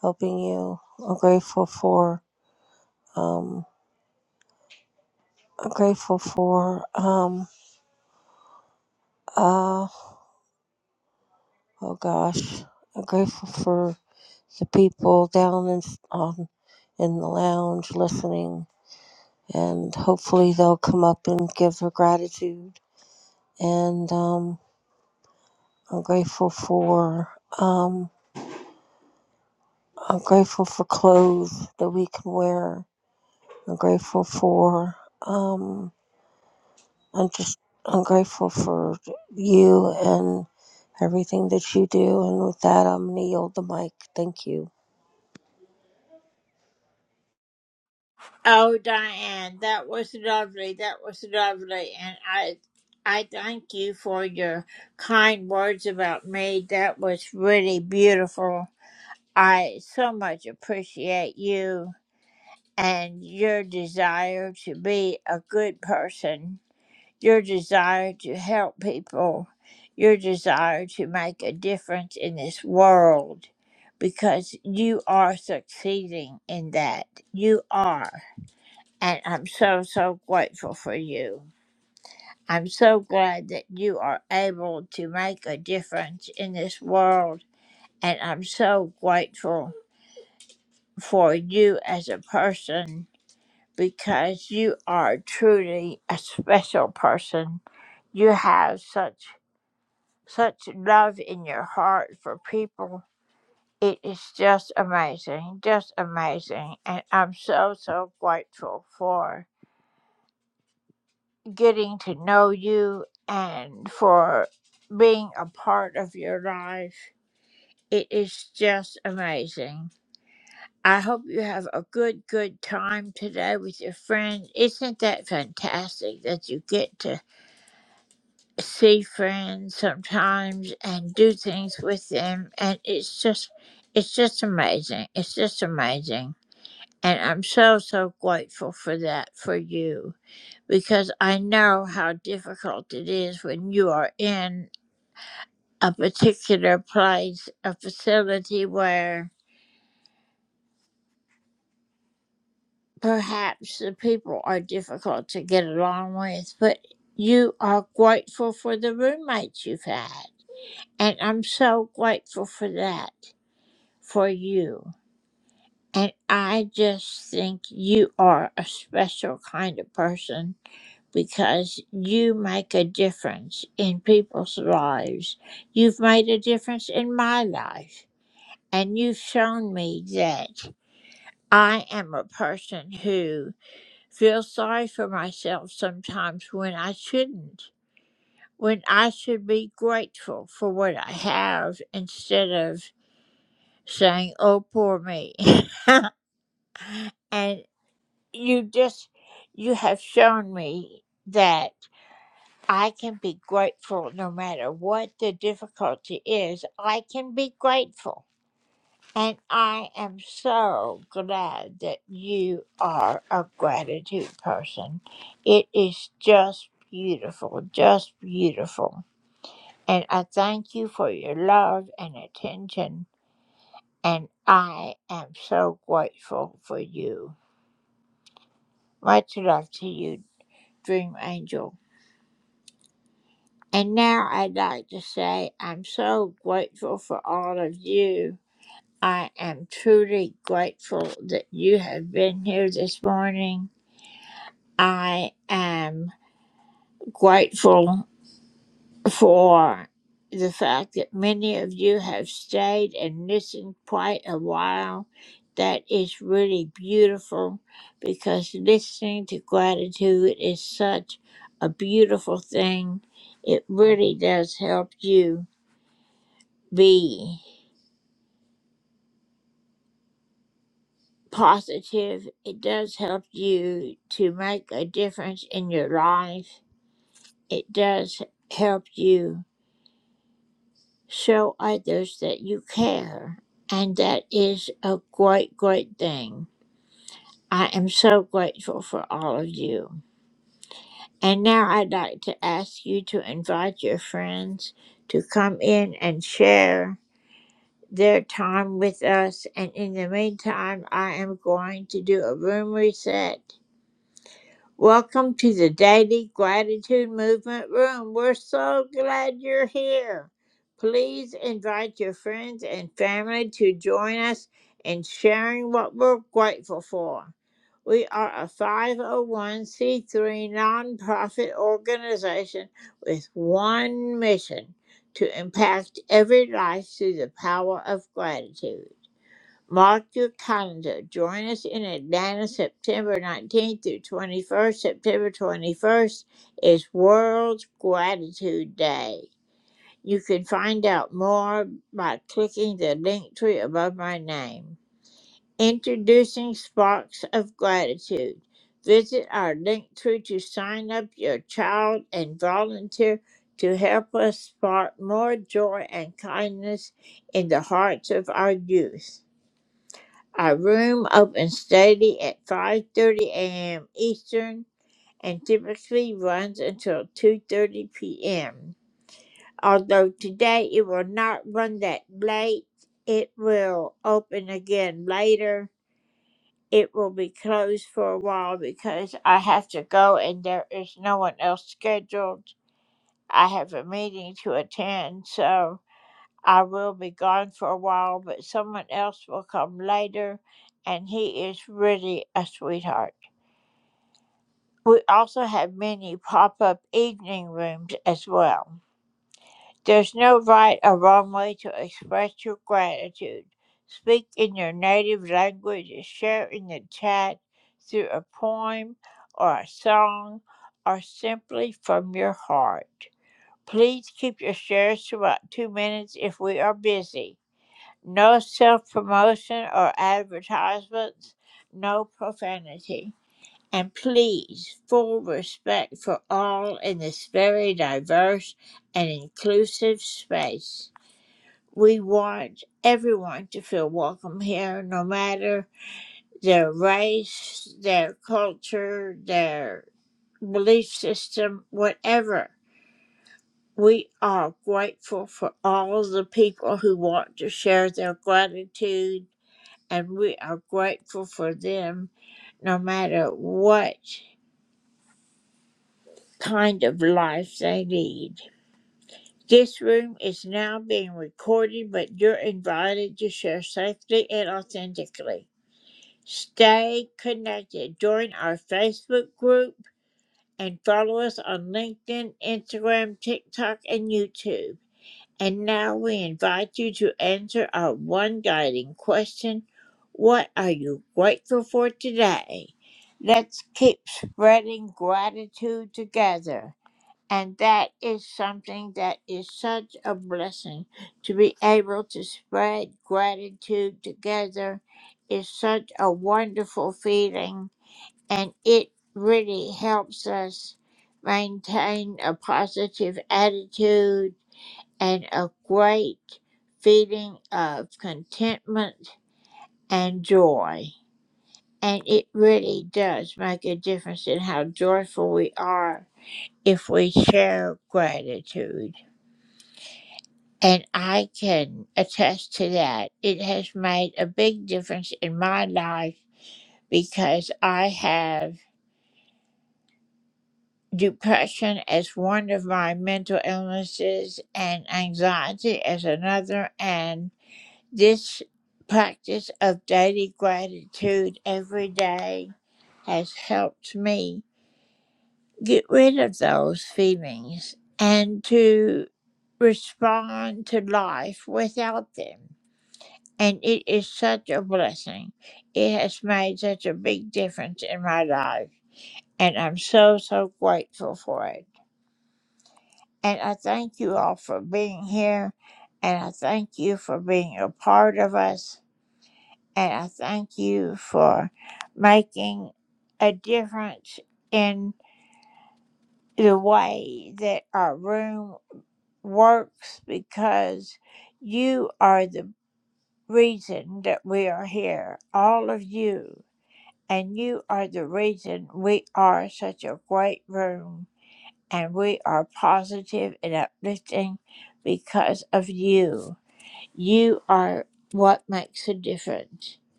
Speaker 20: helping you. I'm grateful for um, I'm grateful for um, uh, oh gosh, I'm grateful for the people down in on in the lounge listening, and hopefully they'll come up and give their gratitude. And um, I'm grateful for um, I'm grateful for clothes that we can wear I'm grateful for um I'm just I'm grateful for you and everything that you do and with that I'm gonna yield the mic. Thank you.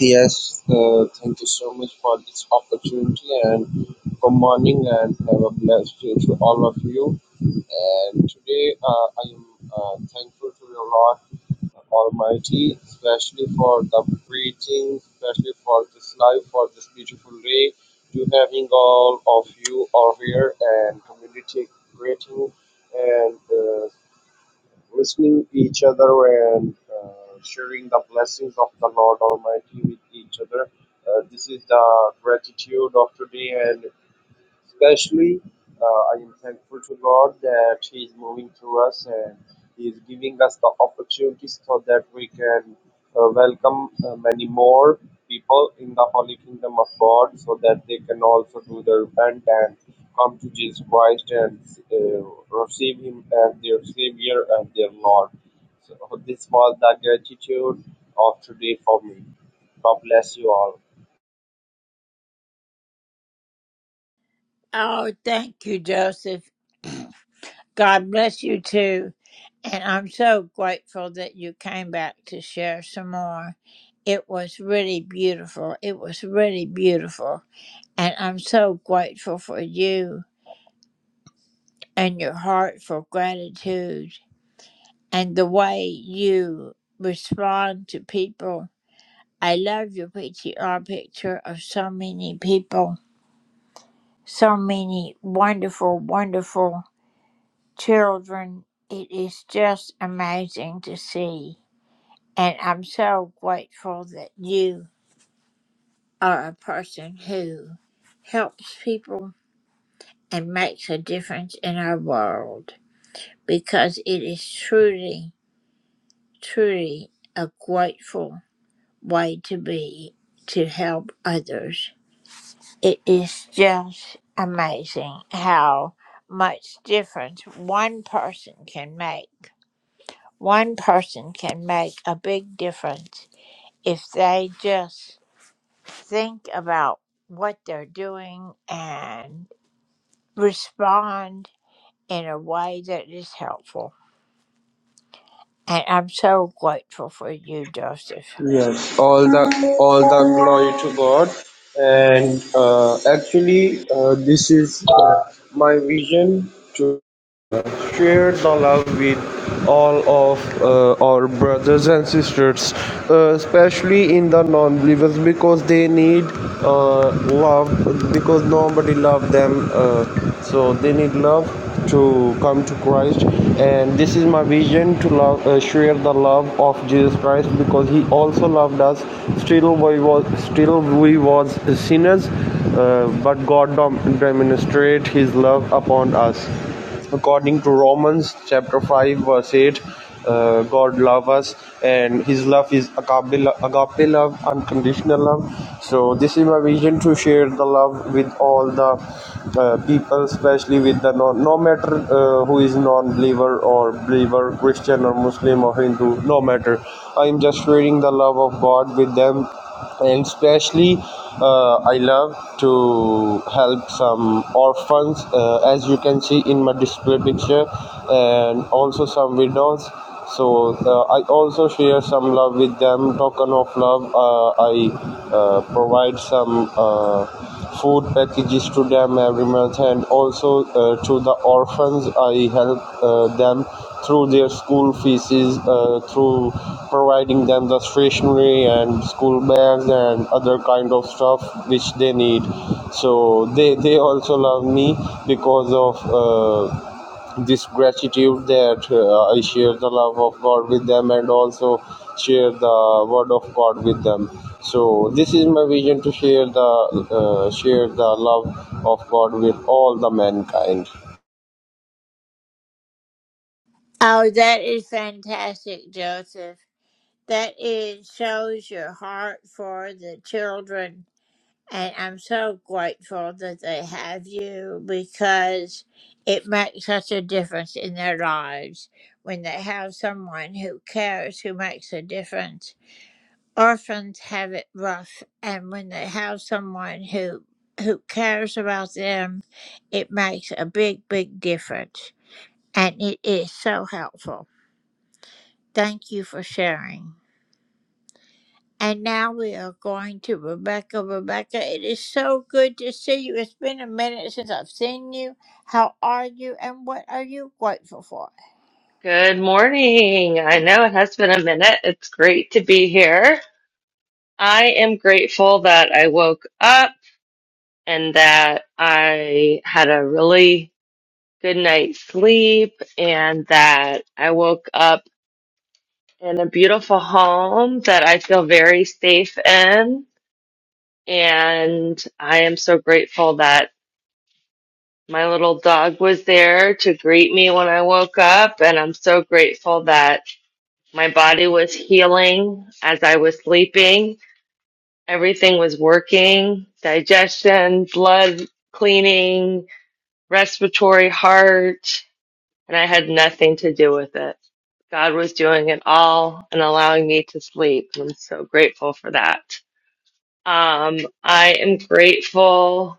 Speaker 2: Yes, uh, thank you so much for this opportunity and good morning and have a blessed day to all of you. And today uh, I am uh, thankful to the Lord Almighty, especially for the preaching, especially for this life, for this beautiful day, to having all of you all here and community greeting and uh, listening to each other and uh, sharing the blessings of the Lord Almighty with each other. Uh, this is the gratitude of today, and Especially, uh, I am thankful to God that He is moving through us and He is giving us the opportunities so that we can uh, welcome uh, many more people in the Holy Kingdom of God so that they can also do the repent and come to Jesus Christ and uh, receive Him as their Savior and their Lord. So, this was the gratitude of today for me. God bless you all. all the all the glory to god and uh, actually uh, this is my vision to share the love with all of uh, our brothers and sisters, uh, especially in the non believers, because they need uh, love, because nobody loves them. Uh, so they need love to come to Christ. And this is my vision to love, uh, share the love of Jesus Christ, because He also loved us. Still, we was still we was sinners, uh, but God dom- demonstrated His love upon us. According to Romans chapter 5 verse 8, uh, God loves us and His love is agape, lo- agape love, unconditional love. So this is my vision to share the love with all the uh, people, especially with the non, no matter uh, who is non-believer or believer, Christian or Muslim or Hindu, no matter. I am just sharing the love of God with them and especially uh, i love to help some orphans uh, as you can see in my display picture and also some widows so uh, i also share some love with them token of love uh, i uh, provide some uh, food packages to them every month and also uh, to the orphans i help uh, them through their school fees uh, through providing them the stationery and school bags and other kind of stuff which they need so they they also love me because of uh, this gratitude that uh, I share the love of God with them and also share the word of God with them. So this is my vision to share the uh, share the love of God with all the mankind.
Speaker 21: Good morning. I know it has been a minute. It's great to be here. I am grateful that I woke up and that I had a really good night's sleep and that I woke up in a beautiful home that I feel very safe in. And I am so grateful that my little dog was there to greet me when I woke up. And I'm so grateful that My body was healing as I was sleeping. Everything was working digestion, blood cleaning, respiratory, heart, and I had nothing to do with it. God was doing it all and allowing me to sleep. and I'm so grateful for that. Um, I am grateful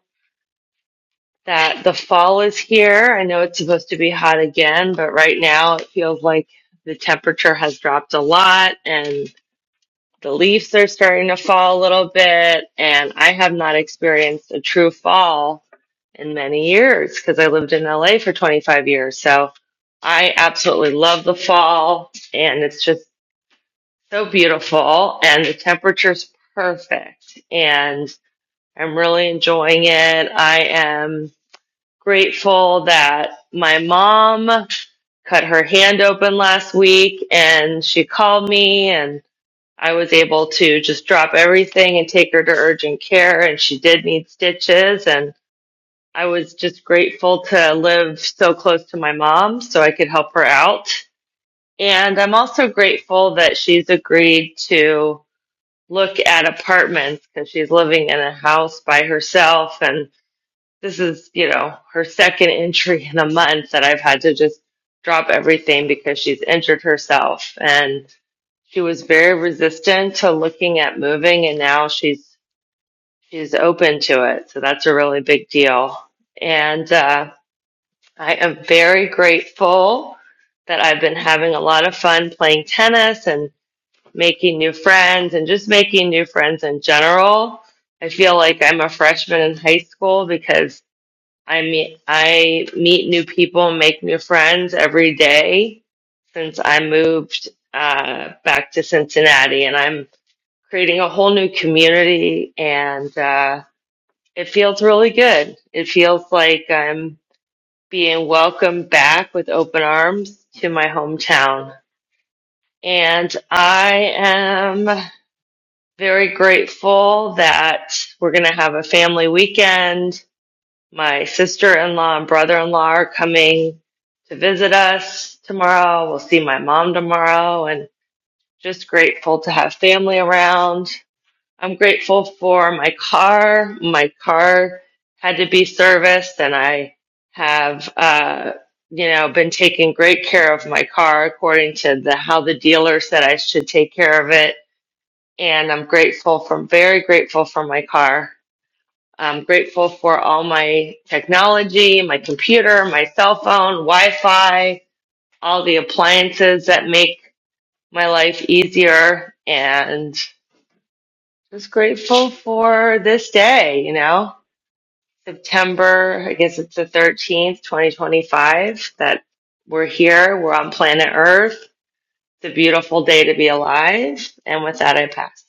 Speaker 21: that the fall is here. I know it's supposed to be hot again, but right now it feels like the temperature has dropped a lot and the leaves are starting to fall a little bit, and I have not experienced a true fall in many years because I lived in LA for 25 years. So I absolutely love the fall, and it's just so beautiful, and the temperature's perfect, and I'm really enjoying it. I am grateful that my mom cut her hand open last week, and she called me and I was able to just drop everything and take her to urgent care, and she did need stitches. And I was just grateful to live so close to my mom so I could help her out. And I'm also grateful that she's agreed to look at apartments because she's living in a house by herself. And this is, you know, her second entry in a month that I've had to just drop everything because she's injured herself. And she was very resistant to looking at moving and now she's she's open to it so that's a really big deal and uh, i am very grateful that i've been having a lot of fun playing tennis and making new friends and just making new friends in general i feel like i'm a freshman in high school because i meet i meet new people and make new friends every day since i moved uh, back to cincinnati and i'm creating a whole new community and uh, it feels really good. It feels like I'm being welcomed back with open arms to my hometown. And I am very grateful that we're going to have a family weekend. My sister in law and brother in law are coming to visit us tomorrow. We'll see my mom tomorrow and just grateful to have family around I'm grateful for my car. My car had to be serviced, and I have, uh, you know, been taking great care of my car according to the how the dealer said I should take care of it. And I'm grateful for, very grateful for my car. I'm grateful for all my technology, my computer, my cell phone, Wi-Fi, all the appliances that make my life easier, and. Just grateful for this day, you know, September, I guess it's the 13th, 2025, that we're here. We're on planet Earth. It's a beautiful day to be alive. And with that, I pass.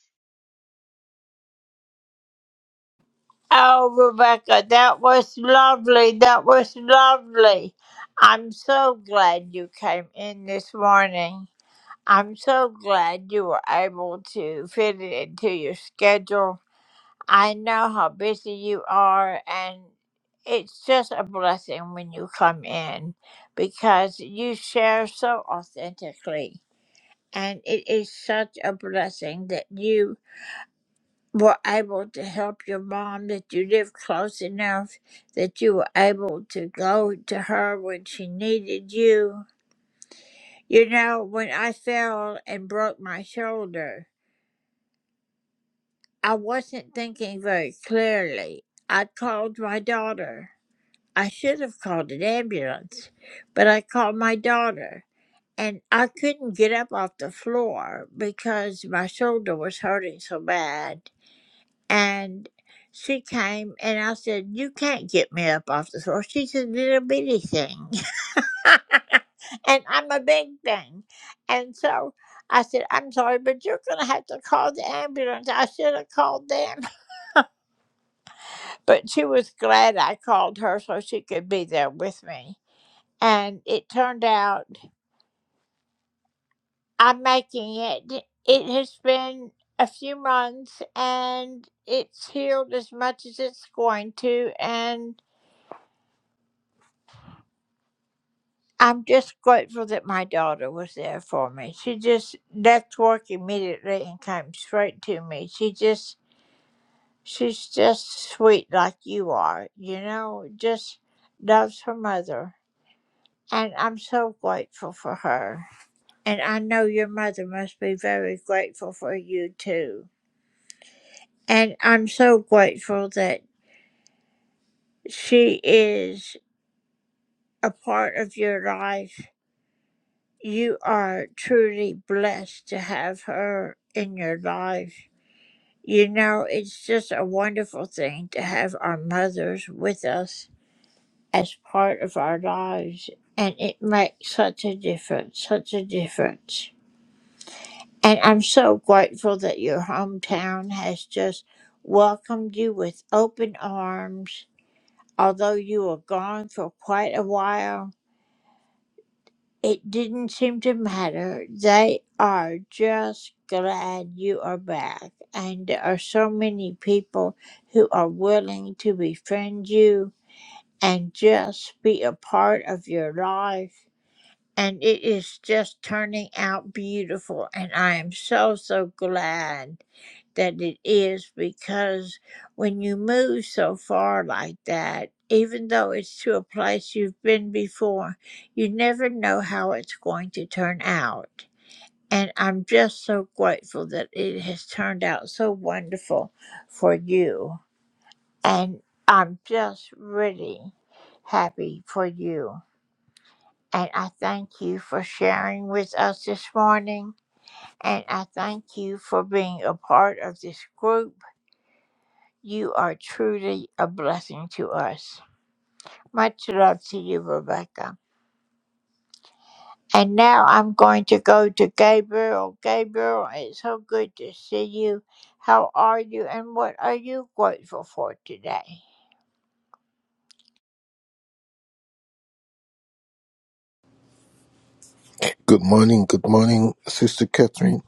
Speaker 22: Good morning, good morning, Sister Catherine.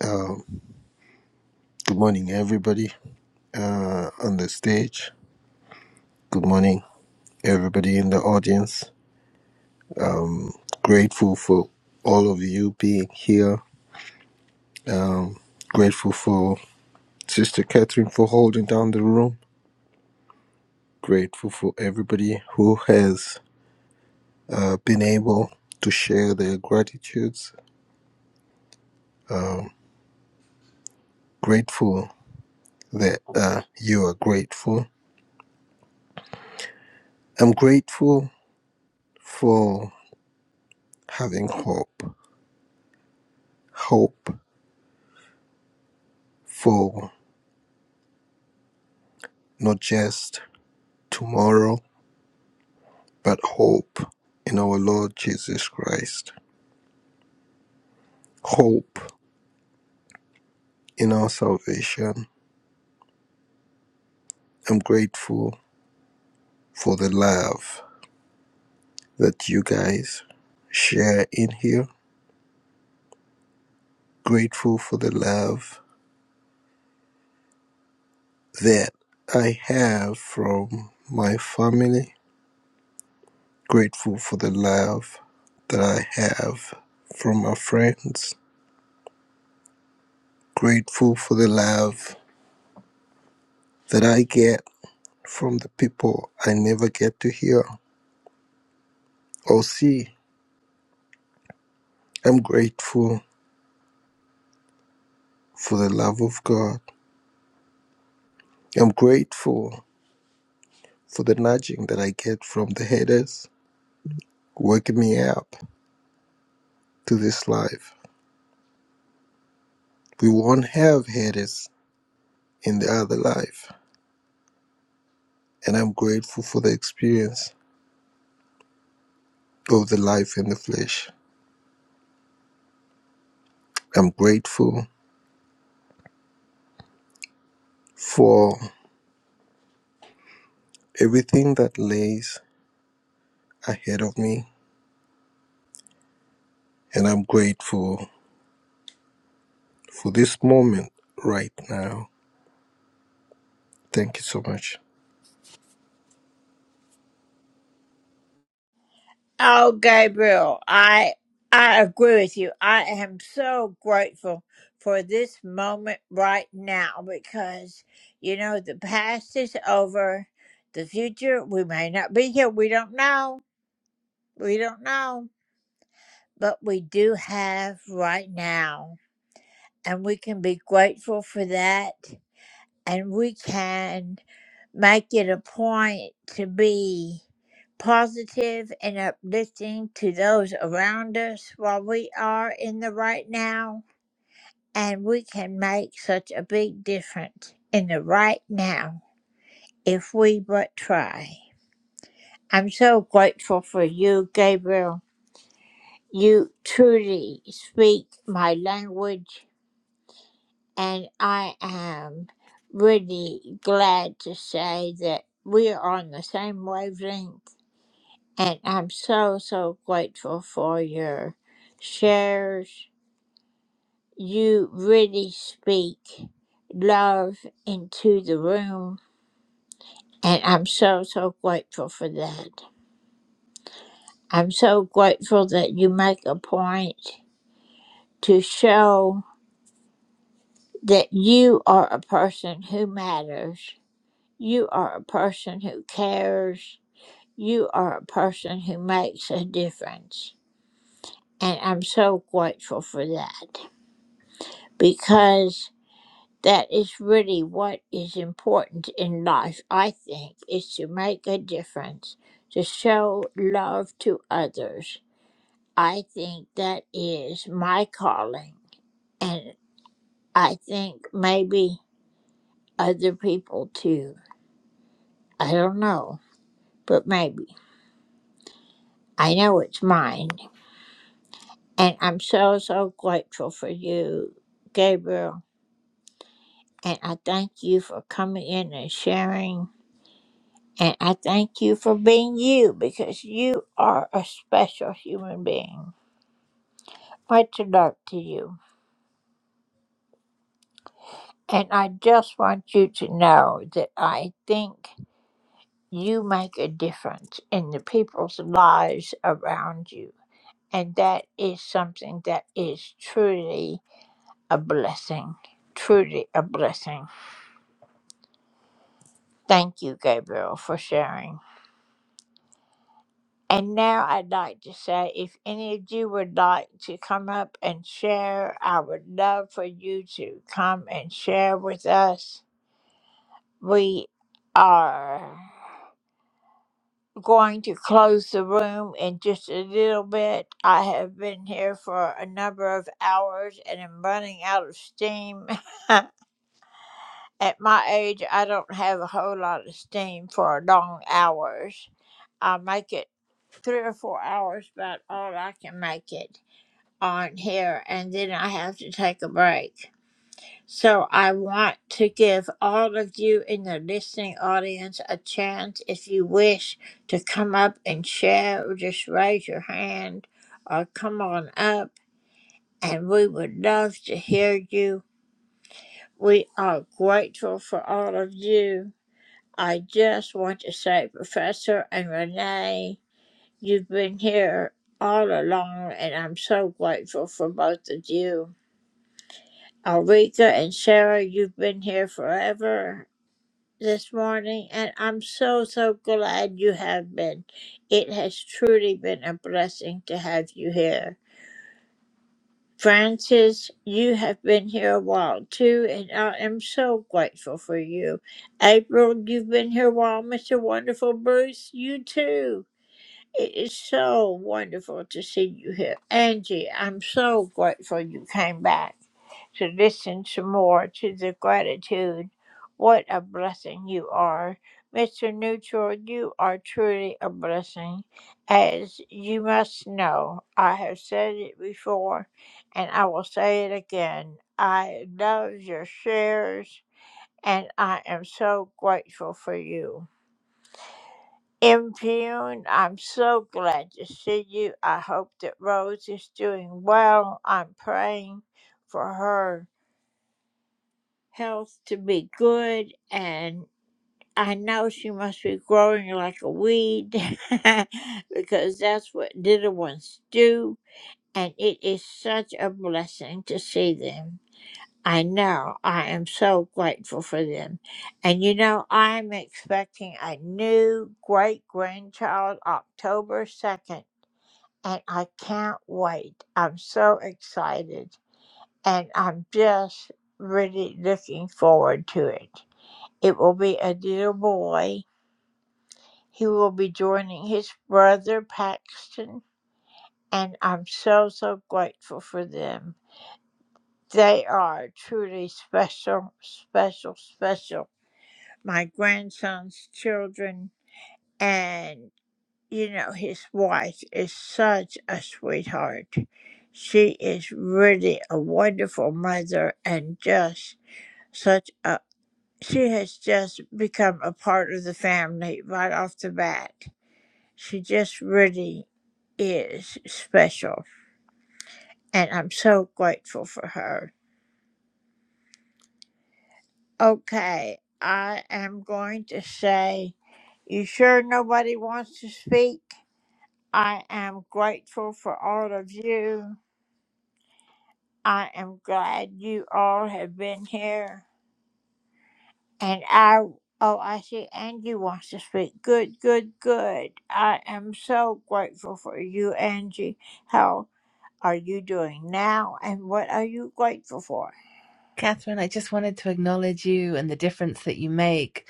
Speaker 22: Uh, good morning, everybody uh, on the stage. Good morning, everybody in the audience. Grateful for all of you being here. Grateful for Sister Catherine for holding down the room. Grateful for everybody who has uh, been able to share their gratitudes. Um, grateful that uh, you are grateful. I'm grateful for having hope. Hope. for not just tomorrow, but hope in our Lord Jesus Christ, hope in our salvation. I'm grateful for the love that you guys share in here, grateful for the love that I have from my family, grateful for the love that I have from my friends, grateful for the love that I get from the people I never get to hear or see. I'm grateful for the love of God. I'm grateful for the nudging that I get from the haters, waking me up to this life. We won't have haters in the other life. And I'm grateful for the experience of the life in the flesh. I'm grateful for everything that lays ahead of me. And I'm grateful for this moment right now. Thank you so much.
Speaker 3: Catherine, I just wanted to acknowledge you and the difference that you make.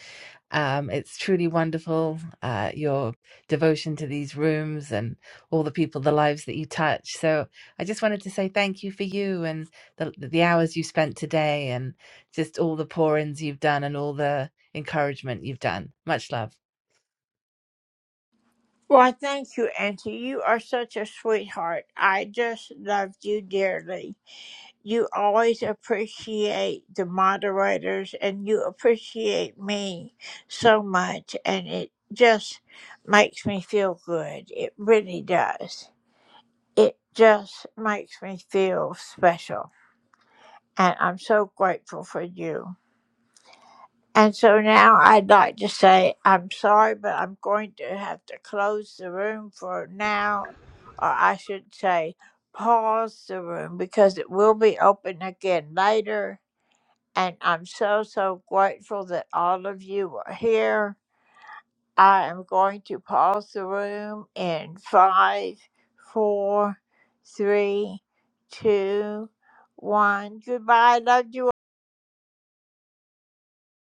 Speaker 3: Um, it's truly wonderful, uh, your devotion to these rooms and all the people, the lives that you touch. So I just wanted to say thank you for you and the, the hours you spent today and just all the pour ins you've done and all the encouragement you've done. Much love.